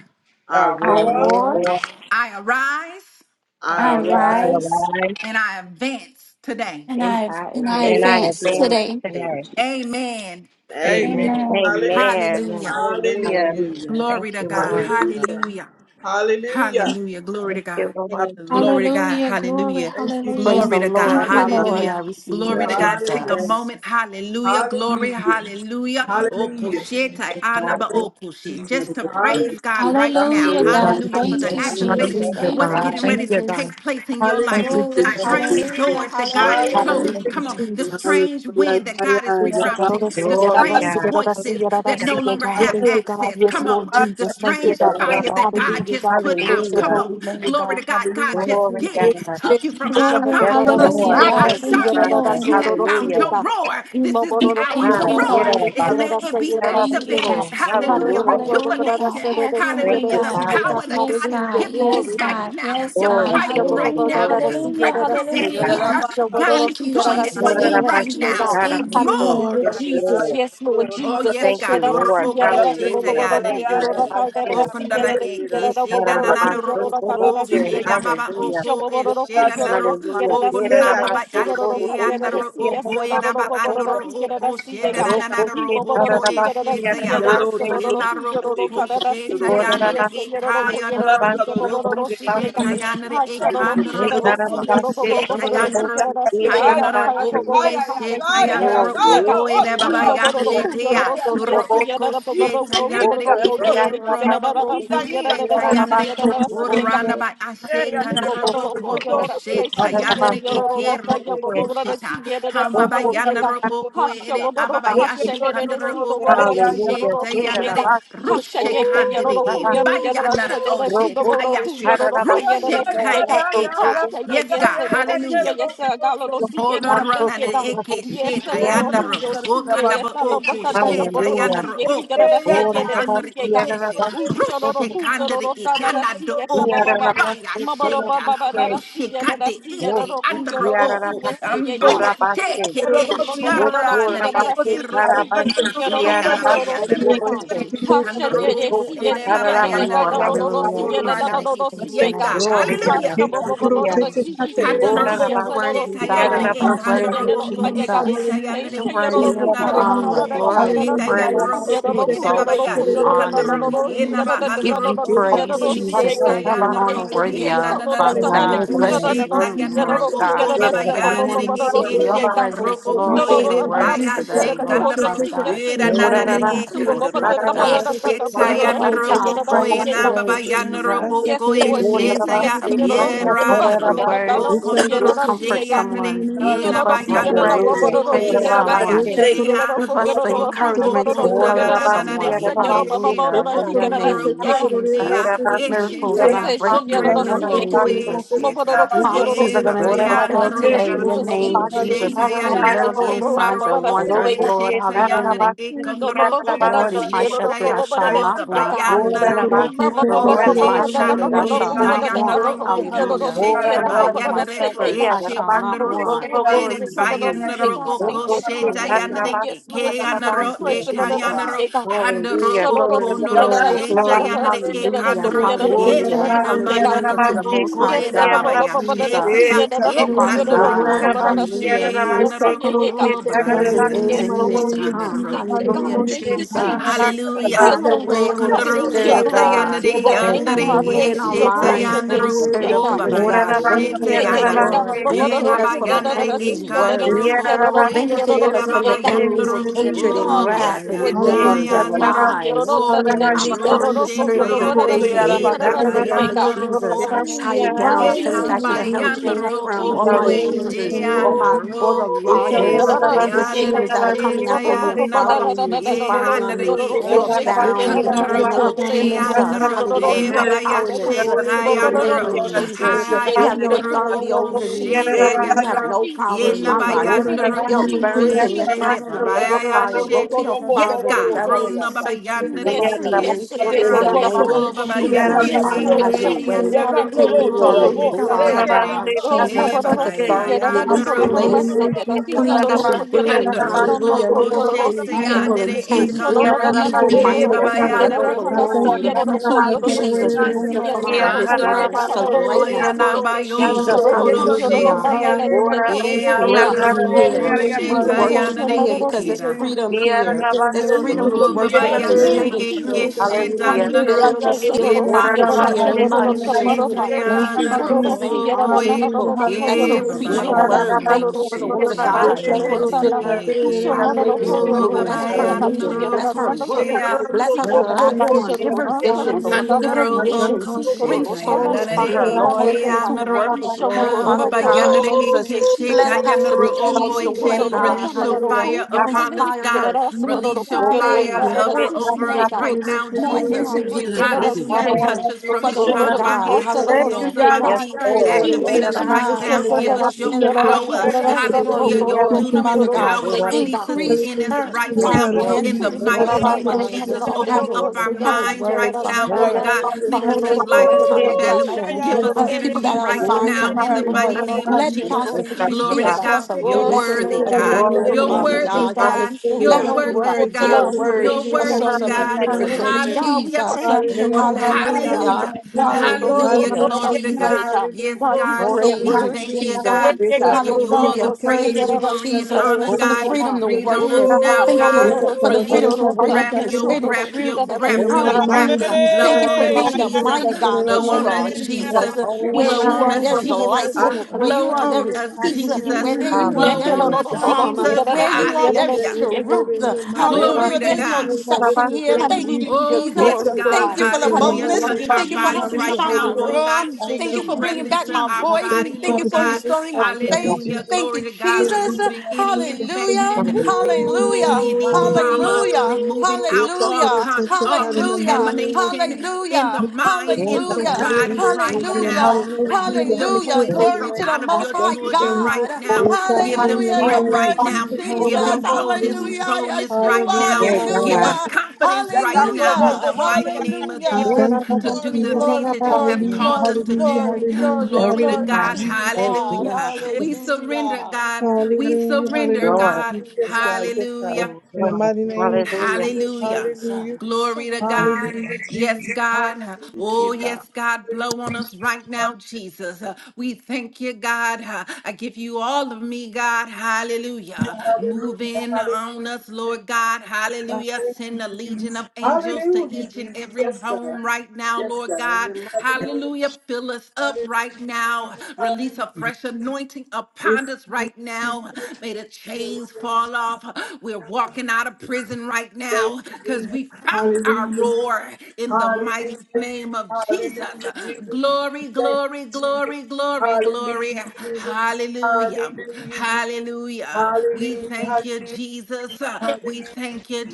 Speaker 3: I
Speaker 2: I
Speaker 7: I
Speaker 8: I
Speaker 3: roar.
Speaker 2: roar,
Speaker 7: roar,
Speaker 8: roar,
Speaker 6: Lord,
Speaker 1: I arise,
Speaker 3: I
Speaker 2: I
Speaker 7: I
Speaker 8: I
Speaker 3: rise.
Speaker 6: I
Speaker 2: rise,
Speaker 8: rise,
Speaker 7: rise,
Speaker 6: arise
Speaker 1: and I advance today.
Speaker 7: and
Speaker 8: and
Speaker 7: I
Speaker 8: I
Speaker 7: and
Speaker 2: and
Speaker 7: I
Speaker 6: and
Speaker 8: advance
Speaker 2: live
Speaker 6: I
Speaker 2: today.
Speaker 7: advance
Speaker 6: advance
Speaker 8: today.
Speaker 7: today.
Speaker 8: Thank
Speaker 3: Amen.
Speaker 8: you,
Speaker 6: today.
Speaker 8: Jesus.
Speaker 1: Amen.
Speaker 3: Amen.
Speaker 2: Amen.
Speaker 8: Amen.
Speaker 7: Amen.
Speaker 2: Hallelujah.
Speaker 6: Amen.
Speaker 1: Hallelujah.
Speaker 8: Amen.
Speaker 6: Hallelujah.
Speaker 2: Hallelujah.
Speaker 8: Hallelujah.
Speaker 6: Thank
Speaker 1: Glory to
Speaker 6: you,
Speaker 1: God.
Speaker 6: Lord.
Speaker 3: Hallelujah.
Speaker 2: Hallelujah.
Speaker 1: Hallelujah.
Speaker 2: Hallelujah.
Speaker 1: Hallelujah. Glory to
Speaker 6: Thank
Speaker 1: God.
Speaker 6: you, Lord.
Speaker 1: Glory
Speaker 3: Hallelujah.
Speaker 1: to God.
Speaker 7: Hallelujah. Glory.
Speaker 1: Hallelujah.
Speaker 2: Thank you,
Speaker 4: Praise
Speaker 7: Hallelujah.
Speaker 1: Glory
Speaker 4: the
Speaker 1: to
Speaker 2: Jesus.
Speaker 1: God.
Speaker 4: Lord.
Speaker 7: Thank you,
Speaker 2: Hallelujah.
Speaker 4: Hallelujah.
Speaker 7: Lord.
Speaker 4: I
Speaker 1: Hallelujah.
Speaker 2: Jesus.
Speaker 4: receive
Speaker 6: You
Speaker 4: it,
Speaker 1: Glory
Speaker 6: are
Speaker 1: to
Speaker 6: the
Speaker 1: God. Take a
Speaker 2: Hallelujah.
Speaker 6: character,
Speaker 4: Jesus.
Speaker 1: moment. Hallelujah.
Speaker 2: Hallelujah.
Speaker 1: Glory. Hallelujah. Oh,
Speaker 2: Hallelujah.
Speaker 1: kusheta,
Speaker 2: I
Speaker 1: anaba,
Speaker 2: thank
Speaker 6: Father.
Speaker 2: you,
Speaker 1: oh, kushi.
Speaker 2: Jesus.
Speaker 1: Just to
Speaker 3: Hallelujah.
Speaker 1: praise
Speaker 2: Hallelujah.
Speaker 1: God right
Speaker 2: I
Speaker 1: now.
Speaker 7: Hallelujah,
Speaker 2: worship
Speaker 3: Yeah,
Speaker 9: Thank
Speaker 2: you.
Speaker 7: God.
Speaker 9: you,
Speaker 1: Hallelujah. For the
Speaker 7: Thank
Speaker 2: I
Speaker 7: you,
Speaker 9: Jesus.
Speaker 6: Hallelujah.
Speaker 2: praise
Speaker 7: Jesus.
Speaker 1: activation,
Speaker 6: Thank
Speaker 9: Hallelujah,
Speaker 2: your
Speaker 6: you,
Speaker 7: Thank
Speaker 1: what's
Speaker 2: name.
Speaker 9: God.
Speaker 7: you,
Speaker 1: getting
Speaker 6: Father.
Speaker 1: ready
Speaker 9: Thank you,
Speaker 1: to
Speaker 9: God.
Speaker 7: Jesus.
Speaker 1: take place in your life.
Speaker 3: yeah,
Speaker 9: Thank
Speaker 2: Hallelujah,
Speaker 9: you,
Speaker 1: The
Speaker 7: Glory.
Speaker 3: yeah.
Speaker 2: Jesus.
Speaker 6: Lord,
Speaker 9: Jesus.
Speaker 6: Thank
Speaker 1: strange
Speaker 6: you.
Speaker 7: Hallelujah.
Speaker 1: doors that
Speaker 6: Thank
Speaker 1: God is
Speaker 6: you,
Speaker 7: Hallelujah.
Speaker 6: Lord.
Speaker 9: Hallelujah,
Speaker 1: closing.
Speaker 2: Hallelujah, Jesus.
Speaker 1: Come on. The
Speaker 9: Jesus.
Speaker 3: Hallelujah.
Speaker 1: strange
Speaker 3: Yeah,
Speaker 1: wind that God is
Speaker 3: yeah,
Speaker 9: Yes,
Speaker 3: yeah.
Speaker 2: Hallelujah,
Speaker 9: God.
Speaker 1: rerouting. The
Speaker 2: Jesus.
Speaker 6: Glory,
Speaker 1: strange
Speaker 6: God.
Speaker 1: voices that no longer
Speaker 2: Hallelujah. I
Speaker 3: Yeah,
Speaker 1: have
Speaker 9: Thank
Speaker 3: yeah,
Speaker 9: you, God.
Speaker 1: access.
Speaker 9: Yes,
Speaker 1: Come on.
Speaker 9: Lord
Speaker 3: yeah.
Speaker 1: The
Speaker 9: Jesus.
Speaker 3: yeah.
Speaker 2: Thank
Speaker 9: Thank
Speaker 2: you,
Speaker 9: you,
Speaker 1: strange
Speaker 2: God.
Speaker 9: God.
Speaker 6: Hallelujah.
Speaker 1: fire
Speaker 2: God.
Speaker 1: that God
Speaker 9: Hallelujah,
Speaker 1: just
Speaker 9: God. We
Speaker 1: put
Speaker 9: bless
Speaker 1: out.
Speaker 9: your
Speaker 1: Come
Speaker 6: Hallelujah.
Speaker 1: on.
Speaker 9: holy name,
Speaker 1: Glory to
Speaker 9: God.
Speaker 1: God. God
Speaker 9: Hallelujah,
Speaker 1: just
Speaker 6: Glory,
Speaker 1: did it.
Speaker 9: Jesus.
Speaker 6: God.
Speaker 1: Took you from out of
Speaker 7: Glory.
Speaker 6: Yes,
Speaker 9: Hallelujah,
Speaker 1: bondage, took you
Speaker 7: Hallelujah,
Speaker 6: Lord.
Speaker 1: from out
Speaker 7: God.
Speaker 6: Thank
Speaker 1: of
Speaker 6: you,
Speaker 7: Thank you,
Speaker 1: darkness.
Speaker 6: Father.
Speaker 7: Lord.
Speaker 1: You have found
Speaker 6: Hallelujah.
Speaker 1: your roar. This is the hour to
Speaker 7: Thank
Speaker 6: Ah,
Speaker 7: you,
Speaker 6: get
Speaker 1: roar.
Speaker 6: out
Speaker 7: God.
Speaker 6: of our-
Speaker 1: And may it be
Speaker 6: get out
Speaker 7: Thank you,
Speaker 1: activated.
Speaker 7: Jesus. Glory.
Speaker 1: Hallelujah.
Speaker 6: Hallelujah.
Speaker 7: Hallelujah, God.
Speaker 1: Rejuvenation.
Speaker 7: Have your
Speaker 6: Thank
Speaker 7: way,
Speaker 1: Hallelujah.
Speaker 6: you,
Speaker 1: The
Speaker 7: God.
Speaker 6: Father.
Speaker 1: power that
Speaker 7: Yes,
Speaker 1: God is
Speaker 7: God.
Speaker 1: giving you
Speaker 7: Yes,
Speaker 9: glory, God.
Speaker 1: right
Speaker 7: God.
Speaker 1: now.
Speaker 7: Yes,
Speaker 1: You're
Speaker 7: God.
Speaker 6: Glory,
Speaker 9: Isha
Speaker 1: fighting
Speaker 9: bo bo
Speaker 1: right
Speaker 6: glory,
Speaker 9: bo
Speaker 7: Hallelujah.
Speaker 9: da
Speaker 1: now.
Speaker 9: da da
Speaker 6: glory.
Speaker 9: si ye
Speaker 7: Hallelujah.
Speaker 9: da da
Speaker 1: Breakthrough
Speaker 9: si.
Speaker 1: is
Speaker 7: Hallelujah,
Speaker 1: here.
Speaker 6: Hallelujah.
Speaker 7: God.
Speaker 9: Isha bo do
Speaker 1: God
Speaker 9: do
Speaker 7: Thank
Speaker 1: is
Speaker 9: si
Speaker 7: you,
Speaker 9: da da
Speaker 1: doing
Speaker 9: da
Speaker 1: it
Speaker 9: sa
Speaker 1: for
Speaker 7: Jesus.
Speaker 9: ye da
Speaker 1: you
Speaker 7: Thank
Speaker 9: da
Speaker 7: you,
Speaker 1: right
Speaker 9: si ye
Speaker 7: Jesus.
Speaker 9: God.
Speaker 1: now.
Speaker 7: Thank you,
Speaker 1: Roar.
Speaker 7: Lord.
Speaker 9: Hallelujah,
Speaker 6: Yes, Lord.
Speaker 9: Jesus. Yes, Lord
Speaker 1: Oh
Speaker 9: Jesus.
Speaker 1: yes,
Speaker 6: Thank
Speaker 9: Isha
Speaker 6: you,
Speaker 1: God.
Speaker 9: da da
Speaker 1: Oro
Speaker 9: si
Speaker 6: Lord.
Speaker 9: ye
Speaker 1: oko
Speaker 9: da da si bo bo
Speaker 1: sheta
Speaker 6: Hallelujah.
Speaker 9: bo
Speaker 1: ya
Speaker 9: do
Speaker 1: na
Speaker 9: ku
Speaker 1: de
Speaker 9: ye do da
Speaker 1: eke.
Speaker 9: sa da da
Speaker 6: Yekarabashe.
Speaker 9: da
Speaker 1: O
Speaker 9: si ye
Speaker 1: kondara
Speaker 9: da da si ye da
Speaker 1: eke
Speaker 9: da bo bo
Speaker 1: sheda
Speaker 9: do
Speaker 1: na
Speaker 9: do
Speaker 1: na na
Speaker 9: ku ye
Speaker 1: ro
Speaker 6: Yekarabashe.
Speaker 9: do da sa
Speaker 1: oko
Speaker 9: da da
Speaker 1: o
Speaker 9: si ye God.
Speaker 1: sheda baba
Speaker 6: Hallelujah.
Speaker 9: Isha
Speaker 1: oko
Speaker 9: bo bo
Speaker 1: e
Speaker 9: do do ku
Speaker 1: sheda
Speaker 9: ye
Speaker 1: na
Speaker 9: do do
Speaker 1: ro
Speaker 9: si ye
Speaker 6: Hallelujah.
Speaker 9: da
Speaker 1: o
Speaker 9: da si ye da
Speaker 1: konamba
Speaker 9: da
Speaker 1: ba
Speaker 6: Yekarabashe.
Speaker 9: si da do do
Speaker 1: ashe
Speaker 9: sa
Speaker 1: ya
Speaker 9: ye da da si yes
Speaker 1: oko
Speaker 9: da
Speaker 1: e
Speaker 9: do
Speaker 6: Yekarabashe.
Speaker 1: na
Speaker 9: do
Speaker 1: ba
Speaker 9: bo bo do do
Speaker 1: andro
Speaker 9: ki ye da da
Speaker 1: oko
Speaker 9: si ye
Speaker 1: sheda
Speaker 9: God.
Speaker 1: na na
Speaker 9: I
Speaker 1: ro
Speaker 6: Rokoshe.
Speaker 9: bo bo do do
Speaker 1: oko
Speaker 9: ki
Speaker 1: e
Speaker 9: ye
Speaker 6: Yekarabashe.
Speaker 9: da da
Speaker 1: sheta
Speaker 9: si ye
Speaker 1: ya
Speaker 9: da da
Speaker 1: ha.
Speaker 9: si
Speaker 6: Yekarabashe. Yekarabashe.
Speaker 9: bo
Speaker 1: E
Speaker 9: do do
Speaker 1: na
Speaker 9: ku ye do do
Speaker 1: oko
Speaker 9: ka da da si
Speaker 1: sheta
Speaker 9: ye
Speaker 1: ya
Speaker 9: si
Speaker 1: na de
Speaker 9: yes ye do do
Speaker 1: eka
Speaker 9: ku
Speaker 1: ya
Speaker 9: ye do do ki
Speaker 6: Yekarabashe.
Speaker 9: ye bo bo do
Speaker 1: oko
Speaker 9: do si ye God.
Speaker 1: sheta
Speaker 6: Rokoshe.
Speaker 1: ya na de eka na oko e
Speaker 6: Yekarabashe. Yekarabashe.
Speaker 1: sheta ya na Hayanara
Speaker 6: Yekarabashe.
Speaker 1: okwe shit, hayanara
Speaker 6: Lord, Yekarabashe.
Speaker 1: okwe ne baba ya
Speaker 6: Yekarabashe.
Speaker 1: shit ya. Ro oko shit, hayanara
Speaker 6: Rokoshe.
Speaker 1: eke, ronaba oko shit, hayanara
Speaker 6: Yekarabashe. Yekarabashe.
Speaker 1: Urana ba ashe kanara oko o
Speaker 6: Hallelujah.
Speaker 1: shit, hayanara eke, ro oku shita. Hambaba yanara oko ere, ababa yashi kandara oko e shit, hayanara rushe kandiri e, bayanara o shit, hayashi, rushe kai e eta. Yes, God, hallelujah. Oh no run and eke
Speaker 9: Yes,
Speaker 1: shit ayanro o kandaba o ko shit
Speaker 6: Hallelujah.
Speaker 1: ayanro o ko shit
Speaker 6: Ora la
Speaker 1: ayanro
Speaker 6: bastia la
Speaker 1: ikeshe
Speaker 6: bastia
Speaker 9: Usha no no
Speaker 1: rushe
Speaker 6: todo
Speaker 9: kujo no
Speaker 1: kandere
Speaker 9: no
Speaker 1: ikanda
Speaker 9: si
Speaker 1: do
Speaker 6: y ara
Speaker 1: oko
Speaker 6: la
Speaker 1: baya
Speaker 6: bastia
Speaker 9: Mama no
Speaker 6: toda
Speaker 1: shit
Speaker 9: mama
Speaker 6: viste.
Speaker 9: da da see
Speaker 1: rushe
Speaker 9: ya da da
Speaker 1: kade
Speaker 9: see ya da
Speaker 1: ite
Speaker 9: no kuyo
Speaker 1: andro
Speaker 9: no no
Speaker 6: Ora la
Speaker 9: see
Speaker 1: oko
Speaker 9: ya see ya
Speaker 1: ambaya
Speaker 6: bastia
Speaker 1: teke
Speaker 9: no,
Speaker 1: e
Speaker 9: no, no, no, no, see, yeah,
Speaker 1: sharanere
Speaker 9: no, no,
Speaker 6: Okurabasi
Speaker 1: eke
Speaker 9: see, yeah,
Speaker 1: ro
Speaker 9: see, yeah,
Speaker 1: oko
Speaker 6: karabasi
Speaker 1: o
Speaker 9: see, yeah, no, no,
Speaker 1: shit
Speaker 9: cool,
Speaker 1: baba
Speaker 9: yeah, no, no,
Speaker 6: iarabasi
Speaker 9: see, yeah,
Speaker 1: yanro
Speaker 9: God.
Speaker 1: ko
Speaker 6: kubose.
Speaker 1: shit
Speaker 9: Pasha,
Speaker 1: andro
Speaker 9: yeah, yeah,
Speaker 1: oko
Speaker 9: see,
Speaker 6: Rikose
Speaker 9: yeah,
Speaker 1: ere
Speaker 9: see, yeah,
Speaker 1: baba
Speaker 9: yeah,
Speaker 4: Thank you,
Speaker 9: yeah, God,
Speaker 6: karabasi
Speaker 4: Lord.
Speaker 1: yanro
Speaker 9: no, no, no, no,
Speaker 1: oko
Speaker 9: see,
Speaker 4: Hallelujah.
Speaker 9: yeah,
Speaker 6: iarabasi
Speaker 9: no, no,
Speaker 6: ka.
Speaker 9: no,
Speaker 1: oranere
Speaker 9: no,
Speaker 4: Jesus.
Speaker 9: no,
Speaker 2: I
Speaker 1: ite
Speaker 9: see,
Speaker 4: Praise your
Speaker 9: yeah,
Speaker 2: Thank
Speaker 1: yes
Speaker 2: you,
Speaker 9: God.
Speaker 1: God
Speaker 4: name.
Speaker 6: Glory
Speaker 1: hallelujah
Speaker 6: God.
Speaker 9: Pasha,
Speaker 4: Hallelujah.
Speaker 9: no, no, no, no, no,
Speaker 6: Hallelujah.
Speaker 9: no,
Speaker 4: Praise you,
Speaker 9: see, yeah, see, yeah,
Speaker 1: Hadara
Speaker 9: see,
Speaker 4: Jesus.
Speaker 2: Jesus.
Speaker 9: yeah,
Speaker 4: You're
Speaker 1: oko
Speaker 9: so, no,
Speaker 6: Orarabasi
Speaker 9: no,
Speaker 1: sheta
Speaker 4: worthy,
Speaker 9: see, yeah,
Speaker 1: yanere
Speaker 2: Hallelujah,
Speaker 4: God.
Speaker 9: God.
Speaker 1: e
Speaker 4: You're
Speaker 9: Pasha,
Speaker 6: iarabasi.
Speaker 2: Jesus.
Speaker 9: yeah,
Speaker 1: kandara
Speaker 4: worthy,
Speaker 9: no, no,
Speaker 2: Hallelujah.
Speaker 1: oko
Speaker 9: oh,
Speaker 1: e
Speaker 9: yeah,
Speaker 2: Bless
Speaker 9: God.
Speaker 2: your holy
Speaker 1: sheta
Speaker 4: Jesus.
Speaker 2: name.
Speaker 9: Hey,
Speaker 2: Thank
Speaker 4: You're
Speaker 1: yanere
Speaker 9: she,
Speaker 2: you,
Speaker 9: yeah, no, no,
Speaker 4: worthy
Speaker 2: Jesus.
Speaker 4: of
Speaker 9: cool,
Speaker 4: the
Speaker 9: yeah, no,
Speaker 1: inara
Speaker 9: no,
Speaker 6: Orarabasi iarabasi.
Speaker 9: no,
Speaker 4: honor,
Speaker 2: Hallelujah.
Speaker 9: no,
Speaker 1: oko
Speaker 9: no,
Speaker 1: o
Speaker 9: see, yeah, no,
Speaker 4: glory,
Speaker 9: no, see,
Speaker 1: sheta
Speaker 2: Hallelujah.
Speaker 9: yeah,
Speaker 1: yanara
Speaker 9: see,
Speaker 2: Hallelujah.
Speaker 9: yeah,
Speaker 4: praise.
Speaker 9: no,
Speaker 6: Orarabasi
Speaker 4: We
Speaker 2: Thank
Speaker 1: oko
Speaker 9: no,
Speaker 1: e
Speaker 2: you,
Speaker 9: cool,
Speaker 1: da
Speaker 9: yeah,
Speaker 1: baba
Speaker 4: exalt
Speaker 9: no, no,
Speaker 4: you.
Speaker 9: cool,
Speaker 4: We
Speaker 1: yashi
Speaker 4: honor
Speaker 2: Jesus. In
Speaker 1: kandara
Speaker 2: the
Speaker 4: you.
Speaker 2: mighty name
Speaker 9: yeah,
Speaker 2: of
Speaker 9: no, no,
Speaker 1: inaba
Speaker 4: We
Speaker 2: Jesus.
Speaker 9: no, no,
Speaker 4: give
Speaker 9: no,
Speaker 1: andara
Speaker 4: you
Speaker 9: no, see,
Speaker 2: It's
Speaker 9: yeah, no, no, no, no, no, see, yeah,
Speaker 1: oko
Speaker 2: after
Speaker 9: no,
Speaker 4: praise,
Speaker 1: e
Speaker 6: iarabasi
Speaker 9: no,
Speaker 2: you
Speaker 9: see,
Speaker 2: so
Speaker 9: yeah,
Speaker 4: Jesus,
Speaker 1: sheta
Speaker 9: God.
Speaker 4: that
Speaker 2: worthy,
Speaker 4: you
Speaker 6: kasataba.
Speaker 2: Jesus.
Speaker 4: alone
Speaker 1: yanara
Speaker 4: are
Speaker 9: Hey,
Speaker 4: worthy
Speaker 2: Hallelujah.
Speaker 9: yes, no,
Speaker 4: of.
Speaker 9: no, no,
Speaker 1: inanara
Speaker 4: Father
Speaker 9: son, no, no,
Speaker 2: Hallelujah.
Speaker 1: oko
Speaker 4: God,
Speaker 9: see,
Speaker 1: o
Speaker 9: yeah, no,
Speaker 4: bless
Speaker 2: Jesus.
Speaker 6: Orayegara.
Speaker 9: no,
Speaker 4: this
Speaker 9: no,
Speaker 2: Thank you,
Speaker 9: no,
Speaker 1: sheta
Speaker 4: room,
Speaker 9: see,
Speaker 2: Jesus.
Speaker 9: yeah, no,
Speaker 1: yanara
Speaker 2: Bless
Speaker 4: Lord
Speaker 9: no,
Speaker 2: your
Speaker 9: cool, yeah,
Speaker 2: holy
Speaker 1: oko
Speaker 4: God.
Speaker 9: no, no,
Speaker 2: name.
Speaker 1: baba
Speaker 9: see, yeah,
Speaker 2: Thank you, Jesus.
Speaker 6: Yerabasi
Speaker 4: Everyone
Speaker 1: yanere
Speaker 4: who's
Speaker 2: You're
Speaker 9: no,
Speaker 1: e
Speaker 9: no,
Speaker 2: so
Speaker 4: seeking
Speaker 9: see,
Speaker 4: your
Speaker 2: worthy,
Speaker 9: yeah,
Speaker 1: keshe
Speaker 9: God.
Speaker 6: iarabasi
Speaker 2: Jesus.
Speaker 1: ro
Speaker 4: presence,
Speaker 2: You're
Speaker 9: No,
Speaker 1: oko
Speaker 4: Lord,
Speaker 9: no,
Speaker 2: so
Speaker 1: e
Speaker 4: say
Speaker 9: no,
Speaker 4: a
Speaker 1: de
Speaker 9: no,
Speaker 6: kubose.
Speaker 9: no,
Speaker 2: worthy,
Speaker 9: no,
Speaker 4: word
Speaker 1: baya
Speaker 4: for
Speaker 2: Jesus.
Speaker 9: see ya,
Speaker 2: I
Speaker 9: no,
Speaker 1: she
Speaker 4: them,
Speaker 9: no,
Speaker 2: come up
Speaker 4: Lord.
Speaker 9: call
Speaker 2: to
Speaker 9: you,
Speaker 1: kandara
Speaker 4: Father
Speaker 2: take
Speaker 9: see
Speaker 2: it.
Speaker 9: ya,
Speaker 4: God,
Speaker 9: see
Speaker 2: In
Speaker 1: ira
Speaker 9: ya,
Speaker 2: the
Speaker 4: speak on
Speaker 9: yeah,
Speaker 2: mighty
Speaker 4: their
Speaker 1: nanare
Speaker 9: thank
Speaker 2: name
Speaker 9: you,
Speaker 2: of
Speaker 1: e
Speaker 4: behalf,
Speaker 9: so,
Speaker 6: Orarabasi
Speaker 9: no,
Speaker 2: Jesus.
Speaker 4: Lord.
Speaker 9: no,
Speaker 2: Take
Speaker 1: kandara
Speaker 9: no,
Speaker 4: Father
Speaker 2: us to
Speaker 9: no,
Speaker 2: the
Speaker 1: e
Speaker 9: no, no,
Speaker 4: God,
Speaker 9: no,
Speaker 6: karabasi
Speaker 9: no, no,
Speaker 2: Lord.
Speaker 9: call
Speaker 2: In
Speaker 1: sheta
Speaker 9: you,
Speaker 2: the
Speaker 4: give an
Speaker 9: no,
Speaker 2: name
Speaker 4: ear
Speaker 9: see
Speaker 2: of
Speaker 4: to
Speaker 1: yanara
Speaker 9: ya,
Speaker 6: karabasi
Speaker 9: yeah,
Speaker 4: our
Speaker 2: Jesus.
Speaker 9: no, no,
Speaker 1: oko
Speaker 2: Take
Speaker 9: see
Speaker 1: e
Speaker 4: prayers
Speaker 2: us
Speaker 9: ya,
Speaker 2: to
Speaker 1: na
Speaker 9: yeah.
Speaker 2: the
Speaker 6: kurabasi.
Speaker 1: baba
Speaker 4: today,
Speaker 2: Lord.
Speaker 9: Mm,
Speaker 2: After
Speaker 4: Jesus.
Speaker 1: Oko
Speaker 9: Yes,
Speaker 2: telling
Speaker 4: Give
Speaker 2: in
Speaker 9: Lord,
Speaker 4: an
Speaker 2: the
Speaker 9: see,
Speaker 2: name
Speaker 4: ear
Speaker 2: of
Speaker 4: to
Speaker 9: see
Speaker 6: Hallelujah.
Speaker 4: our
Speaker 9: ya,
Speaker 1: eshetaya
Speaker 2: Jesus,
Speaker 9: see ya,
Speaker 2: I'm
Speaker 9: no, no,
Speaker 2: sure I
Speaker 9: call
Speaker 4: supplications.
Speaker 9: you, no,
Speaker 2: thank
Speaker 4: Give
Speaker 9: no, no,
Speaker 2: you,
Speaker 4: us the
Speaker 1: yeranro.
Speaker 2: Jesus.
Speaker 9: no, no, no,
Speaker 1: O
Speaker 9: no,
Speaker 4: words
Speaker 2: It's a
Speaker 9: see ya,
Speaker 4: to
Speaker 9: no,
Speaker 2: cross
Speaker 1: kondoro
Speaker 9: no,
Speaker 2: that
Speaker 9: see ya,
Speaker 4: comfort
Speaker 9: yeah.
Speaker 2: in
Speaker 1: sheyanre
Speaker 2: the
Speaker 4: someone.
Speaker 2: name of
Speaker 9: No,
Speaker 4: Give
Speaker 9: no,
Speaker 2: Jesus,
Speaker 9: no,
Speaker 4: us
Speaker 2: I'm
Speaker 9: see
Speaker 4: the
Speaker 9: ya,
Speaker 2: sure
Speaker 9: no,
Speaker 2: I
Speaker 9: no,
Speaker 1: yenabayandro
Speaker 9: no,
Speaker 2: thank
Speaker 4: prayers
Speaker 9: no,
Speaker 4: to
Speaker 2: you,
Speaker 9: no,
Speaker 1: oko
Speaker 9: no,
Speaker 4: pray
Speaker 9: see
Speaker 4: with
Speaker 6: Ora
Speaker 2: Lord.
Speaker 9: ya,
Speaker 6: la
Speaker 9: no, no, see
Speaker 4: someone.
Speaker 6: basti,
Speaker 2: It's
Speaker 9: ya,
Speaker 2: a
Speaker 9: see ya, no,
Speaker 2: cross
Speaker 1: enabayashaya
Speaker 9: no,
Speaker 2: that
Speaker 4: Give
Speaker 2: you
Speaker 9: call
Speaker 4: us
Speaker 2: have
Speaker 4: the
Speaker 2: in the
Speaker 1: okoro
Speaker 9: you, no,
Speaker 4: encouragement
Speaker 9: no,
Speaker 4: to
Speaker 9: no, call you, no, no, no, call you,
Speaker 6: ora
Speaker 9: no,
Speaker 4: encourage
Speaker 6: la
Speaker 2: name
Speaker 9: no, see
Speaker 6: basti,
Speaker 1: okonanananare
Speaker 9: ya,
Speaker 2: of
Speaker 4: someone.
Speaker 9: see ya, no,
Speaker 2: Jesus.
Speaker 9: no,
Speaker 1: ekeshe
Speaker 9: no, no,
Speaker 4: Hallelujah.
Speaker 2: It's
Speaker 9: no,
Speaker 2: a
Speaker 4: In
Speaker 6: ora
Speaker 9: see ya,
Speaker 4: your
Speaker 9: no,
Speaker 2: cross
Speaker 9: no,
Speaker 2: that
Speaker 1: okondoro
Speaker 2: you
Speaker 9: see
Speaker 4: name,
Speaker 9: ya,
Speaker 2: have
Speaker 9: yeah.
Speaker 1: okonea
Speaker 4: Jesus. Miracles are
Speaker 2: Thank
Speaker 9: Jesus,
Speaker 4: going
Speaker 1: eshetaya
Speaker 4: to
Speaker 2: you,
Speaker 9: eh,
Speaker 4: break
Speaker 2: Jesus.
Speaker 4: through in your
Speaker 1: okandoro
Speaker 2: Hallelujah.
Speaker 9: shayarabasiye,
Speaker 4: name,
Speaker 1: oko
Speaker 9: God.
Speaker 2: Catherine,
Speaker 4: Jesus.
Speaker 2: Catherine.
Speaker 1: esheta
Speaker 2: It's a cross that
Speaker 4: Promises
Speaker 1: ye
Speaker 4: are
Speaker 2: you have
Speaker 4: going to
Speaker 9: Mabarorokuyororoseye,
Speaker 4: be
Speaker 6: la
Speaker 9: God. Thank
Speaker 4: fulfilled
Speaker 9: you,
Speaker 1: babayanro
Speaker 4: today in
Speaker 2: Thank
Speaker 4: your
Speaker 2: you,
Speaker 9: Jesus,
Speaker 4: name,
Speaker 1: oko
Speaker 2: Jesus.
Speaker 9: Jesus,
Speaker 4: Jesus. We
Speaker 2: Hallelujah.
Speaker 9: Jesus,
Speaker 2: Jesus.
Speaker 4: claim
Speaker 1: shetayanre
Speaker 9: Jesus.
Speaker 4: miracles,
Speaker 2: Hallelujah. Thank you,
Speaker 4: signs,
Speaker 1: yenanro
Speaker 4: and
Speaker 2: Jesus.
Speaker 1: oko
Speaker 9: Yabarorobarabasiye,
Speaker 4: wonders,
Speaker 2: Hallelujah.
Speaker 9: God.
Speaker 4: Lord.
Speaker 1: eshetayanre
Speaker 4: Hallelujah.
Speaker 1: ekondoro
Speaker 4: The
Speaker 1: oko
Speaker 4: Lord is my shepherd,
Speaker 1: shetaya
Speaker 4: I shall
Speaker 1: Oh,
Speaker 4: not
Speaker 1: Baba
Speaker 9: Mabarorobarabasiye,
Speaker 4: want.
Speaker 9: God.
Speaker 2: It's a cross that
Speaker 1: Yanaro
Speaker 4: Hallelujah.
Speaker 9: Yes,
Speaker 2: you
Speaker 1: Oko
Speaker 4: The Lord is my
Speaker 2: in the
Speaker 1: Osheta,
Speaker 4: shepherd, I
Speaker 2: name of
Speaker 4: shall
Speaker 2: Jesus.
Speaker 4: not want.
Speaker 1: Yanaro
Speaker 2: Hallelujah.
Speaker 1: Oko
Speaker 2: Hallelujah.
Speaker 4: Hallelujah. The
Speaker 1: Sheta,
Speaker 4: Lord is my
Speaker 1: Bayanare,
Speaker 4: shepherd, I shall not
Speaker 1: Yeshikandaro
Speaker 4: want.
Speaker 1: Oko
Speaker 9: Lord
Speaker 1: Ere,
Speaker 4: Glory
Speaker 6: basti,
Speaker 9: Jesus,
Speaker 4: to
Speaker 9: have a
Speaker 4: you,
Speaker 9: see you,
Speaker 1: Bayanaro
Speaker 9: God. Thank
Speaker 1: Oko
Speaker 6: Hallelujah.
Speaker 9: you,
Speaker 4: Jesus.
Speaker 9: God.
Speaker 1: Sheta,
Speaker 9: Yes, God.
Speaker 4: Hallelujah.
Speaker 1: Yanade,
Speaker 9: Yes, Lord
Speaker 1: Eke
Speaker 9: Jesus. We
Speaker 4: Thank
Speaker 1: Yanaro,
Speaker 4: you,
Speaker 9: pray for
Speaker 1: Eka
Speaker 9: the see
Speaker 1: Yanaro,
Speaker 9: you,
Speaker 4: Jesus.
Speaker 9: God. We
Speaker 1: Handaro
Speaker 9: shall not
Speaker 1: Oko
Speaker 4: Glory,
Speaker 9: see you,
Speaker 1: Noro
Speaker 9: the
Speaker 4: glory,
Speaker 6: Thank
Speaker 9: see
Speaker 1: Sheta,
Speaker 9: you,
Speaker 4: glory.
Speaker 9: the
Speaker 1: Yanade,
Speaker 9: see you, the
Speaker 4: Hallelujah,
Speaker 9: see
Speaker 1: Ekandaro,
Speaker 9: you, the
Speaker 2: Protecting
Speaker 9: see you,
Speaker 2: in
Speaker 4: hallelujah,
Speaker 9: the
Speaker 2: my
Speaker 9: see you,
Speaker 1: Yeshinaba
Speaker 2: name
Speaker 9: God.
Speaker 2: of
Speaker 4: hallelujah to
Speaker 1: Yanaro
Speaker 2: Jesus,
Speaker 4: the
Speaker 2: I'm gonna
Speaker 4: Most
Speaker 2: say
Speaker 1: Oko
Speaker 4: High
Speaker 1: Ere,
Speaker 9: Yes,
Speaker 2: holy
Speaker 9: ever,
Speaker 2: name
Speaker 1: Baba
Speaker 4: God,
Speaker 2: Jesus.
Speaker 9: the see
Speaker 1: Yasheta,
Speaker 9: you, the see
Speaker 1: Ya,
Speaker 4: Jesus.
Speaker 9: you,
Speaker 2: Yes, I put on you
Speaker 4: Father
Speaker 2: so
Speaker 9: the
Speaker 1: Yendandaro
Speaker 9: see you,
Speaker 4: God,
Speaker 2: worthy,
Speaker 1: Oko
Speaker 9: the
Speaker 2: Jesus.
Speaker 9: see
Speaker 4: hallelujah.
Speaker 9: you, see
Speaker 4: Who
Speaker 9: you,
Speaker 4: is
Speaker 2: Yes, I
Speaker 4: to,
Speaker 9: see
Speaker 1: Sheyanaro,
Speaker 2: put on
Speaker 9: you,
Speaker 4: who,
Speaker 9: God.
Speaker 1: Oh,
Speaker 4: who
Speaker 2: protect
Speaker 1: Baba
Speaker 4: was and
Speaker 2: her
Speaker 4: is
Speaker 2: in
Speaker 1: Yanare,
Speaker 9: Yes,
Speaker 4: and
Speaker 2: my
Speaker 4: he
Speaker 9: Lord
Speaker 4: is to
Speaker 2: name
Speaker 4: come.
Speaker 9: Jesus.
Speaker 1: Shekandaro.
Speaker 2: Jesus.
Speaker 9: Thank you,
Speaker 4: Hallelujah,
Speaker 9: God. Thank
Speaker 2: Hallelujah.
Speaker 9: you,
Speaker 4: Jesus.
Speaker 9: Jesus. Thank
Speaker 1: Hallelujah.
Speaker 2: Yes,
Speaker 9: you,
Speaker 4: Have
Speaker 2: I
Speaker 4: your
Speaker 2: use
Speaker 9: Lord.
Speaker 2: the
Speaker 4: way,
Speaker 1: Oh,
Speaker 4: Holy
Speaker 2: word
Speaker 1: kundaro
Speaker 2: of
Speaker 9: Hallelujah.
Speaker 4: Spirit of
Speaker 1: sheta
Speaker 2: Jesus.
Speaker 9: Glory to
Speaker 4: God.
Speaker 9: be
Speaker 1: yanare
Speaker 9: thy name,
Speaker 4: Have your
Speaker 1: yandere
Speaker 9: God.
Speaker 6: you.
Speaker 4: way
Speaker 1: ye
Speaker 9: Bless
Speaker 4: in
Speaker 9: you,
Speaker 4: our
Speaker 9: your
Speaker 2: Yes,
Speaker 1: sheta
Speaker 9: Lord.
Speaker 4: lives,
Speaker 6: Lord.
Speaker 4: Holy
Speaker 9: Bless
Speaker 1: yanaro.
Speaker 9: you, yeah,
Speaker 4: Spirit of
Speaker 1: Oh,
Speaker 4: the
Speaker 9: God.
Speaker 4: living
Speaker 1: baba ya
Speaker 4: God.
Speaker 2: I put us
Speaker 6: Orarabasi,
Speaker 9: Mm,
Speaker 1: sheta
Speaker 4: Vindicate
Speaker 9: Yeah, yeah,
Speaker 4: us,
Speaker 2: in
Speaker 9: yeah,
Speaker 2: the
Speaker 1: yanaro.
Speaker 4: Lord.
Speaker 2: mighty
Speaker 6: ararabasi,
Speaker 9: God. Ba,
Speaker 2: name
Speaker 9: ba,
Speaker 1: Ye
Speaker 9: da, da,
Speaker 1: na
Speaker 4: Vindicate
Speaker 6: kasa.
Speaker 1: ba
Speaker 4: us
Speaker 9: see,
Speaker 4: from
Speaker 9: da,
Speaker 2: of
Speaker 4: the
Speaker 9: da, da,
Speaker 1: yanare
Speaker 9: da,
Speaker 2: Jesus.
Speaker 1: e
Speaker 4: enemy's
Speaker 9: see, ya, da, da,
Speaker 2: Yes,
Speaker 9: see,
Speaker 2: I
Speaker 4: words.
Speaker 2: put
Speaker 9: ya,
Speaker 1: Oh,
Speaker 9: da,
Speaker 2: us
Speaker 9: da,
Speaker 1: koi
Speaker 9: boo,
Speaker 6: Yararabasi,
Speaker 9: ya, da,
Speaker 4: Vindicate
Speaker 9: da,
Speaker 4: us
Speaker 1: shena
Speaker 9: see,
Speaker 4: from
Speaker 9: yeah,
Speaker 1: baba
Speaker 4: the
Speaker 9: God.
Speaker 2: in
Speaker 6: tororoboshe.
Speaker 2: the
Speaker 4: enemy's
Speaker 1: yanaro.
Speaker 2: name
Speaker 9: Mm,
Speaker 2: of
Speaker 4: hatred and
Speaker 1: Oh,
Speaker 9: God,
Speaker 2: Jesus.
Speaker 1: baba
Speaker 9: yes,
Speaker 4: wrath and
Speaker 1: ya
Speaker 9: Lord
Speaker 6: Eh,
Speaker 1: na
Speaker 4: rulers
Speaker 2: Hallelujah,
Speaker 4: and
Speaker 9: Jesus. See,
Speaker 2: Jesus.
Speaker 1: yanaro.
Speaker 9: see, ya,
Speaker 6: kararabasi,
Speaker 9: da,
Speaker 4: lies
Speaker 9: da,
Speaker 1: Oh,
Speaker 9: da, da, da,
Speaker 4: I
Speaker 9: see,
Speaker 2: Hallelujah,
Speaker 6: tororabasi.
Speaker 9: da,
Speaker 2: thank
Speaker 1: kundaro
Speaker 9: da,
Speaker 4: bind
Speaker 2: you,
Speaker 4: the
Speaker 9: da, boo,
Speaker 1: sheta
Speaker 4: spirit
Speaker 9: ya,
Speaker 2: Jesus.
Speaker 4: of
Speaker 9: ba,
Speaker 2: I
Speaker 9: ba, da, da,
Speaker 2: put
Speaker 1: yanare
Speaker 2: us
Speaker 9: see,
Speaker 6: Thank
Speaker 2: in
Speaker 9: yeah,
Speaker 6: you.
Speaker 1: e
Speaker 4: division
Speaker 9: da, da,
Speaker 1: da
Speaker 9: da,
Speaker 4: in
Speaker 1: ba
Speaker 4: the
Speaker 9: see, yeah,
Speaker 4: name
Speaker 2: the
Speaker 4: of
Speaker 9: God.
Speaker 2: mighty name
Speaker 4: Jesus.
Speaker 2: of
Speaker 4: I
Speaker 2: Jesus.
Speaker 9: Mm,
Speaker 4: tie
Speaker 1: yanaro.
Speaker 4: it
Speaker 9: Jesus,
Speaker 4: down,
Speaker 1: Ye
Speaker 4: send it
Speaker 9: Jesus,
Speaker 4: back to
Speaker 2: Hallelujah,
Speaker 4: the
Speaker 9: Jesus,
Speaker 4: hell it
Speaker 2: Jesus.
Speaker 4: came
Speaker 9: Jesus,
Speaker 1: habayanro
Speaker 4: from.
Speaker 2: You're
Speaker 1: o
Speaker 4: All
Speaker 2: so
Speaker 9: Jesus,
Speaker 4: my
Speaker 2: worthy, you're
Speaker 9: Jesus.
Speaker 2: so
Speaker 4: accusers,
Speaker 9: Mm.
Speaker 4: all
Speaker 2: worthy,
Speaker 4: my
Speaker 2: Jesus.
Speaker 4: all the
Speaker 1: koeshianaro.
Speaker 2: It's a
Speaker 9: Yeah,
Speaker 1: Ye
Speaker 9: da
Speaker 4: liars
Speaker 2: koro
Speaker 9: da da,
Speaker 4: and
Speaker 2: kete
Speaker 9: see yeah,
Speaker 2: kere
Speaker 9: da.
Speaker 1: babayanre
Speaker 4: deceivers that are coming
Speaker 9: Bo
Speaker 4: after
Speaker 9: bo
Speaker 4: me
Speaker 9: bo
Speaker 4: and
Speaker 9: bo bo da
Speaker 2: kere.
Speaker 9: da
Speaker 1: shetayanaro.
Speaker 9: da
Speaker 4: following me,
Speaker 9: da da da
Speaker 1: Ye
Speaker 9: da
Speaker 2: it's
Speaker 9: da
Speaker 4: spying
Speaker 2: a
Speaker 9: bo
Speaker 4: on
Speaker 1: hanare
Speaker 2: koro
Speaker 9: yo
Speaker 4: me.
Speaker 9: do do
Speaker 2: kete.
Speaker 4: You
Speaker 9: see
Speaker 4: are
Speaker 9: yeah
Speaker 1: ekeshi
Speaker 9: see
Speaker 2: It's
Speaker 9: yeah
Speaker 2: a
Speaker 9: da
Speaker 4: bound
Speaker 9: da
Speaker 2: koro
Speaker 9: da
Speaker 4: in
Speaker 9: da
Speaker 4: the
Speaker 1: handaro
Speaker 2: kete
Speaker 4: name of
Speaker 9: God
Speaker 1: o
Speaker 2: kere. In the
Speaker 9: bless you
Speaker 2: mighty
Speaker 9: yeah
Speaker 4: Jesus.
Speaker 2: name
Speaker 9: see do
Speaker 1: keyanaro.
Speaker 2: of
Speaker 9: do do
Speaker 4: Hallelujah.
Speaker 1: Ye
Speaker 4: You
Speaker 9: see
Speaker 4: are
Speaker 2: Jesus
Speaker 9: yeah da
Speaker 2: Christ,
Speaker 9: yeah da
Speaker 2: the
Speaker 4: powerless uh,
Speaker 2: holy
Speaker 9: Bo
Speaker 4: in
Speaker 9: bo
Speaker 4: the
Speaker 2: name,
Speaker 9: do do
Speaker 4: name
Speaker 2: the
Speaker 9: do
Speaker 4: of
Speaker 1: babayashetayanaro.
Speaker 2: Lord
Speaker 9: do
Speaker 2: of
Speaker 9: see
Speaker 2: the
Speaker 4: Jesus.
Speaker 9: see
Speaker 4: Uh,
Speaker 9: yeah
Speaker 4: You have
Speaker 2: It's
Speaker 9: see
Speaker 2: a
Speaker 4: no
Speaker 9: yeah da.
Speaker 1: Hayandaro
Speaker 2: koro
Speaker 1: o
Speaker 4: authority
Speaker 2: kete
Speaker 4: over
Speaker 2: kere
Speaker 4: me,
Speaker 9: Mm,
Speaker 4: Satan. You
Speaker 2: kere.
Speaker 9: Jesus,
Speaker 4: have
Speaker 1: koshetayanaro.
Speaker 4: no
Speaker 9: Jesus,
Speaker 4: power
Speaker 1: Ye
Speaker 4: in
Speaker 2: It's
Speaker 4: my
Speaker 2: a
Speaker 9: Jesus,
Speaker 2: koro
Speaker 4: life.
Speaker 2: kete
Speaker 1: nabayandaro
Speaker 9: Jesus,
Speaker 1: o
Speaker 4: You're
Speaker 2: kere
Speaker 9: Jesus,
Speaker 4: burnt
Speaker 2: kere. It's a koro kete kere kere.
Speaker 4: and
Speaker 2: It's a
Speaker 4: you're
Speaker 1: koeshere
Speaker 4: cast in a lake of
Speaker 9: Jesus,
Speaker 4: fire.
Speaker 2: koro
Speaker 4: Go
Speaker 1: babayashe.
Speaker 9: Jesus,
Speaker 4: to your
Speaker 2: kete
Speaker 9: Jesus,
Speaker 1: Yes,
Speaker 2: kere kere.
Speaker 4: father, the
Speaker 1: God.
Speaker 4: devil
Speaker 9: Jesus.
Speaker 4: who
Speaker 1: Rona
Speaker 4: sent you
Speaker 1: babayanre
Speaker 9: Yes,
Speaker 4: here
Speaker 9: sir, yes,
Speaker 4: demon
Speaker 9: sir,
Speaker 2: I'm
Speaker 9: yes,
Speaker 4: in
Speaker 1: ekeshera.
Speaker 4: the
Speaker 9: sir, yes,
Speaker 4: name of
Speaker 1: O
Speaker 9: God.
Speaker 1: baba
Speaker 4: Jesus.
Speaker 1: yanare
Speaker 9: Yes,
Speaker 4: Father,
Speaker 9: Lord
Speaker 4: have your
Speaker 1: eke
Speaker 4: way.
Speaker 9: Jesus,
Speaker 1: yanaro
Speaker 4: Take
Speaker 9: hallelujah,
Speaker 1: oko
Speaker 4: authority,
Speaker 9: glory,
Speaker 1: sheta
Speaker 9: God.
Speaker 4: Father
Speaker 1: yanare
Speaker 4: God.
Speaker 9: Oh, no,
Speaker 4: Jesus,
Speaker 1: e
Speaker 9: no,
Speaker 4: take
Speaker 9: no,
Speaker 1: baba
Speaker 9: see,
Speaker 1: ya
Speaker 9: yeah, no,
Speaker 4: authority
Speaker 9: no,
Speaker 4: in
Speaker 9: no,
Speaker 4: this
Speaker 9: no, no,
Speaker 1: yanaro
Speaker 2: still
Speaker 9: no,
Speaker 2: holy
Speaker 9: I
Speaker 6: Thank
Speaker 4: place.
Speaker 6: you.
Speaker 9: say
Speaker 2: name,
Speaker 9: that. I think
Speaker 2: Jesus.
Speaker 9: no,
Speaker 2: I
Speaker 4: Clean
Speaker 9: no,
Speaker 2: put
Speaker 9: no,
Speaker 4: this
Speaker 9: no,
Speaker 2: it to
Speaker 9: no,
Speaker 2: the
Speaker 4: room.
Speaker 1: handaro
Speaker 9: no,
Speaker 2: Saturday,
Speaker 9: no,
Speaker 4: Hallelujah.
Speaker 9: no,
Speaker 1: oko
Speaker 9: no,
Speaker 2: Saturday.
Speaker 9: no,
Speaker 4: Remove
Speaker 9: no,
Speaker 1: sheta
Speaker 4: Any
Speaker 9: see,
Speaker 2: I
Speaker 9: yeah.
Speaker 2: thank
Speaker 4: evil
Speaker 2: you,
Speaker 1: yanare e
Speaker 4: intent,
Speaker 9: Each
Speaker 2: Jesus.
Speaker 9: no, no,
Speaker 2: I
Speaker 4: any
Speaker 9: no, no,
Speaker 2: thank
Speaker 1: kandaro
Speaker 2: you,
Speaker 9: no,
Speaker 4: evil
Speaker 9: no, no,
Speaker 1: e
Speaker 2: Saturday,
Speaker 9: no, no,
Speaker 4: minded
Speaker 1: baba
Speaker 9: see,
Speaker 4: people
Speaker 9: yeah,
Speaker 4: that
Speaker 2: Saturday.
Speaker 9: no, no,
Speaker 4: don't
Speaker 9: no,
Speaker 1: yanaro
Speaker 2: I
Speaker 9: no,
Speaker 2: thank
Speaker 9: see,
Speaker 4: belong
Speaker 2: you,
Speaker 9: yeah, do no, no,
Speaker 4: to
Speaker 2: Jesus. I
Speaker 9: no,
Speaker 4: you,
Speaker 9: no,
Speaker 2: thank
Speaker 9: no,
Speaker 2: you,
Speaker 9: see,
Speaker 4: Jesus.
Speaker 9: yeah,
Speaker 4: Remove
Speaker 9: see,
Speaker 4: them
Speaker 9: yeah,
Speaker 4: from
Speaker 9: so,
Speaker 4: our
Speaker 9: no, no,
Speaker 2: Jesus.
Speaker 9: no,
Speaker 4: midst and
Speaker 9: no,
Speaker 1: handaro
Speaker 2: I'm
Speaker 4: our
Speaker 9: yeah, no,
Speaker 2: still
Speaker 9: no,
Speaker 4: circle
Speaker 9: no,
Speaker 2: holy
Speaker 1: oko
Speaker 4: right
Speaker 9: see,
Speaker 2: name,
Speaker 9: yeah,
Speaker 4: now.
Speaker 9: see, yeah.
Speaker 2: Jesus. You
Speaker 9: Each
Speaker 4: Jesus,
Speaker 9: no,
Speaker 2: say
Speaker 1: yanabayo
Speaker 9: no, no,
Speaker 1: koro
Speaker 2: Jesus,
Speaker 9: no, no, no,
Speaker 4: hallelujah.
Speaker 9: no,
Speaker 2: Jesus,
Speaker 1: sheta
Speaker 9: no,
Speaker 1: ya
Speaker 9: no, no,
Speaker 2: hallelujah,
Speaker 9: no, no,
Speaker 1: e
Speaker 9: see, yeah, God.
Speaker 4: Raise
Speaker 1: amaro
Speaker 2: hallelujah,
Speaker 4: you
Speaker 1: oko
Speaker 4: here.
Speaker 9: Mm,
Speaker 2: hallelujah,
Speaker 4: We
Speaker 1: sheta
Speaker 9: Jesus, oh,
Speaker 2: hallelujah,
Speaker 4: worship
Speaker 9: sure,
Speaker 4: you
Speaker 1: yanare
Speaker 9: no,
Speaker 4: here
Speaker 9: no, no,
Speaker 4: because
Speaker 9: see,
Speaker 2: hallelujah,
Speaker 4: there's
Speaker 9: yeah,
Speaker 1: ekera
Speaker 2: Jesus.
Speaker 4: freedom
Speaker 2: You
Speaker 4: here.
Speaker 2: say
Speaker 9: Jesus,
Speaker 4: There's
Speaker 2: Jesus,
Speaker 4: freedom to
Speaker 9: Jesus,
Speaker 1: Oh,
Speaker 2: Jesus,
Speaker 1: Baba
Speaker 4: worship you in
Speaker 1: Yanare
Speaker 9: Jesus,
Speaker 4: spirit and
Speaker 9: Jesus,
Speaker 1: Eke
Speaker 6: Oh,
Speaker 4: truth.
Speaker 9: Jesus,
Speaker 6: Hallelujah.
Speaker 4: Hallelujah. There
Speaker 1: Shedanaro,
Speaker 4: are no
Speaker 9: Jesus,
Speaker 4: stealing
Speaker 9: Shadorosi,
Speaker 6: Hallelujah.
Speaker 4: prophets
Speaker 1: Yenandro
Speaker 4: here.
Speaker 9: Yadaraska,
Speaker 1: Oko
Speaker 4: Everybody
Speaker 2: hallelujah,
Speaker 9: Dodoroka,
Speaker 2: Jesus, Thank you, Jesus, Thank you, Jesus, hallelujah, hallelujah,
Speaker 4: here is here
Speaker 2: Jesus.
Speaker 4: to
Speaker 9: Maroka,
Speaker 4: praise
Speaker 2: Thank
Speaker 4: you.
Speaker 2: you,
Speaker 4: Thank you
Speaker 1: Shetayanaro,
Speaker 4: for
Speaker 2: Jesus,
Speaker 9: Ikorosi,
Speaker 4: sending honest
Speaker 1: Okoe,
Speaker 9: Yadanana,
Speaker 2: hallelujah,
Speaker 4: people
Speaker 9: Dodoroko,
Speaker 4: that
Speaker 1: Ye
Speaker 2: hallelujah,
Speaker 4: still
Speaker 1: Baba
Speaker 9: Yorosi,
Speaker 4: preach your word.
Speaker 9: Yadarasi,
Speaker 2: Jesus.
Speaker 1: Yanaro
Speaker 4: Thank you for the
Speaker 9: Dodorosi,
Speaker 4: woman of
Speaker 2: You're
Speaker 9: Yashicha,
Speaker 4: God.
Speaker 2: the
Speaker 4: Thank you for
Speaker 1: Shetayanare
Speaker 4: sending
Speaker 9: Shadorotana,
Speaker 4: her
Speaker 2: first,
Speaker 9: Isho,
Speaker 1: Ekea,
Speaker 4: our way this
Speaker 9: Moroko,
Speaker 1: Oh,
Speaker 4: morning. Bless
Speaker 1: Baba
Speaker 9: Yoroko,
Speaker 4: her
Speaker 9: Yadanaku,
Speaker 4: ministry.
Speaker 1: Yanaro
Speaker 4: Bless her
Speaker 2: the
Speaker 9: Yadarasana, Doko,
Speaker 4: book.
Speaker 1: Koshea.
Speaker 2: greatest.
Speaker 4: Bless her
Speaker 9: Yadarisia,
Speaker 2: I thank you,
Speaker 4: platform. Give her
Speaker 2: Jesus.
Speaker 9: Yashodoranta,
Speaker 4: visions.
Speaker 6: Hallelujah.
Speaker 2: Hallelujah.
Speaker 4: Give her
Speaker 2: I
Speaker 9: Dokodabasi,
Speaker 1: Handoro
Speaker 2: thank
Speaker 4: missions.
Speaker 2: you,
Speaker 1: oko
Speaker 9: Yakasi,
Speaker 4: Bring
Speaker 2: Jesus.
Speaker 1: sheta
Speaker 2: I
Speaker 9: Korosana,
Speaker 2: put
Speaker 4: souls
Speaker 2: it
Speaker 6: Yes,
Speaker 4: for
Speaker 1: yanare
Speaker 9: Sika,
Speaker 2: to
Speaker 4: her,
Speaker 6: Lord.
Speaker 2: the
Speaker 9: Rasa,
Speaker 4: Lord,
Speaker 1: eke
Speaker 6: Glory
Speaker 2: Spirit.
Speaker 9: Yaga,
Speaker 4: to
Speaker 1: anoro.
Speaker 4: work
Speaker 2: Yes,
Speaker 4: with,
Speaker 2: I
Speaker 9: Isho,
Speaker 2: put
Speaker 4: Lord.
Speaker 2: it
Speaker 4: Father
Speaker 2: to the
Speaker 1: Hambaba
Speaker 9: Moboroko,
Speaker 4: God,
Speaker 1: yanare
Speaker 9: Yoroko,
Speaker 4: Jesus.
Speaker 1: eke sheta
Speaker 4: Bless
Speaker 2: Spirit.
Speaker 9: Yasideka,
Speaker 4: Pastor
Speaker 1: yanaro
Speaker 2: Yes, I put
Speaker 9: Mm,
Speaker 4: Patrice, the
Speaker 1: oko
Speaker 2: it to
Speaker 4: woman
Speaker 9: Jesus,
Speaker 2: the
Speaker 4: of
Speaker 9: oh
Speaker 1: shel.
Speaker 2: Spirit.
Speaker 9: Lord,
Speaker 2: Yes,
Speaker 4: God.
Speaker 9: da
Speaker 2: I put it to
Speaker 1: Release your
Speaker 9: da da
Speaker 4: Hallelujah.
Speaker 2: the
Speaker 1: fire
Speaker 9: cool. Yes, and
Speaker 1: upon
Speaker 9: then
Speaker 1: us,
Speaker 9: if
Speaker 4: Inspire
Speaker 9: you get
Speaker 1: God.
Speaker 9: it,
Speaker 4: her.
Speaker 9: ask about
Speaker 2: Spirit.
Speaker 9: the
Speaker 1: Release
Speaker 4: Movies,
Speaker 1: your
Speaker 9: cool, get it,
Speaker 1: fire.
Speaker 9: da
Speaker 4: plays,
Speaker 9: da
Speaker 2: Yes, I
Speaker 9: da,
Speaker 1: Hover
Speaker 9: see,
Speaker 2: put
Speaker 4: books,
Speaker 2: it
Speaker 9: see,
Speaker 2: to
Speaker 1: over
Speaker 4: more
Speaker 9: they
Speaker 1: us
Speaker 9: got.
Speaker 1: right
Speaker 4: books,
Speaker 1: now,
Speaker 4: more
Speaker 9: And
Speaker 1: Jesus.
Speaker 9: God, break
Speaker 4: interviews,
Speaker 9: it, da da, see,
Speaker 1: Hallelujah.
Speaker 9: they got.
Speaker 4: prosperity
Speaker 1: Touch us from
Speaker 4: for
Speaker 9: We
Speaker 1: the
Speaker 4: the
Speaker 9: should
Speaker 4: woman
Speaker 1: crown
Speaker 4: of
Speaker 9: have
Speaker 1: of our
Speaker 9: in
Speaker 4: God.
Speaker 1: head to
Speaker 9: Massa,
Speaker 1: the
Speaker 9: da da,
Speaker 1: soles
Speaker 9: see,
Speaker 4: Hallelujah.
Speaker 1: of
Speaker 9: they
Speaker 1: our
Speaker 9: got.
Speaker 1: feet.
Speaker 4: Prosperity for the
Speaker 1: Activate
Speaker 4: woman
Speaker 9: Jesus,
Speaker 4: of
Speaker 1: us right
Speaker 9: Jesus,
Speaker 4: God.
Speaker 9: oh,
Speaker 1: now.
Speaker 9: so
Speaker 1: Give
Speaker 9: da
Speaker 4: Hallelujah.
Speaker 9: da,
Speaker 1: us your
Speaker 9: see, ya da da,
Speaker 4: Enlarge
Speaker 9: he
Speaker 4: her
Speaker 1: power.
Speaker 9: da da, son, da
Speaker 1: Hallelujah.
Speaker 4: territory,
Speaker 9: da
Speaker 1: Your
Speaker 2: the
Speaker 9: da,
Speaker 4: Lord,
Speaker 9: cool,
Speaker 2: Spirit.
Speaker 1: dunamis
Speaker 9: da
Speaker 4: Father
Speaker 2: Thank you,
Speaker 9: da,
Speaker 4: God.
Speaker 1: power.
Speaker 9: say, they
Speaker 2: Jesus.
Speaker 1: Release
Speaker 9: got.
Speaker 1: us
Speaker 4: Increase
Speaker 1: in
Speaker 2: Hallelujah,
Speaker 1: us
Speaker 4: her
Speaker 1: right
Speaker 9: In
Speaker 2: Jesus.
Speaker 1: now.
Speaker 9: Jesus, we
Speaker 1: In
Speaker 2: Hallelujah,
Speaker 1: the
Speaker 9: decree and
Speaker 4: finances,
Speaker 2: Jesus.
Speaker 4: Lord,
Speaker 1: mighty
Speaker 9: declare
Speaker 4: Father
Speaker 9: right
Speaker 1: name
Speaker 9: now,
Speaker 1: of
Speaker 4: God.
Speaker 9: God,
Speaker 2: Sakurusu
Speaker 9: that
Speaker 1: Jesus,
Speaker 9: all
Speaker 2: tekere.
Speaker 1: open
Speaker 4: Have
Speaker 9: danger
Speaker 4: a
Speaker 1: up
Speaker 9: was
Speaker 1: our
Speaker 9: to
Speaker 4: have a
Speaker 9: those who
Speaker 1: minds
Speaker 9: get
Speaker 2: Hallelujah,
Speaker 1: right
Speaker 4: word
Speaker 9: on us,
Speaker 4: for
Speaker 1: now,
Speaker 9: see,
Speaker 2: Jesus.
Speaker 9: that
Speaker 1: Lord
Speaker 4: her,
Speaker 9: God.
Speaker 1: God.
Speaker 2: Sakurusu
Speaker 4: for
Speaker 1: Make
Speaker 4: her
Speaker 1: us
Speaker 2: tekere,
Speaker 1: as
Speaker 9: Mororo
Speaker 4: people,
Speaker 9: ko
Speaker 1: light
Speaker 4: her
Speaker 1: as a
Speaker 2: tekere.
Speaker 9: yororo
Speaker 1: feather.
Speaker 9: sana
Speaker 4: congregation
Speaker 9: ko
Speaker 1: Give
Speaker 2: Bless
Speaker 1: us
Speaker 9: yororo
Speaker 2: you,
Speaker 4: her
Speaker 9: si
Speaker 4: people
Speaker 1: energy
Speaker 9: si
Speaker 4: that
Speaker 2: Jesus.
Speaker 4: are
Speaker 1: right
Speaker 9: God.
Speaker 4: assigned to
Speaker 1: now
Speaker 2: Hallelujah,
Speaker 1: in the
Speaker 4: her, Lord.
Speaker 1: mighty
Speaker 2: hallelujah,
Speaker 9: Mororo
Speaker 1: name
Speaker 9: ko
Speaker 1: of
Speaker 4: Let
Speaker 2: hallelujah.
Speaker 9: yororo
Speaker 1: Jesus.
Speaker 4: Pastor
Speaker 2: Thank you,
Speaker 9: si
Speaker 4: Patrice be
Speaker 1: Glory
Speaker 4: a
Speaker 1: to
Speaker 2: Jesus.
Speaker 9: God.
Speaker 1: God.
Speaker 4: source of
Speaker 1: You're
Speaker 9: Oh,
Speaker 4: blessing
Speaker 2: Sakurusu
Speaker 1: worthy,
Speaker 9: shororo
Speaker 4: for
Speaker 9: ko
Speaker 2: in
Speaker 4: them,
Speaker 1: God.
Speaker 2: the
Speaker 4: Lord,
Speaker 2: mighty
Speaker 6: to
Speaker 9: yororo
Speaker 1: You're
Speaker 6: your
Speaker 2: name
Speaker 9: si
Speaker 2: of
Speaker 4: Father
Speaker 6: name.
Speaker 1: worthy,
Speaker 4: God,
Speaker 2: Jesus.
Speaker 9: God.
Speaker 4: Jesus.
Speaker 1: God.
Speaker 9: You so
Speaker 4: Let
Speaker 6: Hallelujah.
Speaker 1: You're
Speaker 4: her
Speaker 9: worthy, God.
Speaker 2: Sakurusu
Speaker 1: worthy,
Speaker 4: word be
Speaker 6: Glory
Speaker 4: a
Speaker 1: God.
Speaker 9: God, we
Speaker 4: word,
Speaker 1: You're
Speaker 9: bless
Speaker 2: tekere,
Speaker 4: a
Speaker 9: your
Speaker 6: to
Speaker 1: worthy,
Speaker 2: in
Speaker 6: your
Speaker 9: holy
Speaker 4: source
Speaker 2: the
Speaker 4: of
Speaker 2: mighty
Speaker 9: name,
Speaker 1: God.
Speaker 2: name
Speaker 9: Lord.
Speaker 2: of
Speaker 6: name.
Speaker 4: encouragement,
Speaker 2: Jesus.
Speaker 9: God, we
Speaker 1: Hallelujah.
Speaker 4: Jesus. Uh,
Speaker 9: praise your
Speaker 2: Hallelujah,
Speaker 9: holy
Speaker 6: Hallelujah.
Speaker 9: name,
Speaker 2: Jesus.
Speaker 9: God.
Speaker 1: Hallelujah.
Speaker 4: Hallelujah.
Speaker 2: Hallelujah, Jesus.
Speaker 9: God, Lord,
Speaker 6: Yes,
Speaker 9: see,
Speaker 1: Hallelujah.
Speaker 4: Hallelujah,
Speaker 2: Hallelujah,
Speaker 9: yororo
Speaker 1: Glory to
Speaker 9: si
Speaker 2: Jesus.
Speaker 6: Lord.
Speaker 4: Jesus.
Speaker 1: God.
Speaker 9: God.
Speaker 1: Yes,
Speaker 2: Hallelujah,
Speaker 9: God, you
Speaker 1: God.
Speaker 9: are
Speaker 2: Jesus.
Speaker 6: Ora
Speaker 9: so
Speaker 1: We
Speaker 4: Praise you,
Speaker 2: Hallelujah,
Speaker 9: worthy
Speaker 6: namaste,
Speaker 1: thank
Speaker 9: to
Speaker 2: Jesus.
Speaker 6: namaste.
Speaker 9: be
Speaker 1: you,
Speaker 6: Yes,
Speaker 4: Jesus.
Speaker 1: God.
Speaker 6: Lord,
Speaker 9: praised,
Speaker 6: namaste, namaste.
Speaker 1: We
Speaker 6: Yes,
Speaker 2: Esa
Speaker 9: God.
Speaker 1: give
Speaker 6: Lord,
Speaker 1: you
Speaker 2: corota,
Speaker 6: namaste.
Speaker 1: all
Speaker 9: God,
Speaker 2: esa
Speaker 1: the
Speaker 4: Hallelujah.
Speaker 9: Lord, see,
Speaker 1: praise, the
Speaker 4: Praise you,
Speaker 9: yororo
Speaker 2: caterina,
Speaker 1: glory,
Speaker 9: si
Speaker 1: and
Speaker 4: Jesus,
Speaker 9: yororo
Speaker 1: honor,
Speaker 2: caterota,
Speaker 4: for
Speaker 9: si
Speaker 4: the
Speaker 1: God.
Speaker 9: God.
Speaker 4: freedom to
Speaker 1: Breathe
Speaker 2: caterota.
Speaker 1: on us
Speaker 4: worship.
Speaker 9: Nah,
Speaker 1: now,
Speaker 4: Thank
Speaker 1: God.
Speaker 4: you
Speaker 2: Esa
Speaker 9: Mobororo,
Speaker 4: for the
Speaker 2: corota,
Speaker 4: freedom
Speaker 1: Release
Speaker 4: to
Speaker 1: your
Speaker 9: Dororo,
Speaker 2: caterina,
Speaker 4: worship
Speaker 1: breath,
Speaker 4: you
Speaker 9: Tane,
Speaker 4: in
Speaker 1: your
Speaker 4: spirit and
Speaker 9: Dororo,
Speaker 1: breath,
Speaker 2: caterota.
Speaker 1: your
Speaker 4: truth.
Speaker 9: Kikarara,
Speaker 2: In
Speaker 1: breath,
Speaker 2: the
Speaker 1: your
Speaker 2: mighty
Speaker 9: Siye, ya
Speaker 2: name
Speaker 1: breath.
Speaker 2: of
Speaker 4: Hallelujah.
Speaker 2: Jesus,
Speaker 1: Blow
Speaker 4: Thank
Speaker 2: I
Speaker 4: you
Speaker 1: on
Speaker 4: for
Speaker 1: us,
Speaker 4: being
Speaker 2: corota,
Speaker 4: the
Speaker 2: esa
Speaker 9: Jesus,
Speaker 1: Jesus.
Speaker 4: mighty
Speaker 9: Jesus,
Speaker 4: God
Speaker 2: caterina, in the
Speaker 1: Blow
Speaker 4: that you
Speaker 2: mighty
Speaker 1: on
Speaker 9: Jesus,
Speaker 4: are,
Speaker 2: name
Speaker 1: us,
Speaker 2: of Jesus,
Speaker 9: Jesus.
Speaker 2: how
Speaker 4: Jesus.
Speaker 1: Jesus.
Speaker 2: much your
Speaker 4: Where
Speaker 2: holy
Speaker 1: Blow
Speaker 4: you
Speaker 1: on
Speaker 2: name,
Speaker 4: are,
Speaker 9: Ishororo,
Speaker 1: us,
Speaker 4: there is
Speaker 2: Jesus.
Speaker 9: Sororo,
Speaker 1: Jesus.
Speaker 4: light.
Speaker 2: I
Speaker 9: Siye, God.
Speaker 4: Where
Speaker 2: corota,
Speaker 4: you
Speaker 1: Blow
Speaker 4: are, there
Speaker 1: on
Speaker 4: is
Speaker 2: hallelujah,
Speaker 1: us,
Speaker 4: peace.
Speaker 2: hallelujah, thy
Speaker 4: Where
Speaker 1: Jesus.
Speaker 2: name,
Speaker 4: there
Speaker 2: that
Speaker 4: you are,
Speaker 1: Blow
Speaker 2: Jesus,
Speaker 4: there is
Speaker 1: on
Speaker 9: Nyekeroro,
Speaker 2: come,
Speaker 1: us,
Speaker 2: thy will
Speaker 9: Toro,
Speaker 2: be
Speaker 4: calm.
Speaker 1: Jesus.
Speaker 2: done.
Speaker 9: Kikarara,
Speaker 4: Where you
Speaker 9: Siye,
Speaker 4: are, there
Speaker 9: Rara,
Speaker 2: That
Speaker 4: is
Speaker 1: Hallelujah.
Speaker 2: is in
Speaker 9: Siye, God.
Speaker 2: heaven,
Speaker 4: truth.
Speaker 2: in your mighty
Speaker 1: Glory
Speaker 4: Hallelujah.
Speaker 6: namaste.
Speaker 1: to
Speaker 9: Hallelujah,
Speaker 2: name,
Speaker 4: There's no
Speaker 1: God.
Speaker 9: Jesus.
Speaker 2: Lift
Speaker 4: deception
Speaker 2: it
Speaker 4: here.
Speaker 2: up,
Speaker 4: Thank you,
Speaker 2: Jesus.
Speaker 9: Hallelujah,
Speaker 1: Oh, yes,
Speaker 4: Jesus.
Speaker 2: It's up
Speaker 9: glory,
Speaker 2: for
Speaker 1: God.
Speaker 2: us
Speaker 4: Thank
Speaker 9: God.
Speaker 4: you for the
Speaker 2: in the
Speaker 1: Hallelujah.
Speaker 2: mighty
Speaker 4: boldness.
Speaker 9: Hallelujah,
Speaker 1: Touch
Speaker 2: name
Speaker 1: our
Speaker 2: of
Speaker 4: Thank you for
Speaker 2: Jesus.
Speaker 1: bodies
Speaker 2: I'm
Speaker 4: helping
Speaker 9: Jesus,
Speaker 4: me
Speaker 2: to your
Speaker 1: right
Speaker 4: find
Speaker 1: now,
Speaker 2: holy
Speaker 4: my
Speaker 9: Jesus,
Speaker 1: Lord
Speaker 2: man.
Speaker 4: roar.
Speaker 1: God.
Speaker 2: I
Speaker 9: Jesus,
Speaker 1: Send
Speaker 4: Thank you
Speaker 1: your
Speaker 2: thank
Speaker 4: for
Speaker 2: you,
Speaker 1: breath
Speaker 4: bringing
Speaker 9: Jesus,
Speaker 4: back
Speaker 1: into
Speaker 2: Jesus.
Speaker 4: my
Speaker 1: our
Speaker 9: Jesus,
Speaker 2: I
Speaker 4: voice.
Speaker 2: thank
Speaker 1: body,
Speaker 2: you,
Speaker 4: Thank
Speaker 9: Jesus,
Speaker 4: you
Speaker 2: Father
Speaker 1: Lord
Speaker 4: for
Speaker 2: God.
Speaker 1: God.
Speaker 9: Jesus.
Speaker 4: restoring
Speaker 2: I
Speaker 4: my
Speaker 2: thank you,
Speaker 4: faith.
Speaker 1: Hallelujah.
Speaker 2: Jesus.
Speaker 4: Thank
Speaker 1: Glory
Speaker 4: you,
Speaker 1: to God.
Speaker 4: Jesus.
Speaker 2: Hallelujah,
Speaker 1: Removing any
Speaker 2: hallelujah,
Speaker 4: Hallelujah.
Speaker 1: infection,
Speaker 2: hallelujah, hallelujah,
Speaker 1: removing
Speaker 4: Hallelujah.
Speaker 2: Jesus.
Speaker 1: any
Speaker 2: Hallelujah,
Speaker 1: trauma,
Speaker 4: Hallelujah.
Speaker 2: hallelujah.
Speaker 1: removing out
Speaker 2: It's up
Speaker 1: all,
Speaker 2: for
Speaker 4: Hallelujah.
Speaker 2: us in
Speaker 1: con- all
Speaker 2: the
Speaker 4: Hallelujah.
Speaker 2: mighty
Speaker 1: contamination
Speaker 2: name of Jesus.
Speaker 1: in the
Speaker 4: Hallelujah.
Speaker 2: Lift up
Speaker 6: Yes,
Speaker 2: your
Speaker 1: mind,
Speaker 2: sick
Speaker 1: in
Speaker 6: Lord,
Speaker 1: the
Speaker 2: and
Speaker 4: Hallelujah.
Speaker 1: body
Speaker 2: deliver
Speaker 1: right
Speaker 2: In
Speaker 4: Hallelujah.
Speaker 2: the mighty
Speaker 1: now.
Speaker 6: namaste,
Speaker 2: name of
Speaker 1: Remove
Speaker 2: Jesus,
Speaker 1: the poison
Speaker 4: Hallelujah.
Speaker 2: hallelujah,
Speaker 6: namaste.
Speaker 1: poison
Speaker 2: holy
Speaker 4: Glory
Speaker 1: from
Speaker 4: to
Speaker 2: name.
Speaker 4: the
Speaker 1: out
Speaker 2: I
Speaker 1: of
Speaker 4: Most
Speaker 1: your
Speaker 4: High
Speaker 2: thank you, Saint
Speaker 1: children right
Speaker 2: Jesus.
Speaker 4: God.
Speaker 6: Dear
Speaker 1: now.
Speaker 2: Yes, I
Speaker 1: Give
Speaker 6: God, thank
Speaker 1: them
Speaker 2: in the
Speaker 4: Hallelujah.
Speaker 2: mighty
Speaker 1: strength
Speaker 4: You're
Speaker 6: you,
Speaker 2: name
Speaker 1: right
Speaker 2: of
Speaker 6: Father.
Speaker 4: worthy,
Speaker 1: now.
Speaker 2: Jesus,
Speaker 6: Thank you,
Speaker 1: Give
Speaker 4: Jesus.
Speaker 1: them
Speaker 2: hallelujah,
Speaker 1: boldness,
Speaker 2: hallelujah,
Speaker 4: Hallelujah.
Speaker 1: boldness right
Speaker 4: Yeshua.
Speaker 2: hallelujah,
Speaker 1: now. Give us
Speaker 4: Hallelujah.
Speaker 1: confidence
Speaker 2: hallelujah,
Speaker 1: right now in the
Speaker 4: Hallelujah.
Speaker 2: hallelujah,
Speaker 1: mighty
Speaker 2: Jesus.
Speaker 1: name of
Speaker 2: I
Speaker 4: Hallelujah.
Speaker 1: Jesus
Speaker 2: thank you,
Speaker 1: to do
Speaker 4: Glory,
Speaker 1: the
Speaker 2: Jesus.
Speaker 1: things
Speaker 4: glory,
Speaker 1: that you have
Speaker 4: glory,
Speaker 2: Hallelujah,
Speaker 1: called
Speaker 4: glory,
Speaker 1: us to
Speaker 2: hallelujah,
Speaker 1: do.
Speaker 4: glory,
Speaker 2: hallelujah,
Speaker 4: glory,
Speaker 1: Glory to
Speaker 4: glory
Speaker 2: hallelujah,
Speaker 1: God.
Speaker 4: to you,
Speaker 2: Jesus.
Speaker 4: God.
Speaker 1: Hallelujah. We surrender,
Speaker 4: Hallelujah.
Speaker 1: God. We
Speaker 2: Hallelujah,
Speaker 1: surrender,
Speaker 2: hallelujah,
Speaker 6: Lord.
Speaker 1: God.
Speaker 2: Jesus. Yes,
Speaker 4: Hallelujah.
Speaker 2: God, yes, God.
Speaker 6: Yes,
Speaker 1: Hallelujah.
Speaker 2: In the
Speaker 6: Lord.
Speaker 2: mighty name of
Speaker 4: Glory to
Speaker 6: Hallelujah.
Speaker 4: you,
Speaker 2: Jesus,
Speaker 1: Hallelujah.
Speaker 2: hallelujah.
Speaker 4: Jesus.
Speaker 1: Glory to God.
Speaker 4: Hallelujah.
Speaker 2: Hallelujah,
Speaker 1: Yes,
Speaker 2: Jesus. Hallelujah,
Speaker 1: God.
Speaker 4: Thank
Speaker 1: Oh,
Speaker 4: you, God.
Speaker 1: yes, God. Blow on us right now, Jesus. Uh, We thank you, God. Uh, I give you all of me, God. Hallelujah. Move in on us, Lord God. Hallelujah.
Speaker 2: Jesus.
Speaker 1: Send a legion of angels to
Speaker 2: Hallelujah,
Speaker 1: each and
Speaker 2: Jesus.
Speaker 1: every
Speaker 2: Yes, God.
Speaker 1: home right now,
Speaker 2: Yes,
Speaker 1: Lord
Speaker 2: God. In
Speaker 1: God.
Speaker 2: your mighty name,
Speaker 1: Hallelujah. Fill us up right now. Release a fresh anointing upon us right now. May the change chains fall off. We're walking out of prison right now because
Speaker 2: Jesus.
Speaker 1: we found our
Speaker 2: Hallelujah.
Speaker 1: roar in the mighty
Speaker 2: Hallelujah.
Speaker 1: name of Jesus.
Speaker 2: Hallelujah, Jesus. We
Speaker 1: Glory,
Speaker 2: Thank
Speaker 1: glory,
Speaker 2: you, Jesus.
Speaker 1: glory, glory,
Speaker 2: Hallelujah,
Speaker 1: glory.
Speaker 2: Jesus. Hallelujah,
Speaker 1: Hallelujah.
Speaker 2: Jesus.
Speaker 1: Hallelujah. We
Speaker 2: Hallelujah.
Speaker 1: thank you,
Speaker 2: Hallelujah.
Speaker 1: Jesus. We
Speaker 2: Hallelujah.
Speaker 1: thank you,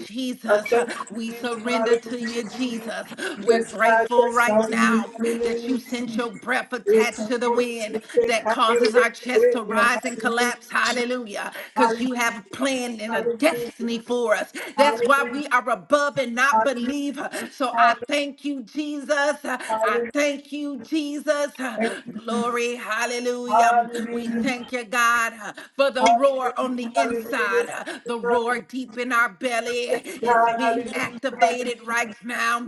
Speaker 2: I
Speaker 1: Jesus.
Speaker 2: thank you,
Speaker 1: We
Speaker 2: Jesus.
Speaker 1: surrender
Speaker 2: Hallelujah,
Speaker 1: to you,
Speaker 2: Jesus.
Speaker 1: Jesus. We're
Speaker 2: Yes, God.
Speaker 1: grateful
Speaker 2: Yes,
Speaker 1: right
Speaker 2: God. In the
Speaker 1: now
Speaker 2: mighty
Speaker 1: that
Speaker 2: name
Speaker 1: you
Speaker 2: of
Speaker 1: sent your
Speaker 2: Jesus.
Speaker 1: breath
Speaker 2: It's
Speaker 1: attached
Speaker 2: a
Speaker 1: to the
Speaker 2: good
Speaker 1: wind
Speaker 2: to take.
Speaker 1: that
Speaker 2: Hallelujah.
Speaker 1: causes our our chest
Speaker 2: In
Speaker 1: to
Speaker 2: the
Speaker 1: rise and
Speaker 2: mighty name of
Speaker 1: collapse.
Speaker 2: Jesus.
Speaker 1: Hallelujah. Because
Speaker 2: Hallelujah.
Speaker 1: you have a plan and a
Speaker 2: Hallelujah.
Speaker 1: destiny for us. That's why
Speaker 2: Hallelujah.
Speaker 1: we are above and not
Speaker 2: Hallelujah.
Speaker 1: beneath. So I
Speaker 2: Hallelujah.
Speaker 1: thank you, Jesus. I
Speaker 2: Hallelujah.
Speaker 1: thank you, Jesus.
Speaker 2: Thank you, Jesus.
Speaker 1: Glory. Hallelujah. We
Speaker 2: Hallelujah.
Speaker 1: thank you, God, for the roar on
Speaker 2: Hallelujah.
Speaker 1: the
Speaker 2: Hallelujah.
Speaker 1: inside,
Speaker 2: Yes,
Speaker 1: the
Speaker 2: God.
Speaker 1: roar deep in our belly. It's being
Speaker 2: Hallelujah.
Speaker 1: activated right now.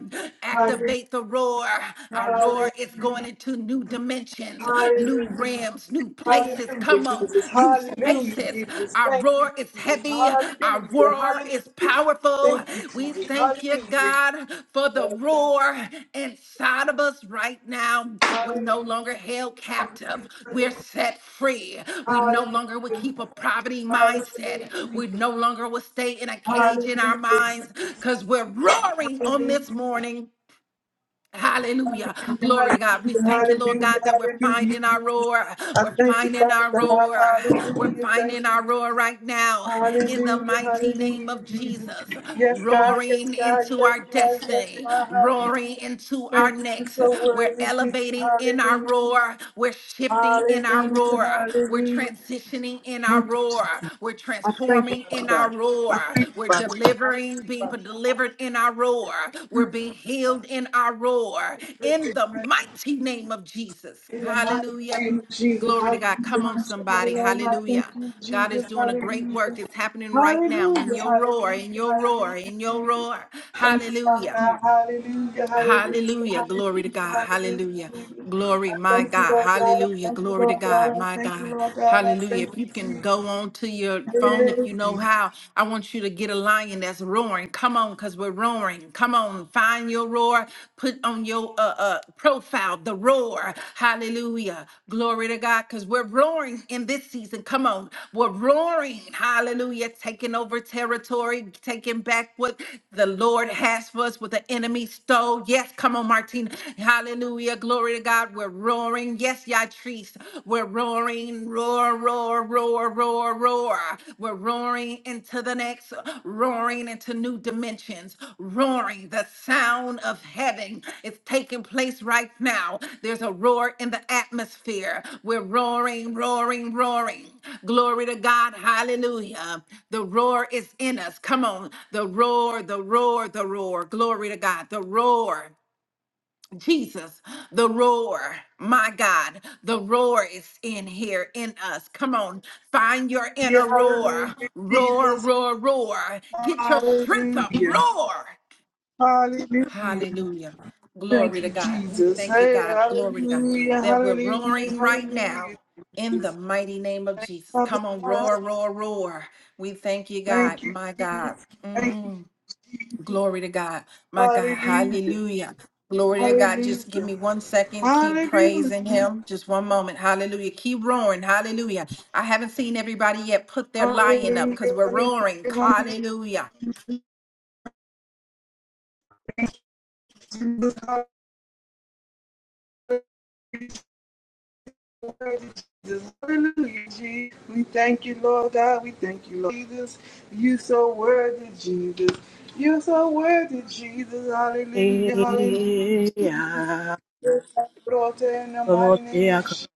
Speaker 2: Hallelujah. Hallelujah.
Speaker 1: Activate the roar. Our roar is going into new dimensions, new
Speaker 2: Hallelujah.
Speaker 1: realms, new
Speaker 2: Hallelujah,
Speaker 1: places. Come on,
Speaker 2: Jesus.
Speaker 1: new
Speaker 2: Hallelujah,
Speaker 1: spaces.
Speaker 2: Jesus.
Speaker 1: Our
Speaker 2: Thank you,
Speaker 1: roar is
Speaker 2: Jesus.
Speaker 1: heavy, our
Speaker 2: Hallelujah.
Speaker 1: roar
Speaker 2: Hallelujah.
Speaker 1: is powerful.
Speaker 2: Thank you,
Speaker 1: We
Speaker 2: Jesus.
Speaker 1: thank you,
Speaker 2: Hallelujah.
Speaker 1: God, for the roar inside of us right now. We're no longer held captive, we're set free. We no
Speaker 2: Hallelujah.
Speaker 1: longer will keep a poverty
Speaker 2: Hallelujah.
Speaker 1: mindset. We no longer will stay in a cage in our minds because we're roaring on this morning. Hallelujah.
Speaker 2: Hallelujah. Hallelujah.
Speaker 1: Glory to God. We thank you,
Speaker 2: Hallelujah.
Speaker 1: Lord God, that we're
Speaker 2: Hallelujah.
Speaker 1: finding our
Speaker 2: Hallelujah.
Speaker 1: roar.
Speaker 2: I
Speaker 1: We're
Speaker 2: thank you,
Speaker 1: finding
Speaker 2: Father
Speaker 1: our
Speaker 2: God.
Speaker 1: roar. We're
Speaker 2: Hallelujah. Thank
Speaker 1: finding our
Speaker 2: you.
Speaker 1: roar right now in the
Speaker 2: Hallelujah.
Speaker 1: mighty name
Speaker 2: Hallelujah,
Speaker 1: of
Speaker 2: Jesus.
Speaker 1: Jesus.
Speaker 2: Yes, God. Yes,
Speaker 1: Roaring
Speaker 2: God.
Speaker 1: into
Speaker 2: Yes,
Speaker 1: our
Speaker 2: God. Yes,
Speaker 1: destiny,
Speaker 2: God. Hallelujah.
Speaker 1: roaring into our
Speaker 2: Thank you. You're
Speaker 1: next.
Speaker 2: so
Speaker 1: We're
Speaker 2: worthy, Jesus.
Speaker 1: elevating elevating in our
Speaker 2: Hallelujah.
Speaker 1: roar. We're shifting in our
Speaker 2: Hallelujah.
Speaker 1: roar. We're
Speaker 2: Hallelujah.
Speaker 1: transitioning in our
Speaker 2: Thank you.
Speaker 1: roar. We're
Speaker 2: I thank you,
Speaker 1: transforming
Speaker 2: Father
Speaker 1: in our
Speaker 2: God.
Speaker 1: roar.
Speaker 2: I thank you,
Speaker 1: We're
Speaker 2: Father.
Speaker 1: delivering, being delivered in our roar. We're being healed in our roar. In the mighty name of Jesus.
Speaker 2: In the mighty
Speaker 1: Hallelujah.
Speaker 2: name of Jesus,
Speaker 1: Glory to
Speaker 2: hallelujah,
Speaker 1: God. Come on,
Speaker 2: my
Speaker 1: somebody.
Speaker 2: Lord, I thank
Speaker 1: Hallelujah.
Speaker 2: you,
Speaker 1: God is
Speaker 2: Jesus,
Speaker 1: doing a great work.
Speaker 2: hallelujah.
Speaker 1: It's happening right now in
Speaker 2: Hallelujah,
Speaker 1: your roar, in
Speaker 2: hallelujah,
Speaker 1: your roar,
Speaker 2: hallelujah,
Speaker 1: in your
Speaker 2: Jesus.
Speaker 1: roar.
Speaker 2: Thank you, Father
Speaker 1: Hallelujah.
Speaker 2: God, hallelujah, hallelujah,
Speaker 1: Hallelujah. Glory to
Speaker 2: hallelujah,
Speaker 1: God.
Speaker 2: hallelujah,
Speaker 1: Hallelujah.
Speaker 2: Jesus.
Speaker 1: Glory,
Speaker 2: I
Speaker 1: my
Speaker 2: thank you,
Speaker 1: God.
Speaker 2: Lord God, I
Speaker 1: Hallelujah.
Speaker 2: thank you,
Speaker 1: Glory to
Speaker 2: Lord God,
Speaker 1: God,
Speaker 2: I
Speaker 1: my
Speaker 2: thank you,
Speaker 1: God.
Speaker 2: Lord God, I
Speaker 1: Hallelujah.
Speaker 2: thank
Speaker 1: If
Speaker 2: you,
Speaker 1: you can
Speaker 2: Jesus.
Speaker 1: go on to your phone, if you know how, I want you to get a lion that's roaring. Come on, because we're roaring. Come on, find your roar. Put on your uh, uh, profile the roar. Hallelujah. Glory to God. God, because we're roaring in this season. Come on. We're roaring. Hallelujah. Taking over territory, taking back what the Lord has for us, what the enemy stole. Yes. Come on, Martina. Hallelujah. Glory to God. We're roaring. Yes, Yatrice. We're roaring. Roar, roar, roar, roar, roar. We're roaring into the the next, roaring into new dimensions, roaring. The sound of heaven is taking place right now. There's a roar in the atmosphere. We're roaring, roaring, roaring. Glory to God. Hallelujah. The roar is in us. Come on. The roar, the roar, the roar. Glory to God. The roar. Jesus, the roar, my God, the roar is in here in us. Come on, find your inner
Speaker 2: Hallelujah,
Speaker 1: roar,
Speaker 2: hallelujah,
Speaker 1: roar,
Speaker 2: Jesus,
Speaker 1: roar, roar. Get your strength up,
Speaker 2: hallelujah,
Speaker 1: roar.
Speaker 2: hallelujah.
Speaker 1: Hallelujah. Glory
Speaker 2: Thank
Speaker 1: to
Speaker 2: you,
Speaker 1: God. We
Speaker 2: Jesus.
Speaker 1: thank you,
Speaker 2: Hey,
Speaker 1: God. Glory to God
Speaker 2: hallelujah,
Speaker 1: that we're
Speaker 2: hallelujah,
Speaker 1: roaring right now
Speaker 2: hallelujah.
Speaker 1: in the
Speaker 2: Jesus.
Speaker 1: mighty name of
Speaker 2: Thank you,
Speaker 1: Jesus.
Speaker 2: Father
Speaker 1: Come on,
Speaker 2: God.
Speaker 1: roar, roar, roar. We thank you, God,
Speaker 2: Thank you,
Speaker 1: my
Speaker 2: Jesus.
Speaker 1: God.
Speaker 2: Thank you.
Speaker 1: Mm. Glory to God. My God.
Speaker 2: Hallelujah,
Speaker 1: Hallelujah. Glory to God.
Speaker 2: hallelujah,
Speaker 1: Just give me one second. Keep
Speaker 2: hallelujah,
Speaker 1: praising
Speaker 2: hallelujah,
Speaker 1: Him. Just one moment. Hallelujah. Keep roaring. Hallelujah. I haven't seen everybody yet put their lion up because
Speaker 2: hallelujah,
Speaker 1: we're roaring.
Speaker 2: hallelujah,
Speaker 1: Hallelujah.
Speaker 2: Jesus. Hallelujah, Jesus. Hallelujah, Jesus. We thank you, Lord God. We thank you, Lord Jesus. You so worthy, Jesus. You so worthy, Jesus. Hallelujah, hallelujah. Lord, in the mighty name of Jesus.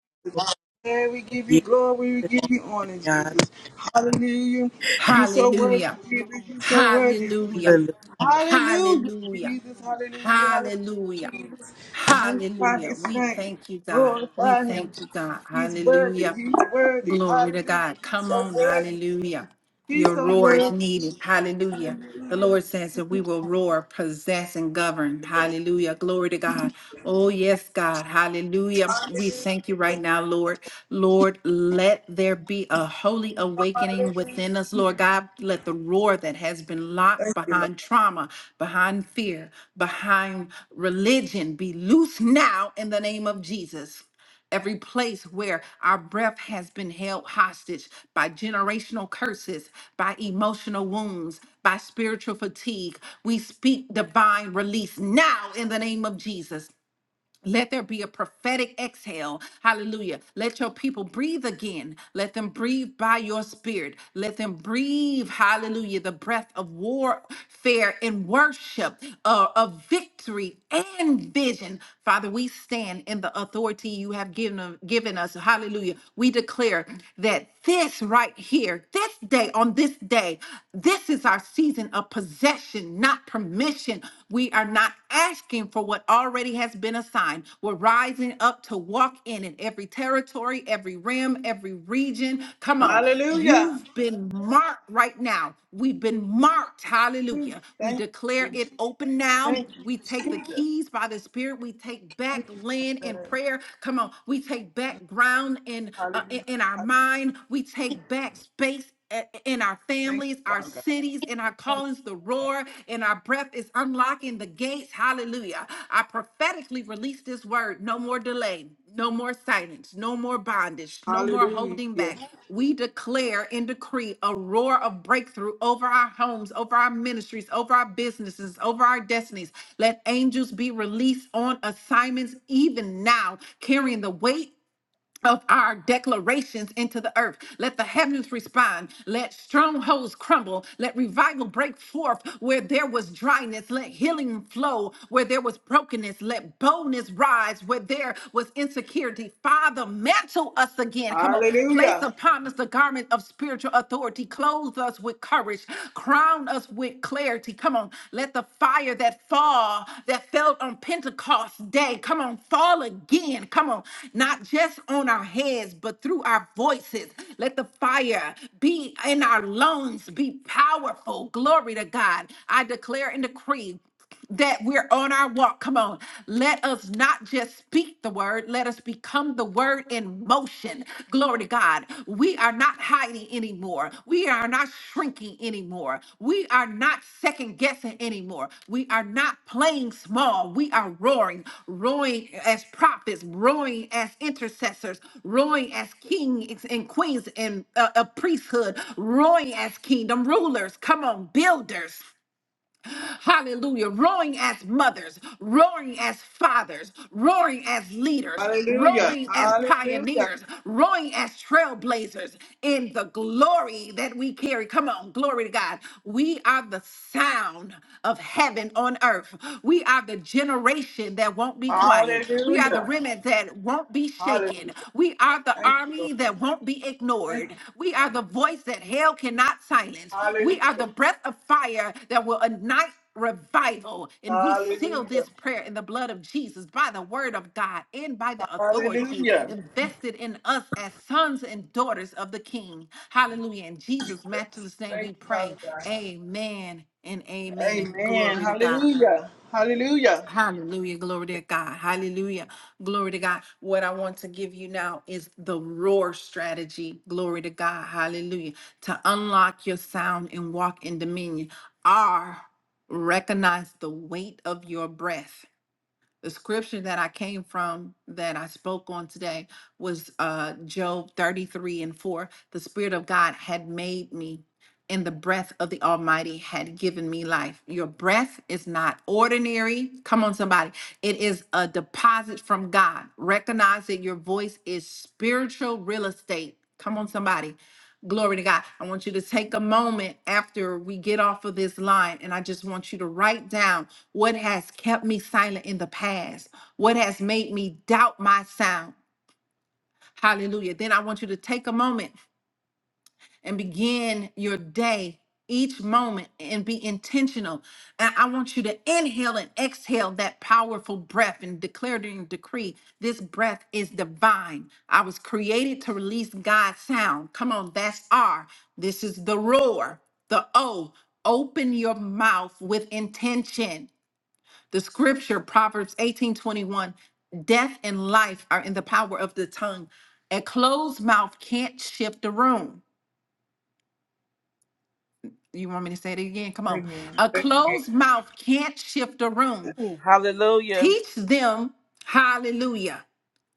Speaker 2: Yeah, we give you glory, we give you honor, Jesus. Hallelujah. You so worthy,
Speaker 1: Hallelujah.
Speaker 2: Jesus. You so worthy,
Speaker 1: Hallelujah.
Speaker 2: Jesus. Hallelujah,
Speaker 1: Hallelujah.
Speaker 2: Jesus. Hallelujah, hallelujah,
Speaker 1: Hallelujah.
Speaker 2: Jesus. Magnify
Speaker 1: Hallelujah.
Speaker 2: his
Speaker 1: We
Speaker 2: name.
Speaker 1: thank you, God. We
Speaker 2: Glorify him.
Speaker 1: thank you, God.
Speaker 2: He's worthy.
Speaker 1: Hallelujah.
Speaker 2: He's worthy.
Speaker 1: Glory to
Speaker 2: Hallelujah.
Speaker 1: God.
Speaker 2: He's
Speaker 1: Come
Speaker 2: so
Speaker 1: on.
Speaker 2: worthy.
Speaker 1: Hallelujah.
Speaker 2: He's
Speaker 1: Your
Speaker 2: so
Speaker 1: roar is
Speaker 2: worthy.
Speaker 1: needed. Hallelujah. The Lord says that we will roar, possess, and govern. Hallelujah. Glory to God. Oh, yes, God. Hallelujah. We thank you right now, Lord. Lord, let there be a holy awakening within us, Lord God. Let the roar that has been locked
Speaker 2: Thank you, Lord.
Speaker 1: behind trauma, behind fear, behind religion be loose now in the name of Jesus. Every place where our breath has been held hostage by generational curses, by emotional wounds, by spiritual fatigue, we speak divine release now in the name of Jesus. Let there be a prophetic exhale. Hallelujah. Let your people breathe again. Let them breathe by your spirit. Let them breathe, hallelujah, the breath of warfare and worship, uh, of victory and vision. Father, we stand in the authority you have given, given us. Hallelujah. We declare that this right here, this day, on this day, this is our season of possession, not permission. We are not asking for what already has been assigned. We're rising up to walk in it. Every territory, every rim, every region. Come on.
Speaker 2: Hallelujah.
Speaker 1: You've been marked right now. We've been marked. Hallelujah. We
Speaker 2: Thank,
Speaker 1: declare it open now.
Speaker 2: thank you,
Speaker 1: We take the keys by the Spirit. We take back land
Speaker 2: God.
Speaker 1: in prayer. Come on. We take back ground in uh,
Speaker 2: Hallelujah.
Speaker 1: i- in our
Speaker 2: Hallelujah.
Speaker 1: mind. We take back space a- in our
Speaker 2: Thank you,
Speaker 1: families,
Speaker 2: Father.
Speaker 1: our cities, in our callings, the roar, in our breath is unlocking the gates. Hallelujah. I prophetically release this word no more delay, no more silence, no more bondage, no more
Speaker 2: Hallelujah.
Speaker 1: holding back. We declare and decree a roar of breakthrough over our homes, over our ministries, over our businesses, over our destinies. Let angels be released on assignments even now, carrying the weight of our declarations into the earth. Let the heavens respond. Let strongholds crumble. Let revival break forth where there was dryness. Let healing flow where there was brokenness. Let boldness rise where there was insecurity. Father, mantle us again. Come on. Place
Speaker 2: Hallelujah.
Speaker 1: upon us the garment of spiritual authority. Clothe us with courage. Crown us with clarity clarity. Come on, let the fire that fall that fell on Pentecost day, come on, fall again. Come on, not just on our heads, but through our voices. Let the fire be in our lungs, be powerful. Glory to God. I declare and decree that we're on our walk. Come on. Let us not just speak the word, let us become the word in motion. Glory to God. We are not hiding anymore. We are not shrinking anymore. We are not second guessing anymore. We are not playing small. We are roaring, roaring as prophets, roaring as intercessors, roaring as kings and queens and uh, a priesthood, roaring as kingdom rulers. Come on, builders. Hallelujah. Roaring as mothers, roaring as fathers, roaring as leaders,
Speaker 2: Hallelujah.
Speaker 1: roaring as
Speaker 2: Hallelujah.
Speaker 1: pioneers, roaring as trailblazers in the glory that we carry. Come on, glory to God. We are the sound of heaven on earth. We are the generation that won't be quiet. We are the
Speaker 2: Hallelujah.
Speaker 1: remnant that won't be shaken.
Speaker 2: Hallelujah.
Speaker 1: We are the
Speaker 2: Thank you, Lord.
Speaker 1: army that won't be
Speaker 2: Thank
Speaker 1: ignored.
Speaker 2: you.
Speaker 1: We are the voice that hell cannot silence. We are the
Speaker 2: Hallelujah.
Speaker 1: breath of fire that will ignite revival. And we seal
Speaker 2: Hallelujah.
Speaker 1: this prayer in the blood of Jesus by the word of God and by the authority
Speaker 2: Hallelujah.
Speaker 1: invested in us as sons and daughters of the King. Hallelujah. In Jesus' matchless name
Speaker 2: Thank
Speaker 1: we
Speaker 2: you, Father
Speaker 1: pray.
Speaker 2: God.
Speaker 1: Amen and amen.
Speaker 2: Amen.
Speaker 1: Glory to God.
Speaker 2: Hallelujah. Hallelujah.
Speaker 1: Hallelujah. Glory to God. Hallelujah. Glory to God. What I want to give you now is the roar strategy. Glory to God. Hallelujah. To unlock your sound and walk in dominion. R, recognize the weight of your breath. The scripture that I came from that I spoke on today was uh, Job 33 and 4. The Spirit of God had made me, and the breath of the Almighty had given me life. Your breath is not ordinary. Come on, somebody. It is a deposit from God. Recognize that your voice is spiritual real estate. Come on, somebody. Glory to God. I want you to take a moment after we get off of this line, and I just want you to write down what has kept me silent in the past, what has made me doubt my sound. Hallelujah. Then I want you to take a moment and begin your day each moment and be intentional. And I want you to inhale and exhale that powerful breath and declare and decree this breath is divine. I was created to release God's sound. Come on, that's R. This is the roar, the O. Open your mouth with intention. The scripture, Proverbs 18 21, death and life are in the power of the tongue. A closed mouth can't shift the room. You want me to say it again? Come on.
Speaker 2: Amen.
Speaker 1: A
Speaker 2: Amen.
Speaker 1: closed mouth can't shift a room.
Speaker 3: Hallelujah.
Speaker 1: Teach them, hallelujah.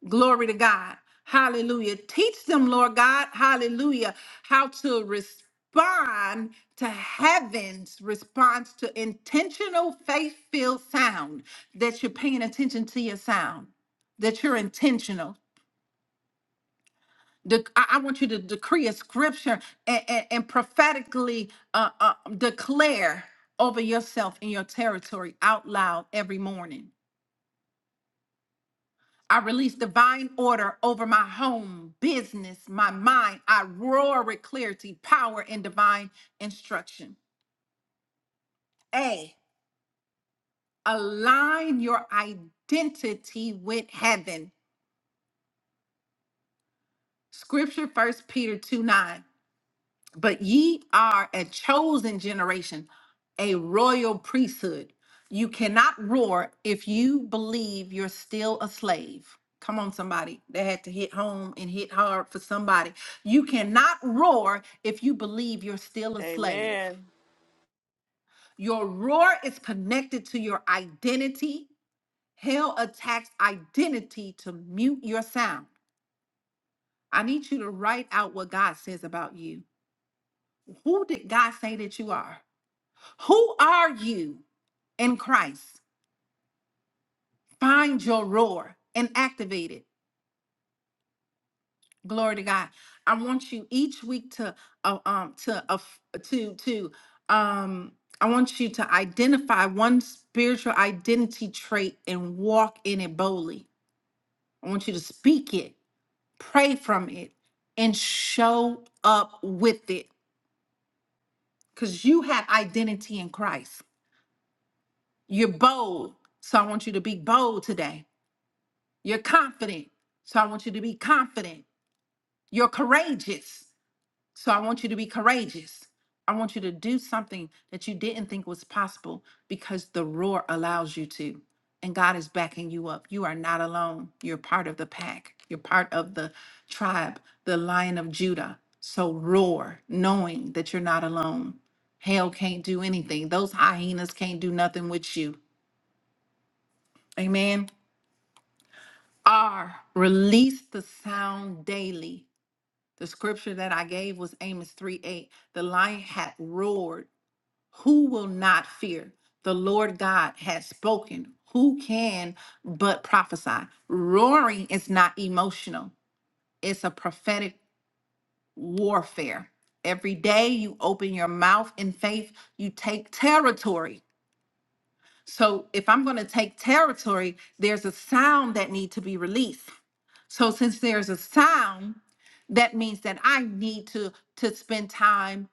Speaker 1: Glory to God. Hallelujah. Teach them, Lord God, hallelujah, how to respond to heaven's response to intentional faith filled sound that you're paying attention to your sound, that you're intentional Dec- I I want you to decree a scripture and, and, and prophetically uh, uh, declare over yourself in your territory out loud every morning. I release divine order over my home, business, my mind. I roar with clarity, power, and divine instruction. A, align your identity with heaven. Scripture, First Peter two nine. But ye are a chosen generation, a royal priesthood. You cannot roar if you believe you're still a slave. Come on, somebody. That had to hit home and hit hard for somebody. You cannot roar if you believe you're still a slave.
Speaker 3: Amen.
Speaker 1: Your roar is connected to your identity. Hell attacks identity to mute your sound. I need you to write out what God says about you. Who did God say that you are? Who are you in Christ? Find your roar and activate it. Glory to God. I want you each week to uh, um to uh, to to um I want you to identify one spiritual identity trait and walk in it boldly. I want you to speak it, pray from it, and show up with it because you have identity in Christ. You're bold. So I want you to be bold today. You're confident. So I want you to be confident. You're courageous. So I want you to be courageous. I want you to do something that you didn't think was possible because the roar allows you to. And God is backing you up. You are not alone. You're part of the pack, you're part of the tribe, the lion of Judah. So roar, knowing that you're not alone. Hell can't do anything, those hyenas can't do nothing with you. Amen. R, release the sound daily The scripture that I gave was Amos 3 8. The lion hath roared. Who will not fear? The Lord God has spoken. Who can but prophesy? Roaring is not emotional, it's a prophetic warfare. Every day you open your mouth in faith, you take territory. So if I'm going to take territory, there's a sound that need to be released. So since there's a sound, that means that I need to to spend time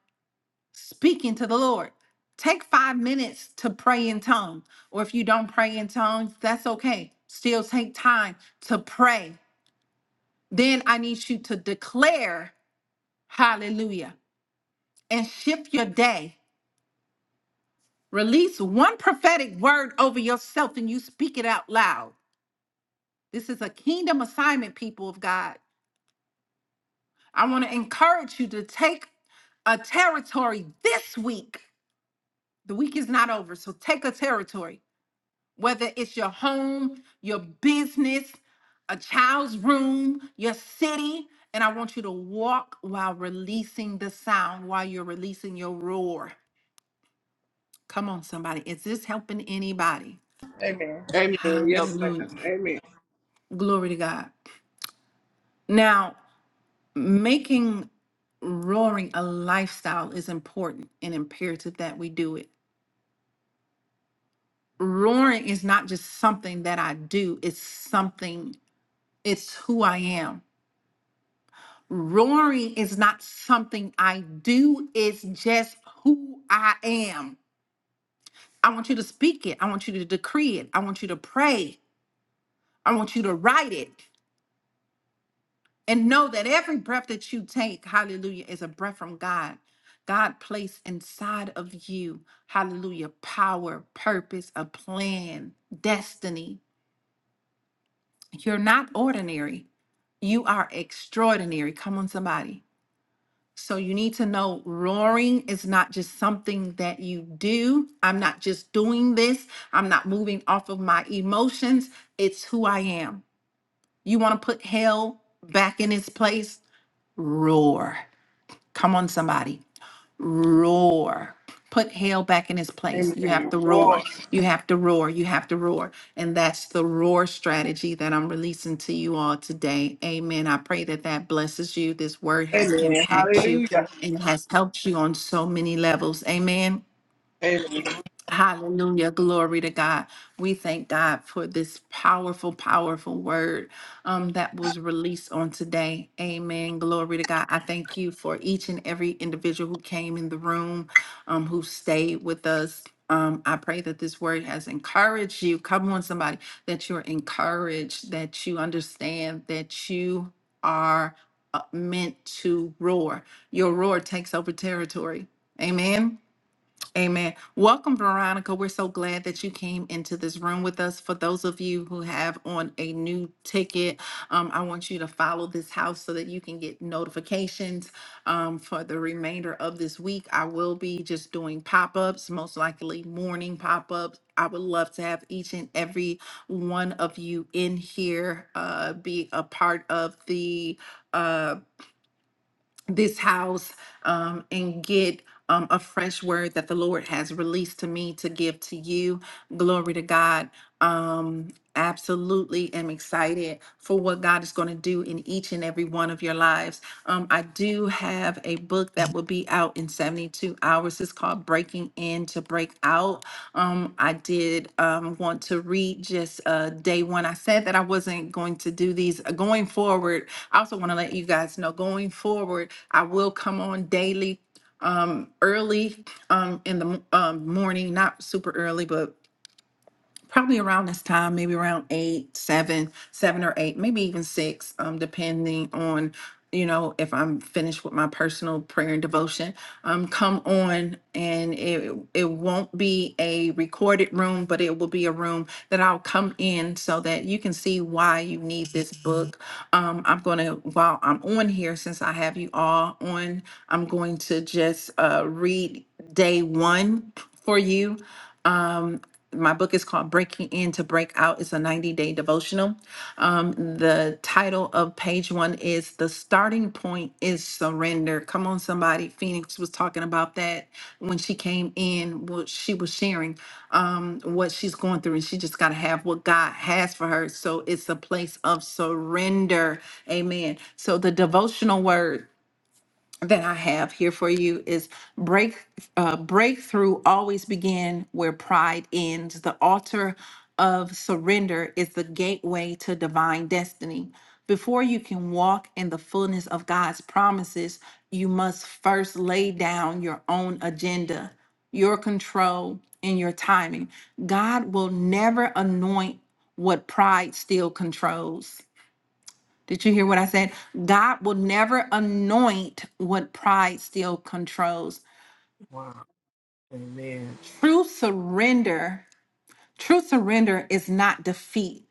Speaker 1: speaking to the Lord. Take five minutes to pray in tongues. Or if you don't pray in tongues, that's okay. Still take time to pray. Then I need you to declare hallelujah and shift your day. Release one prophetic word over yourself and you speak it out loud. This is a kingdom assignment, people of God. I want to encourage you to take a territory this week. The week is not over, so take a territory whether it's your home, your business, a child's room, your city. And I want you to walk while releasing the sound, while you're releasing your roar. Come on, somebody. Is this helping anybody?
Speaker 2: Amen. Amen. Yes,
Speaker 1: Hallelujah.
Speaker 2: ma'am. Amen.
Speaker 1: Glory to God. Now, making roaring a lifestyle is important and imperative that we do it. Roaring is not just something that I do, it's something, it's who I am. Roaring is not something I do, it's just who I am. I want you to speak it. I want you to decree it. I want you to pray. I want you to write it. And know that every breath that you take, hallelujah, is a breath from God. God placed inside of you, hallelujah, power, purpose, a plan, destiny. You're not ordinary. You are extraordinary. Come on, somebody. So you need to know roaring is not just something that you do. I'm not just doing this. I'm not moving off of my emotions. It's who I am. You want to put hell back in its place? Roar. Come on, somebody roar. Put hell back in his place. You have
Speaker 2: Amen.
Speaker 1: to roar.
Speaker 2: Lord.
Speaker 1: You have to roar. You have to roar. And that's the roar strategy that I'm releasing to you all today. Amen. I pray that that blesses you. This word has
Speaker 2: Amen.
Speaker 1: impacted you
Speaker 2: Hallelujah.
Speaker 1: and has helped you on so many levels. Amen.
Speaker 2: Amen.
Speaker 1: Hallelujah. Glory to God. We thank God for this powerful, powerful word um, that was released on today. Amen. Glory to God. I thank you for each and every individual who came in the room, um, who stayed with us. Um, I pray that this word has encouraged you. Come on, somebody, that you're encouraged, that you understand that you are uh, meant to roar. Your roar takes over territory. Amen. Amen. Welcome, Veronica. We're so glad that you came into this room with us. For those of you who have on a new ticket, um, I want you to follow this house so that you can get notifications um, for the remainder of this week. I will be just doing pop ups, most likely morning pop ups. I would love to have each and every one of you in here, uh, be a part of the. Uh, this house um, and get um, a fresh word that the Lord has released to me to give to you. Glory to God. Um, absolutely am excited for what God is going to do in each and every one of your lives. Um, I do have a book that will be out in 72 hours. It's called Breaking In to Break Out. Um, I did um, want to read just uh, day one. I said that I wasn't going to do these uh, going forward I also want to let you guys know going forward, I will come on daily um early um in the m- um, morning not super early but probably around this time, maybe around eight, seven, seven or eight, maybe even six, um, depending on, you know, if I'm finished with my personal prayer and devotion. Um, come on, and it it won't be a recorded room, but it will be a room that I'll come in so that you can see why you need this book. Um, I'm gonna while I'm on here, since I have you all on, I'm going to just uh read day one for you my book is called Breaking In to Break Out. It's a 90 day devotional. Um, the title of page one is The Starting Point is Surrender. Come on, somebody. Phoenix was talking about that when she came in, what she was sharing, um, what she's going through, and she just got to have what God has for her. So it's a place of surrender. Amen. So the devotional word that I have here for you is break uh, breakthrough always begin where pride ends. The altar of surrender is the gateway to divine destiny. Before you can walk in the fullness of God's promises, you must first lay down your own agenda, your control, and your timing. God will never anoint what pride still controls. Did you hear what I said? God will never anoint what pride still controls.
Speaker 3: Amen.
Speaker 1: True surrender, true surrender is not defeat.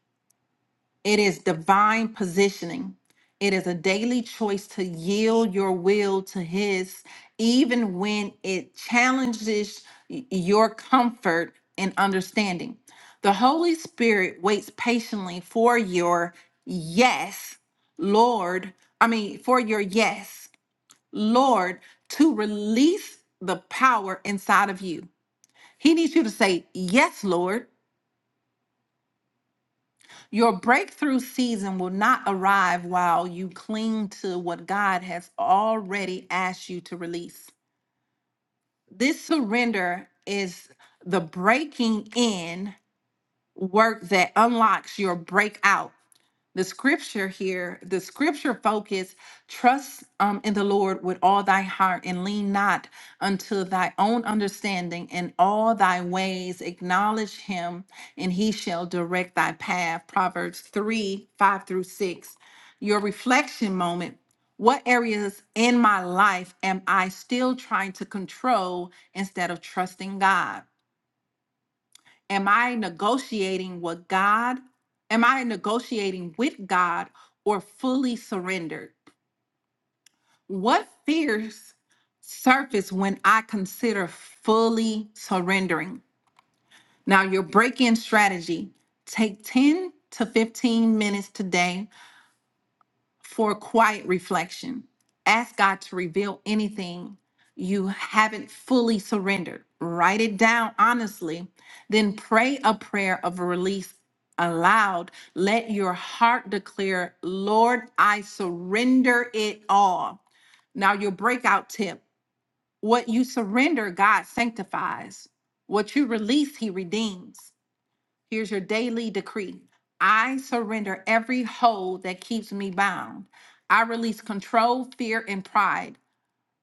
Speaker 1: It is divine positioning. It is a daily choice to yield your will to his even when it challenges y- your comfort and understanding. The Holy Spirit waits patiently for your yes, Lord. I mean, for your yes. Lord to release the power inside of you. He needs you to say, Yes, Lord. Your breakthrough season will not arrive while you cling to what God has already asked you to release. This surrender is the breaking in work that unlocks your breakout. The scripture here, the scripture focus, trust um, in the Lord with all thy heart and lean not unto thy own understanding. In all thy ways acknowledge him, and he shall direct thy path. Proverbs 3 5 through 6. Your reflection moment. What areas in my life am I still trying to control instead of trusting God? Am I negotiating what God? Am I negotiating with God or fully surrendered? What fears surface when I consider fully surrendering? Now, your break in strategy take 10 to 15 minutes today for quiet reflection. Ask God to reveal anything you haven't fully surrendered. Write it down honestly, then pray a prayer of release aloud. Let your heart declare, Lord, I surrender it all. Now, your breakout tip what you surrender, God sanctifies. What you release, He redeems. Here's your daily decree I surrender every hold that keeps me bound. I release control, fear, and pride,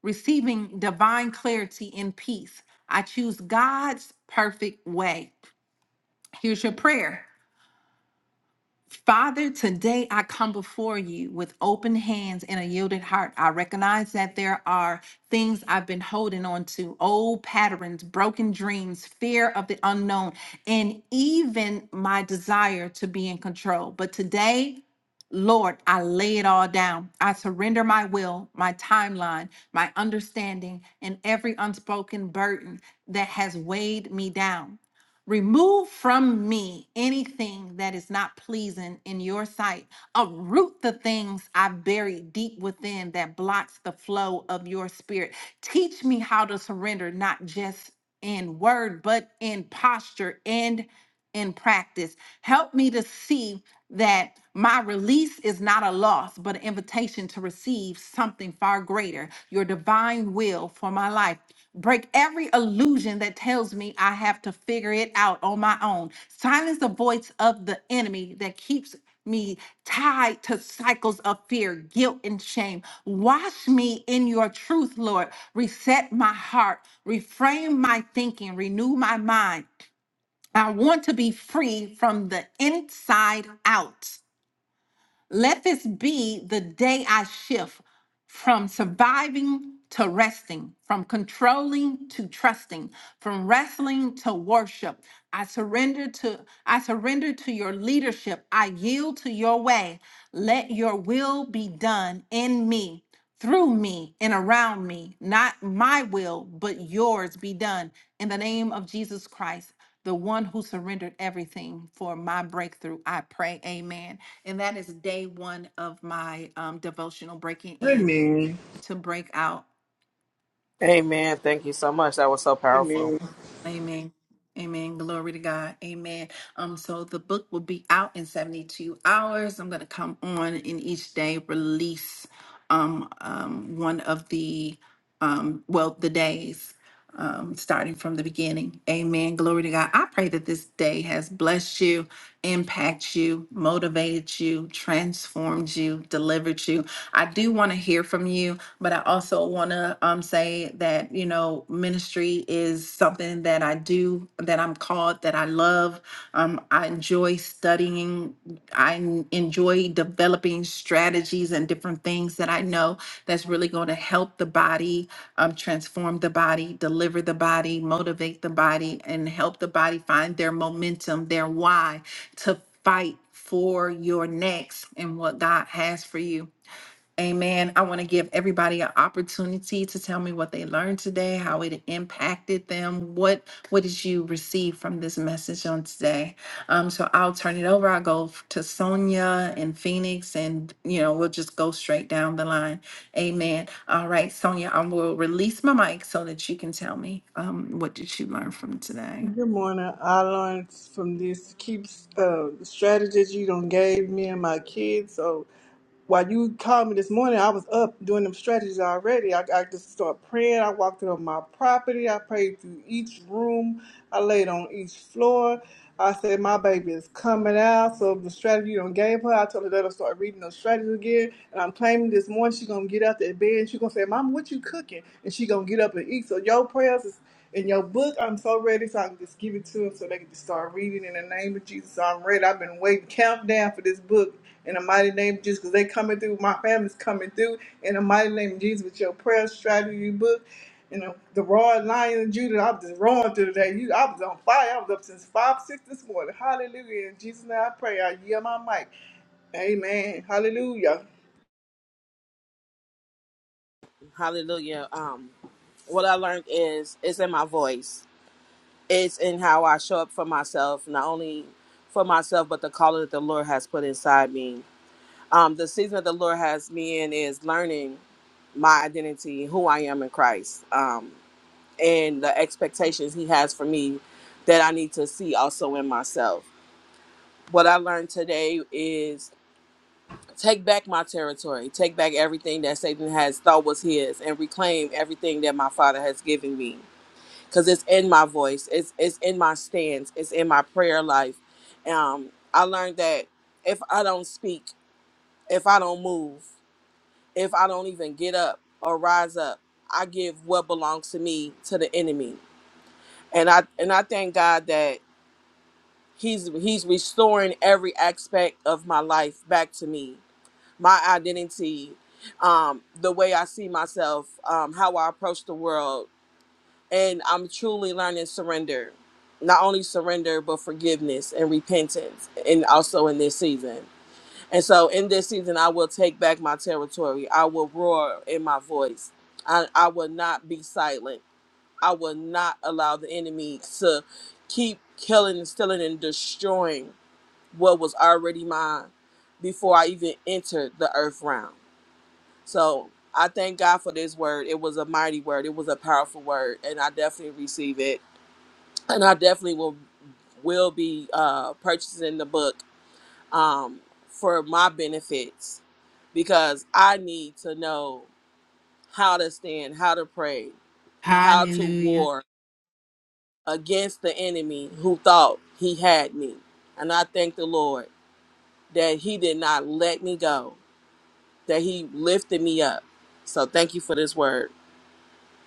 Speaker 1: receiving divine clarity and peace. I choose God's perfect way. Here's your prayer. Father, today I come before you with open hands and a yielded heart. I recognize that there are things I've been holding on to, old patterns, broken dreams, fear of the unknown, and even my desire to be in control. But today, Lord, I lay it all down. I surrender my will, my timeline, my understanding, and every unspoken burden that has weighed me down. Remove from me anything that is not pleasing in your sight. Uproot the things I've buried deep within that blocks the flow of your spirit. Teach me how to surrender, not just in word, but in posture and in practice. Help me to see that my release is not a loss, but an invitation to receive something far greater, your divine will for my life. Break every illusion that tells me I have to figure it out on my own. Silence the voice of the enemy that keeps me tied to cycles of fear, guilt, and shame. Wash me in your truth, Lord. Reset my heart, reframe my thinking, renew my mind. I want to be free from the inside out. Let this be the day I shift from surviving to resting, from controlling to trusting, from wrestling to worship. I surrender to I surrender to your leadership. I yield to your way. Let your will be done in me, through me and around me. Not my will, but yours be done in the name of Jesus Christ the one who surrendered everything for my breakthrough. I pray, amen. And that is day one of my um, devotional breaking in
Speaker 2: Amen.
Speaker 1: to break out.
Speaker 3: Amen. Thank you so much. That was so powerful.
Speaker 2: Amen.
Speaker 1: Amen. Amen. Glory to God. Amen. Um, so the book will be out in 72 hours. I'm gonna come on in each day, release um um one of the um well the days um, starting from the beginning. Amen. Glory to God. I pray that this day has blessed you, impacted you, motivated you, transformed you, delivered you. I do want to hear from you, but I also want to um, say that, you know, ministry is something that I do, that I'm called, that I love. Um, I enjoy studying. I n- enjoy developing strategies and different things that I know that's really going to help the body, um, transform the body, deliver the body, motivate the body, and help the body find their momentum, their why to fight for your next and what God has for you. Amen. I want to give everybody an opportunity to tell me what they learned today, how it impacted them. What what did you receive from this message on today? Um, so I'll turn it over. I'll go f- to Sonia and Phoenix, and you know we'll just go straight down the line. Amen. All right, Sonia, I will release my mic so that you can tell me um, what did you learn from today.
Speaker 2: Good morning. I learned from this keeps uh, strategies you done gave me and my kids. So while you called me this morning, I was up doing them stretches already. I, I just started praying. I walked on my property. I prayed through each room. I laid on each floor. I said, My baby is coming out. So the strategy you done gave her, I told her that I'll start reading those strategies again. And I'm claiming this morning she's gonna get out that bed and she's gonna say, Mom, what you cooking? And she gonna get up and eat. So your prayers is in your book. I'm so ready, so I can just give it to them so they can just start reading in the name of Jesus. I'm ready. I've been waiting, countdown for this book in the mighty name of Jesus, because they coming through. My family's coming through in the mighty name of Jesus with your prayer strategy book. You know, the raw lion of Judah, I was just roaring through today. You, I was on fire. I was up since 5, 6 this morning. Hallelujah. In Jesus' name I pray. I yield my mic. Amen. Hallelujah.
Speaker 3: Hallelujah. Um, what I learned is it's in my voice. It's in how I show up for myself, not only for myself, but the calling that the Lord has put inside me. Um, the season that the Lord has me in is learning my identity, who I am in Christ, um, and the expectations He has for me that I need to see also in myself. What I learned today is take back my territory, take back everything that Satan has thought was his, and reclaim everything that my Father has given me because it's in my voice it's it's in my stance it's in my prayer life um i learned that if i don't speak if i don't move if i don't even get up or rise up i give what belongs to me to the enemy and i and i thank god that he's he's restoring every aspect of my life back to me my identity um the way i see myself um how i approach the world and I'm truly learning surrender. Not only surrender, but forgiveness and repentance, and also in this season. And so, in this season, I will take back my territory. I will roar in my voice. I, I will not be silent. I will not allow the enemy to keep killing, stealing, and destroying what was already mine before I even entered the earth realm. So, I thank God for this word. It was a mighty word, it was a powerful word, and I definitely receive it and I definitely will will be uh, purchasing the book um, for my benefits because I need to know how to stand, how to pray, how to
Speaker 1: Hallelujah.
Speaker 3: war against the enemy who thought he had me. And I thank the Lord that he did not let me go, that he lifted me up. So thank you for this word.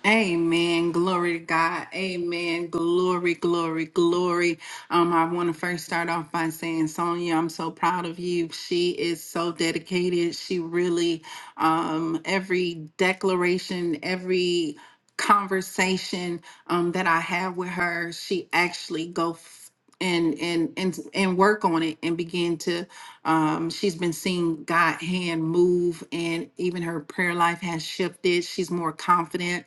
Speaker 1: Amen. Glory to God. Amen. Glory, glory, glory. Um, I want to first start off by saying, Sonia, I'm so proud of you. She is so dedicated. She really, um, every declaration, every conversation um, that I have with her, she actually go f- and and and and work on it and begin to. Um, she's been seeing God hand move, and even her prayer life has shifted. She's more confident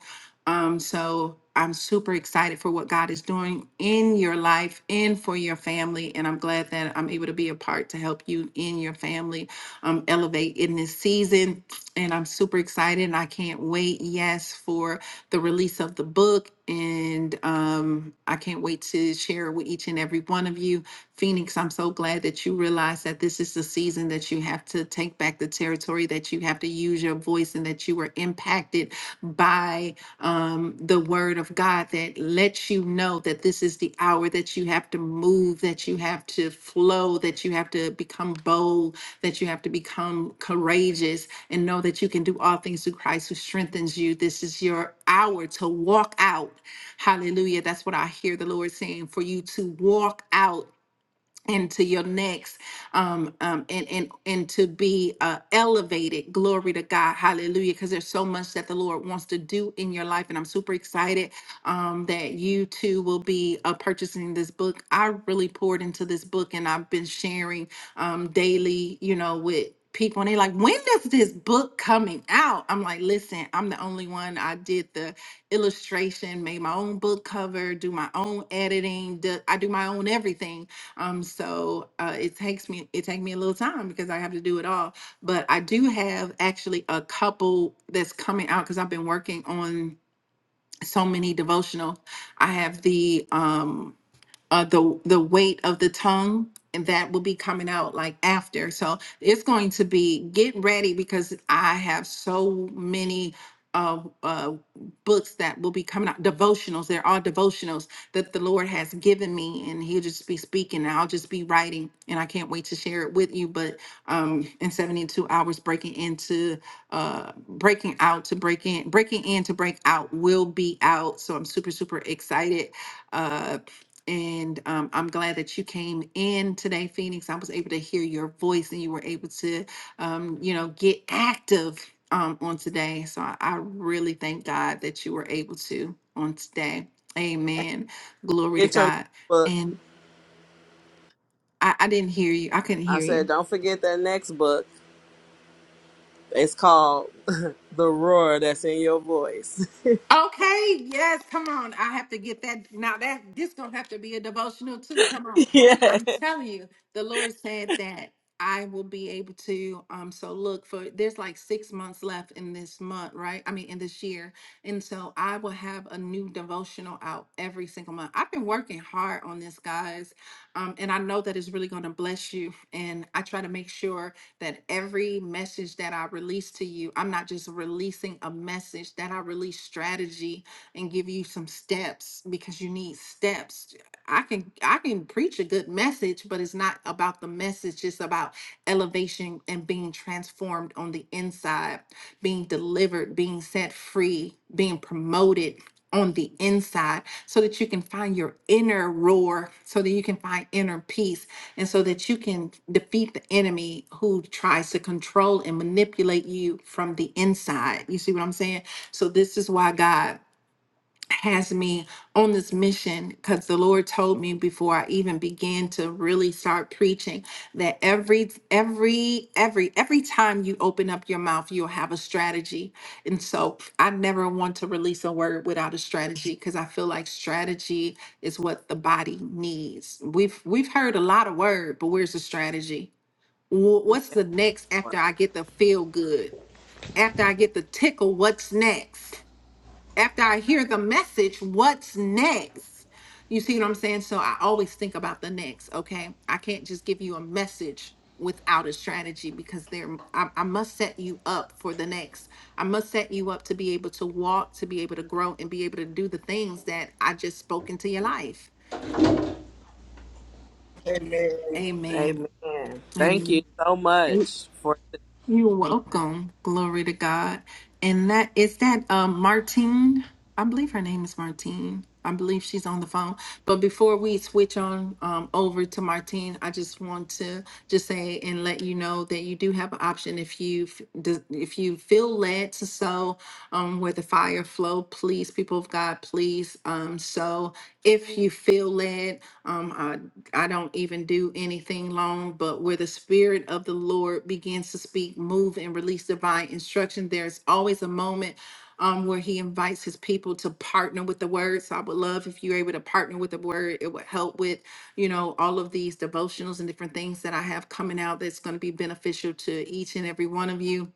Speaker 1: um, so I'm super excited for what God is doing in your life and for your family. And I'm glad that I'm able to be a part to help you in your family um, elevate in this season. And I'm super excited and I can't wait, yes, for the release of the book. And um, I can't wait to share with each and every one of you. Phoenix, I'm so glad that you realize that this is the season that you have to take back the territory, that you have to use your voice, and that you were impacted by um, the word of God that lets you know know that this is the hour that you have to move, that you have to flow, that you have to become bold, that you have to become courageous, and know that you can do all things through Christ who strengthens you. This is your hour to walk out. Hallelujah. That's what I hear the Lord saying for you to walk out into your next um, um and and and to be uh elevated glory to god hallelujah because there's so much that the lord wants to do in your life and i'm super excited um that you too will be uh, purchasing this book i really poured into this book and i've been sharing um daily you know with people and they're like when does this book coming out i'm like listen i'm the only one i did the illustration made my own book cover do my own editing do, i do my own everything um, so uh, it takes me it take me a little time because I have to do it all. But I do have actually a couple that's coming out because I've been working on so many devotional. I have the um uh, the the weight of the tongue and that will be coming out like after so it's going to be get ready because i have so many uh, uh, books that will be coming out devotionals they're all devotionals that the lord has given me and he'll just be speaking and i'll just be writing and i can't wait to share it with you but um in 72 hours breaking into uh breaking out to break in breaking in to break out will be out so i'm super super excited uh, and um, I'm glad that you came in today, Phoenix. I was able to hear your voice and you were able to, um, you know, get active um, on today. So I, I really thank God that you were able to on today. Amen. Glory to
Speaker 3: Get your
Speaker 1: God.
Speaker 3: next book.
Speaker 1: And I, I didn't hear you. I couldn't
Speaker 3: I
Speaker 1: hear you.
Speaker 3: said, don't forget that next book. It's called The Roar That's in Your Voice.
Speaker 1: Okay, yes, come on. I have to get that. Now that this gonna have to be a devotional too. Come on.
Speaker 3: yeah.
Speaker 1: I'm telling you, the Lord said that I will be able to um so look for there's like six months left in this month, right? I mean in this year. And so I will have a new devotional out every single month. I've been working hard on this, guys. Um, and I know that it's really gonna bless you. And I try to make sure that every message that I release to you, I'm not just releasing a message, that I release strategy and give you some steps because you need steps. I can I can preach a good message, but it's not about the message, it's about elevation and being transformed on the inside, being delivered, being set free, being promoted on the inside so that you can find your inner roar, so that you can find inner peace and so that you can defeat the enemy who tries to control and manipulate you from the inside. You see what I'm saying? So this is why God has me on this mission because the Lord told me before I even began to really start preaching that every every every every time you open up your mouth you'll have a strategy. And so I never want to release a word without a strategy because I feel like strategy is what the body needs. We've we've heard a lot of word, but where's the strategy? Wh- What's the next after I get the feel good? After I get the tickle, what's next? after I hear the message, what's next? You see what I'm saying? So I always think about the next, okay? I can't just give you a message without a strategy because there I, I must set you up for the next. I must set you up to be able to walk, to be able to grow and be able to do the things that I just spoke into your life.
Speaker 2: Amen.
Speaker 1: Amen.
Speaker 3: Amen. Thank you
Speaker 1: Amen.
Speaker 3: so much for.
Speaker 1: You're welcome. Glory to God. And that is that um Martine. I believe her name is Martine. I believe she's on the phone. But before we switch on um, over to Martine, I just want to just say and let you know that you do have an option if you f- des- if you feel led to sow um, where the fire flow. Please, people of God, please um, sow if you feel led. I don't even do anything long, but where the spirit of the Lord begins to speak, move, and release divine instruction, there's always a moment um, where he invites his people to partner with the word. So I would love if you're able to partner with the word. It would help with, you know, all of these devotionals and different things that I have coming out that's going to be beneficial to each and every one of you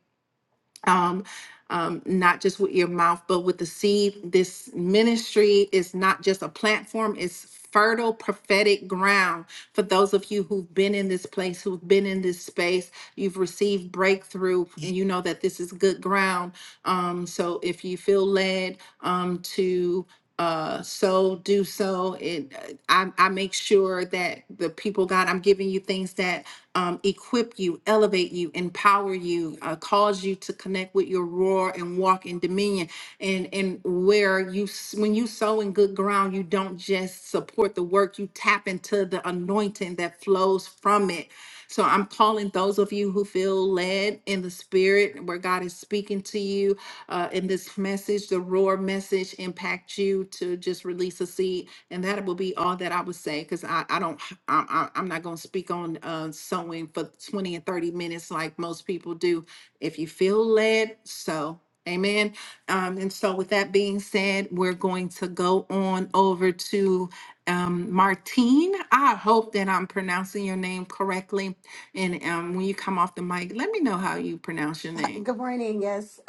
Speaker 1: um, um, not just with your mouth, but with the seed. This ministry is not just a platform, it's fertile prophetic ground for those of you who've been in this place, who've been in this space. You've received breakthrough, and you know that this is good ground. Um, so if you feel led um, to, uh, so do so. It, I, I make sure that the people, God, I'm giving you things that um, equip you, elevate you, empower you, uh, cause you to connect with your roar and walk in dominion. And and where you s- when you sow in good ground, you don't just support the work, you tap into the anointing that flows from it. So I'm calling those of you who feel led in the spirit where God is speaking to you uh, in this message, the roar message impact you to just release a seed and that will be all that I would say, because I, I don't, I'm, I'm I'm not going to speak on uh, sewing for 20 and 30 minutes like most people do. If you feel led, so, amen. Um, and so with that being said, we're going to go on over to um, Martine. I hope that I'm pronouncing your name correctly. And um, when you come off the mic, let me know how you pronounce your name.
Speaker 4: Good morning. Yes,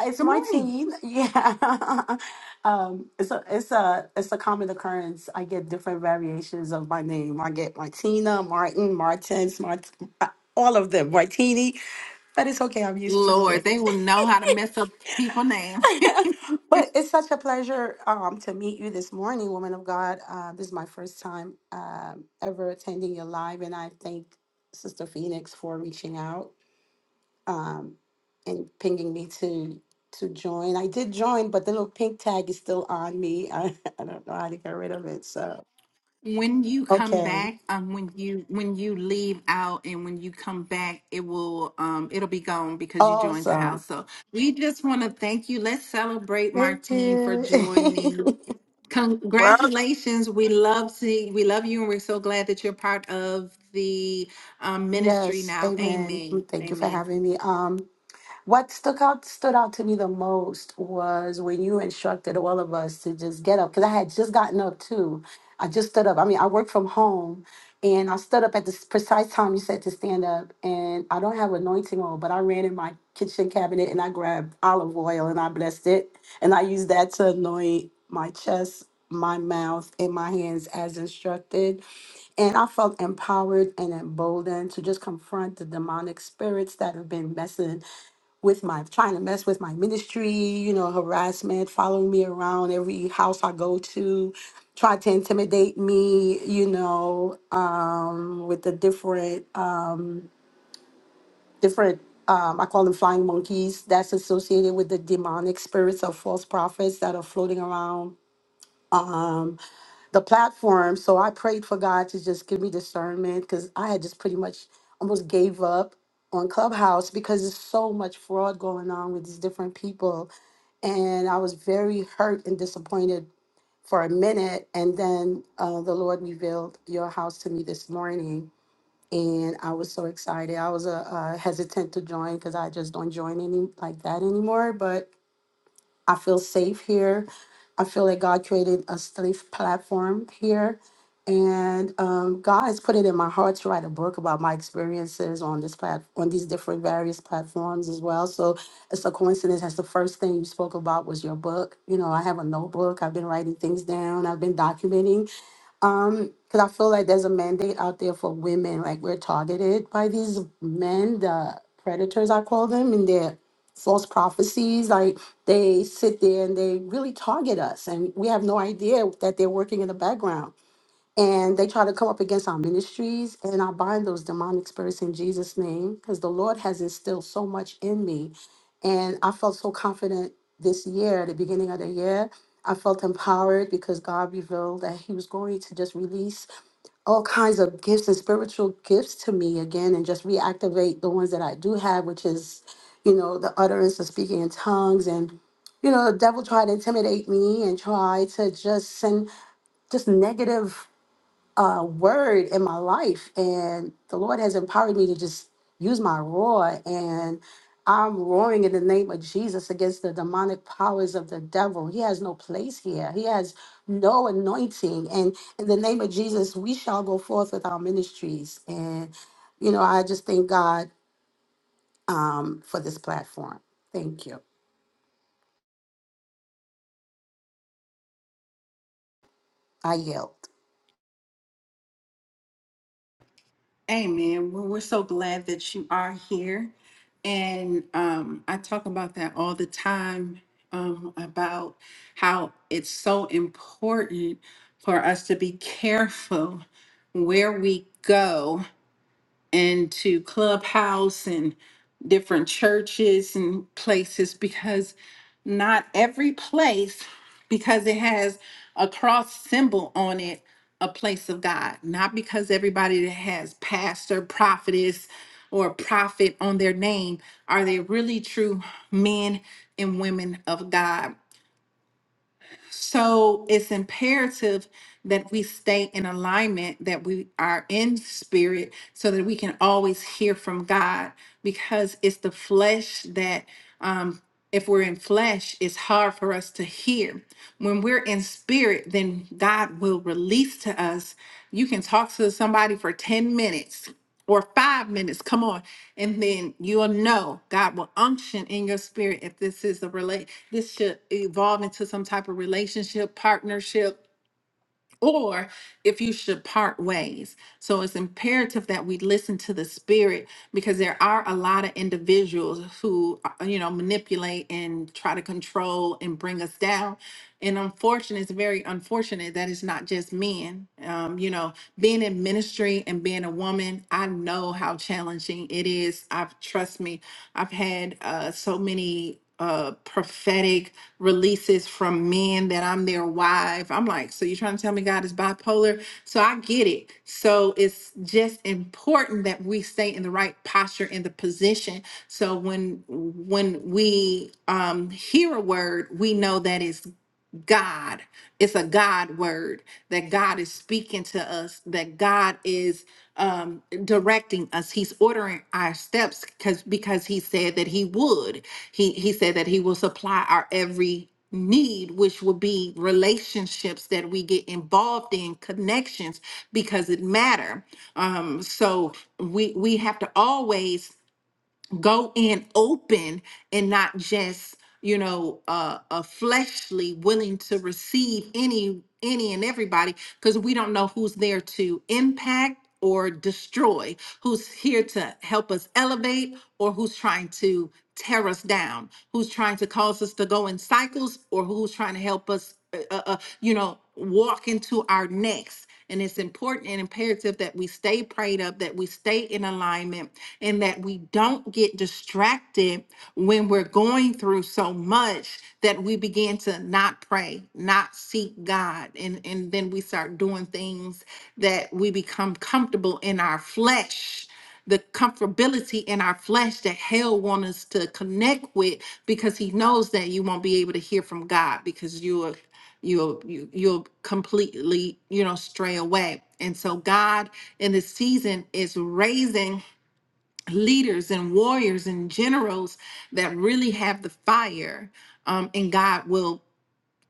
Speaker 4: it's
Speaker 1: Good morning.
Speaker 4: Martine. Yeah, um, it's a it's a it's a common occurrence. I get different variations of my name. I get Martina, Martin, Martins, Mart, uh, all of them. Martini, but it's okay. I'm used to it.
Speaker 1: Lord, they will know how to mess up people' names.
Speaker 4: But it's such a pleasure um, to meet you this morning, woman of God. Uh, this is my first time um, ever attending your live, and I thank Sister Phoenix for reaching out um, and pinging me to to join. I did join, but the little pink tag is still on me. I, I don't know how to get rid of it. So
Speaker 1: When you come
Speaker 4: okay,
Speaker 1: back, um, when you when you leave out and when you come back, it will um it'll be gone because you joined the
Speaker 4: awesome.
Speaker 1: house. So we just want to thank you. Let's celebrate
Speaker 4: Thank
Speaker 1: Martine for
Speaker 4: you.
Speaker 1: joining.
Speaker 3: Well,
Speaker 1: Congratulations. We love see we love you and we're so glad that you're part of the um, ministry
Speaker 4: yes,
Speaker 1: now.
Speaker 4: Amen.
Speaker 1: Amen.
Speaker 4: Thank you for
Speaker 1: Amen.
Speaker 4: having me. Um, What stuck out stood out to me the most was when you instructed all of us to just get up because I had just gotten up too. I just stood up. I mean, I work from home, and I stood up at the precise time you said to stand up. And I don't have anointing oil, but I ran in my kitchen cabinet and I grabbed olive oil and I blessed it, and I used that to anoint my chest, my mouth, and my hands as instructed. And I felt empowered and emboldened to just confront the demonic spirits that have been messing with my trying to mess with my ministry, you know, harassment, following me around every house I go to, trying to intimidate me, you know, um, with the different uh, different um, I call them flying monkeys that's associated with the demonic spirits of false prophets that are floating around Um, the platform. So I prayed for God to just give me discernment because I had just pretty much almost gave up on Clubhouse because there's so much fraud going on with these different people. And I was very hurt and disappointed for a minute. And then uh, the Lord revealed your house to me this morning. And I was so excited. I was uh, uh, hesitant to join because I just don't join any like that anymore. But I feel safe here. I feel like God created a safe platform here. And um, God has put it in my heart to write a book about my experiences on this plat- on these different various platforms as well. So it's a coincidence. That's the first thing you spoke about was your book. You know, I have a notebook. I've been writing things down. I've been documenting um because i feel like there's a mandate out there for women like we're targeted by these men the predators i call them and they're false prophecies like they sit there and they really target us and we have no idea that they're working in the background and they try to come up against our ministries and i bind those demonic spirits in jesus name because the lord has instilled so much in me and i felt so confident this year at the beginning of the year i felt empowered because god revealed that he was going to just release all kinds of gifts and spiritual gifts to me again and just reactivate the ones that I do have, which is, you know, the utterance of speaking in tongues and you know, the devil tried to intimidate me and try to just send just negative uh, word in my life, and the Lord has empowered me to just use my roar, and I'm roaring in the name of Jesus against the demonic powers of the devil. He has no place here. He has no anointing, and in the name of Jesus, we shall go forth with our ministries. And you know, I just thank God um, for this platform. Thank you. I yelled.
Speaker 1: Amen. Well, we're so glad that you are here. And um, I talk about that all the time um, about how it's so important for us to be careful where we go and to clubhouse and different churches and places because not every place because it has a cross symbol on it a place of god not because everybody that has pastor prophetess or prophet on their name are they really true men and women of god so it's imperative that we stay in alignment, that we are in spirit, so that we can always hear from God because it's the flesh that. um, if we're in flesh, it's hard for us to hear. When we're in spirit, then God will release to us. You can talk to somebody for 10 minutes or five minutes, come on, and then you'll know God will unction in your spirit if this is a relate, this should evolve into some type of relationship, partnership, or if you should part ways. So it's imperative that we listen to the spirit because there are a lot of individuals who, uh, you know, manipulate and try to control and bring us down. And unfortunate, it's very unfortunate that it's not just men. Um, you know, being in ministry and being a woman, I know how challenging it is. I've trust me, I've had uh, so many uh prophetic releases from men that I'm their wife. I'm like, so you're trying to tell me God is bipolar? So I get it. So it's just important that we stay in the right posture in the position. So when when we um hear a word, we know that it's God. It's a God word that God is speaking to us, that God is um, directing us. He's ordering our steps because because he said that he would. He he said that he will supply our every need, which will be relationships that we get involved in, connections because it matter. Um, so we we have to always go in open and not just you know uh, a fleshly willing to receive any any and everybody because we don't know who's there to impact or destroy who's here to help us elevate or who's trying to tear us down who's trying to cause us to go in cycles or who's trying to help us uh, uh, uh, you know walk into our next and it's important and imperative that we stay prayed up, that we stay in alignment, and that we don't get distracted when we're going through so much that we begin to not pray, not seek God. And, and then we start doing things that we become comfortable in our flesh the comfortability in our flesh that hell wants us to connect with because he knows that you won't be able to hear from God because you are you'll you, you'll completely you know stray away and so god in this season is raising leaders and warriors and generals that really have the fire um, and god will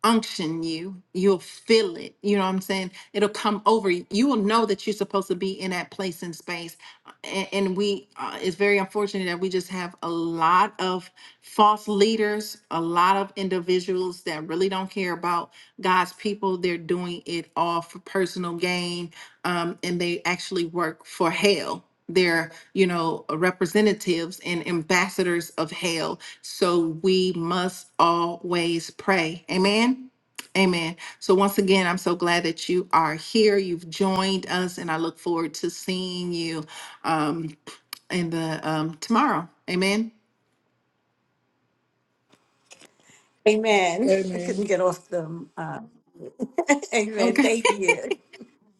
Speaker 1: unction you. You'll feel it. You know what I'm saying? It'll come over you. You will know that you're supposed to be in that place in space. And, and we, uh, it's very unfortunate that we just have a lot of false leaders, a lot of individuals that really don't care about God's people. They're doing it all for personal gain um, and they actually work for Hale. They're, you know, representatives and ambassadors of Hale. So we must always pray. Amen. Amen. So once again, I'm so glad that you are here. You've joined us, and I look forward to seeing you um, in the um, tomorrow. Amen.
Speaker 4: Amen. I
Speaker 2: Amen.
Speaker 4: couldn't get off them. Uh, amen.
Speaker 1: Okay.
Speaker 4: Thank you.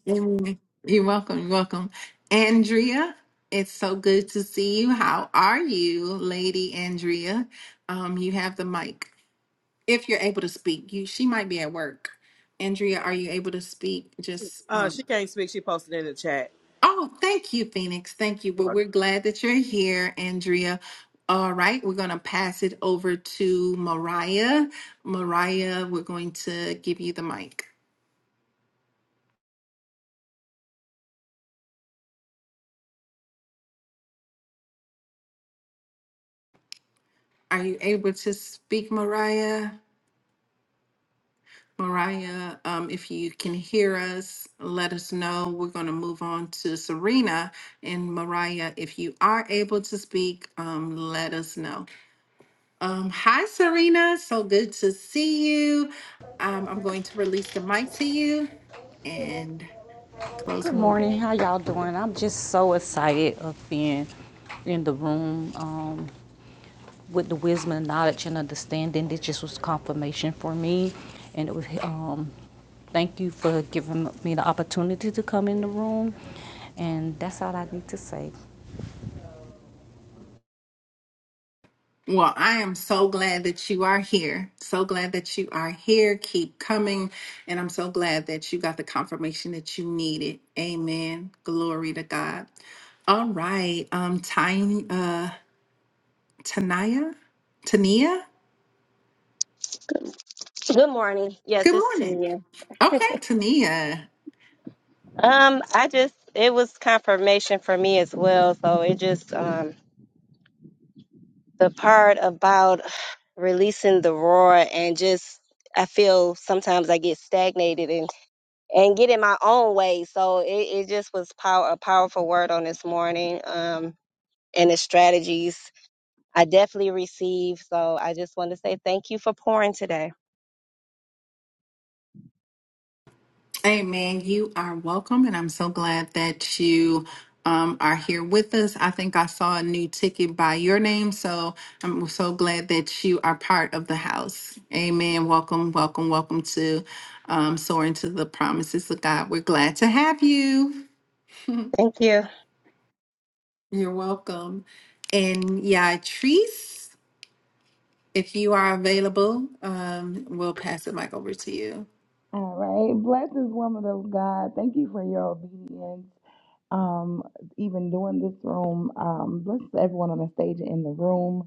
Speaker 1: Mm, You're welcome. You're welcome. Andrea, it's so good to see you. How are you, Lady Andrea? Um, you have the mic. If you're able to speak, you she might be at work. Andrea, are you able to speak? Just
Speaker 3: uh,
Speaker 1: um
Speaker 3: she can't speak. She posted in the chat.
Speaker 1: Oh, thank you, Phoenix. Thank you.
Speaker 3: You're
Speaker 1: Well, we're
Speaker 3: welcome.
Speaker 1: glad that you're here, Andrea. All right, we're going to pass it over to Mariah. Mariah, we're going to give you the mic. Are you able to speak, Mariah? Mariah, um, if you can hear us, let us know. We're going to move on to Serena. And Mariah, if you are able to speak, um, let us know. Um, hi, Serena. So good to see you. Um, I'm going to release the mic to you and close
Speaker 9: Good
Speaker 1: my mic.
Speaker 9: morning. How y'all doing? I'm just so excited of being in the room um, with the wisdom and knowledge and understanding. This just was confirmation for me, and it was. Um, thank you for giving me the opportunity to come in the room, and that's all I need to say.
Speaker 1: Well, I am so glad that you are here. So glad that you are here. Keep coming. And I'm so glad that you got the confirmation that you needed. Amen. Glory to God. All right. Um, Tiny, uh, Tania, Tania,
Speaker 6: Good morning.
Speaker 1: good
Speaker 6: Yes, it's
Speaker 1: morning.
Speaker 6: Tania.
Speaker 1: Okay, Tania.
Speaker 6: Um, I just it was confirmation for me as well. So it just um the part about releasing the roar and just I feel sometimes I get stagnated and get in my own way. So it, it just was power a powerful word on this morning. Um and the strategies I definitely received. So I just want to say thank you for pouring today.
Speaker 1: Amen. You are welcome, and I'm so glad that you um, are here with us. I think I saw a new ticket by your name, so I'm so glad that you are part of the house. Amen. Welcome, welcome, welcome to um, Soaring to the Promises of God. We're glad to have you.
Speaker 6: Thank you.
Speaker 1: You're welcome. And yeah, Yatrice, if you are available, um, we'll pass the mic over to you.
Speaker 10: All right. Bless this woman of God. Thank you for your obedience. Um, even doing this room. Um, bless everyone on the stage and in the room.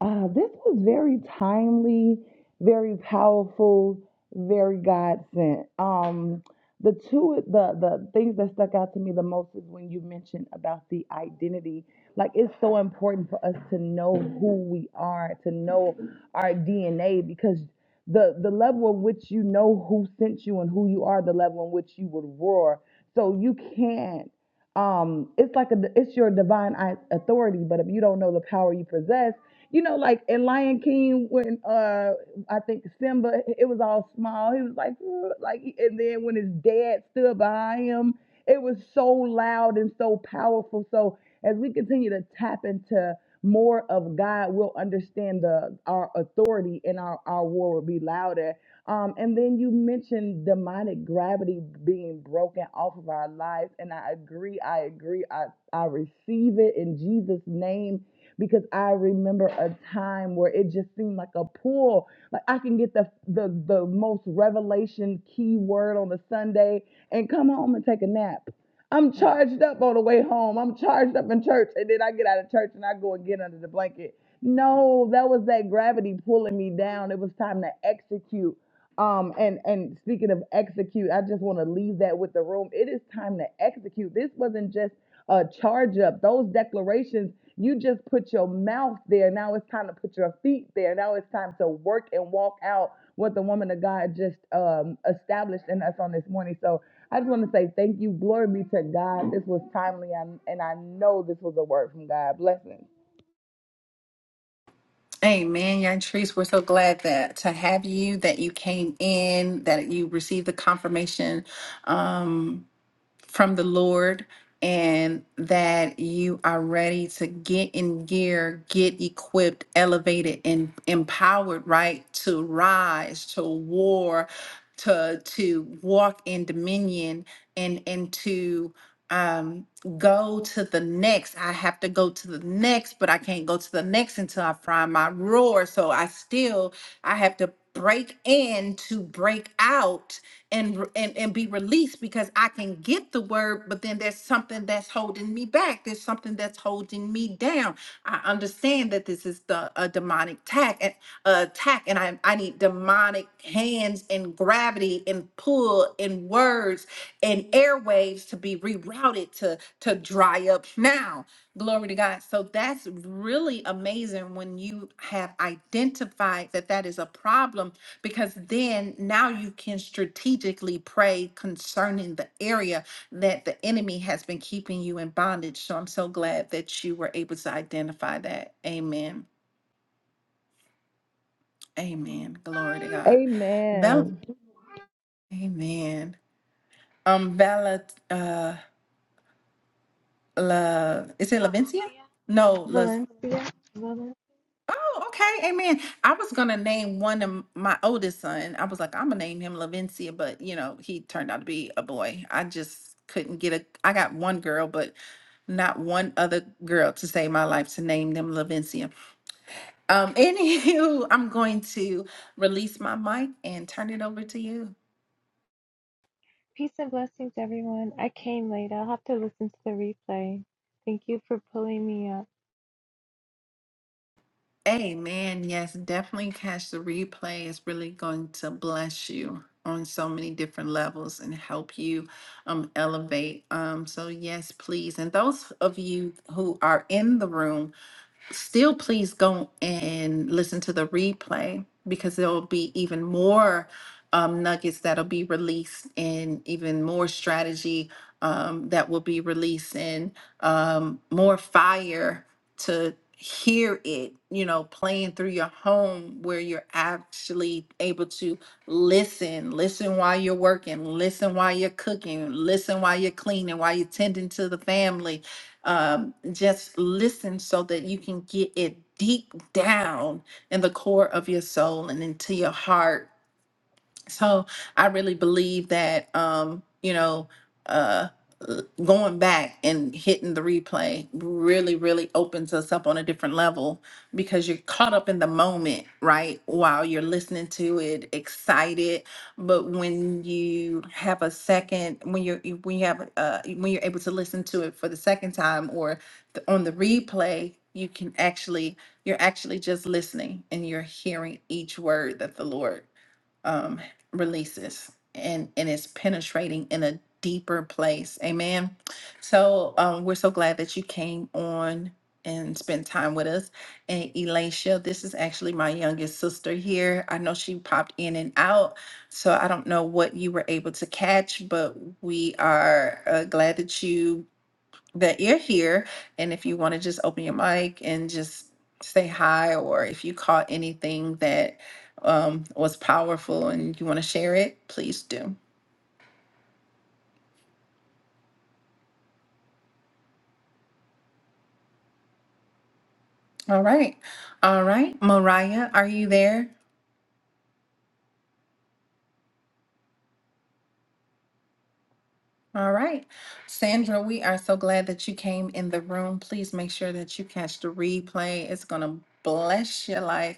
Speaker 10: Uh, this was very timely, very powerful, very God sent. Um, the two the the things that stuck out to me the most is when you mentioned about the identity. Like it's so important for us to know who we are, to know our DNA, because the the level in which you know who sent you and who you are, the level in which you would roar. So you can't um it's like a it's your divine i- authority but if you don't know the power you possess you know like in lion king when uh i think simba it was all small he was like "Ugh," like and then when his dad stood behind him it was so loud and so powerful so as we continue to tap into more of God, we'll understand the our authority and our, our war will be louder. Um, and then you mentioned demonic gravity being broken off of our lives. And I agree, I agree, I, I receive it in Jesus' name because I remember a time where it just seemed like a pull. Like I can get the the, the most revelation key word on a Sunday and come home and take a nap. I'm charged up on the way home. I'm charged up in church. And then I get out of church and I go and get under the blanket. No, that was that gravity pulling me down. It was time to execute. Um, and, and speaking of execute, I just want to leave that with the room. It is time to execute. This wasn't just a charge up. Those declarations, you just put your mouth there. Now it's time to put your feet there. Now it's time to work and walk out what the woman of God just um, established in us on this morning. So I just want to say thank you. Glory be to God. This was timely, and I know this was a word from God. Blessings.
Speaker 1: Amen, Yantrice. We're so glad that to have you, that you came in, that you received the confirmation. Um, from the Lord and that you are ready to get in gear, get equipped, elevated, and empowered, right? To rise, to war, to to walk in dominion and and to um go to the next i have to go to the next but i can't go to the next until i find my roar so i still i have to break in to break out and and and be released because I can get the word, but then there's something that's holding me back. There's something that's holding me down. I understand that this is the a demonic attack and uh, attack, and I I need demonic hands and gravity and pull and words and airwaves to be rerouted to to dry up now. Glory to God. So that's really amazing when you have identified that that is a problem because then now you can strategically pray concerning the area that the enemy has been keeping you in bondage. So I'm so glad that you were able to identify that. Amen. Amen. Glory to God. Val-
Speaker 10: Amen.
Speaker 1: Amen. Um, Vala, uh, La, is it Lavencia?
Speaker 11: Valencia.
Speaker 1: No, La.
Speaker 11: Valencia. Valencia.
Speaker 1: Oh, okay. Amen. I was gonna name one of m- my oldest son. I was like, I'm gonna name him Lavencia, but you know, he turned out to be a boy. I just couldn't get a I got one girl, but not one other girl to save my life to name them Lavencia. Um, anywho, I'm going to release my mic and turn it over to you.
Speaker 11: Peace and blessings, everyone. I came late. I'll have to listen to the replay. Thank you for pulling me up.
Speaker 1: Amen. Yes, definitely catch the replay. It's really going to bless you on so many different levels and help you um, elevate. Um, so, yes, please. And those of you who are in the room, still please go and listen to the replay because there'll be even more um, nuggets that'll be released and even more strategy um, that will be released and um, more fire to hear it you know playing through your home where you're actually able to listen listen while you're working listen while you're cooking listen while you're cleaning while you're tending to the family um, just listen so that you can get it deep down in the core of your soul and into your heart so I really believe that, um, you know, uh, l- going back and hitting the replay really, really opens us up on a different level because you're caught up in the moment, right? While you're listening to it, excited. But when you have a second, when you're you- when you have uh, when you're able to listen to it for the second time or the, on the replay, you can actually you're actually just listening and you're hearing each word that the Lord um, releases and and it's penetrating in a deeper place amen so um, we're so glad that you came on and spent time with us and Elisha this is actually my youngest sister here I know she popped in and out so I don't know what you were able to catch but we are uh, glad that you that you're here. And if you want to just open your mic and just say hi, or if you caught anything that um, was powerful and you want to share it, please do. All right. All right. Mariah, are you there? All right. Sandra, we are so glad that you came in the room. Please make sure that you catch the replay. It's going to bless your life.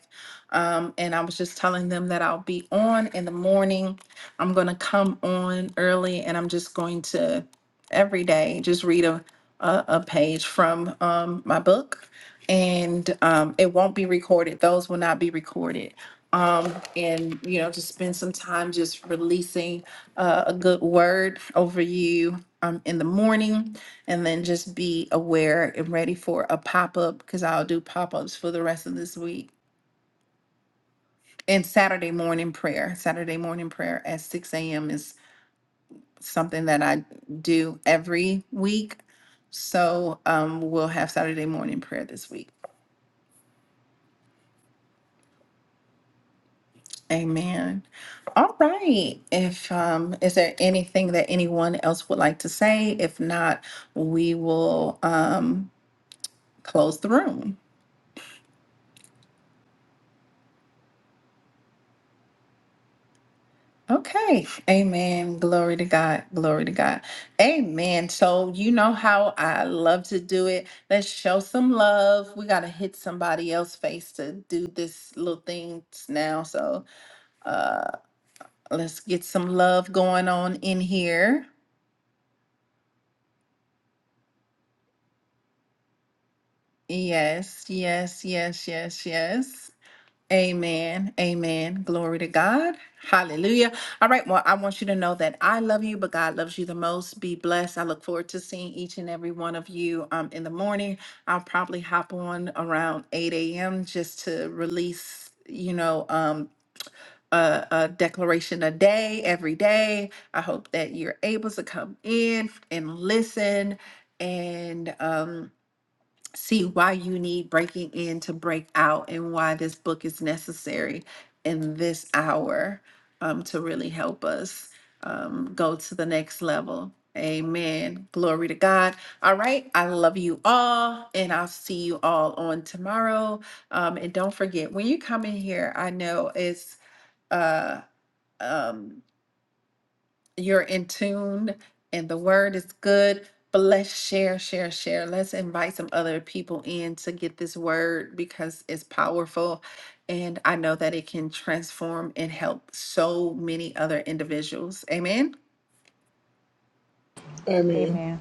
Speaker 1: Um, and I was just telling them that I'll be on in the morning. I'm going to come on early and I'm just going to every day just read a, a, a page from um, my book. And um, it won't be recorded, those will not be recorded. Um, and, you know, just spend some time just releasing uh, a good word over you um, in the morning. And then just be aware and ready for a pop up because I'll do pop ups for the rest of this week. And Saturday morning prayer. Saturday morning prayer at 6 a.m. is something that I do every week. So um, we'll have Saturday morning prayer this week. Amen. All right. If um, is there anything that anyone else would like to say? If not, we will. Um, close the room. Okay. Amen. Glory to God. Glory to God. Amen. So, you know how I love to do it. Let's show some love. We got to hit somebody else's face to do this little thing now. So, uh, let's get some love going on in here. Yes, yes, yes, yes, yes. Amen. Amen. Glory to God. Hallelujah. All right. Well, I want you to know that I love you, but God loves you the most. Be blessed. I look forward to seeing each and every one of you um, in the morning. I'll probably hop on around 8 a.m. just to release, you know, um, a, a declaration a day, every day. I hope that you're able to come in and listen and um, see why you need breaking in to break out and why this book is necessary in this hour um, to really help us um, go to the next level. Amen. Glory to God. All right. I love you all, and I'll see you all on tomorrow. Um, and don't forget, when you come in here, I know it's uh, um, you're in tune and the word is good but let's share share share let's invite some other people in to get this word because it's powerful and i know that it can transform and help so many other individuals amen
Speaker 2: Amen.
Speaker 9: Amen.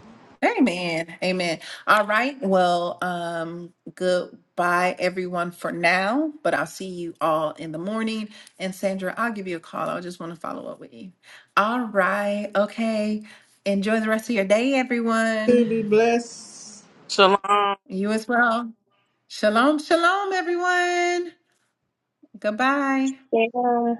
Speaker 1: Amen. Amen. All right. Well, um, goodbye everyone for now, but I'll see you all in the morning. And Sandra, I'll give you a call. I just want to follow up with you. All right. Okay. Enjoy the rest of your day,
Speaker 2: To
Speaker 1: everyone.
Speaker 2: be blessed.
Speaker 3: Shalom.
Speaker 1: You as well. Shalom, shalom, everyone. Goodbye.
Speaker 6: Yeah.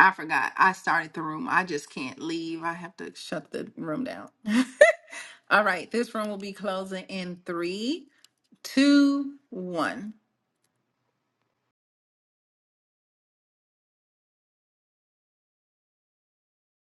Speaker 1: I forgot. I started the room. I just can't leave. I have to shut the room down. all right. This room will be closing in three, two, one.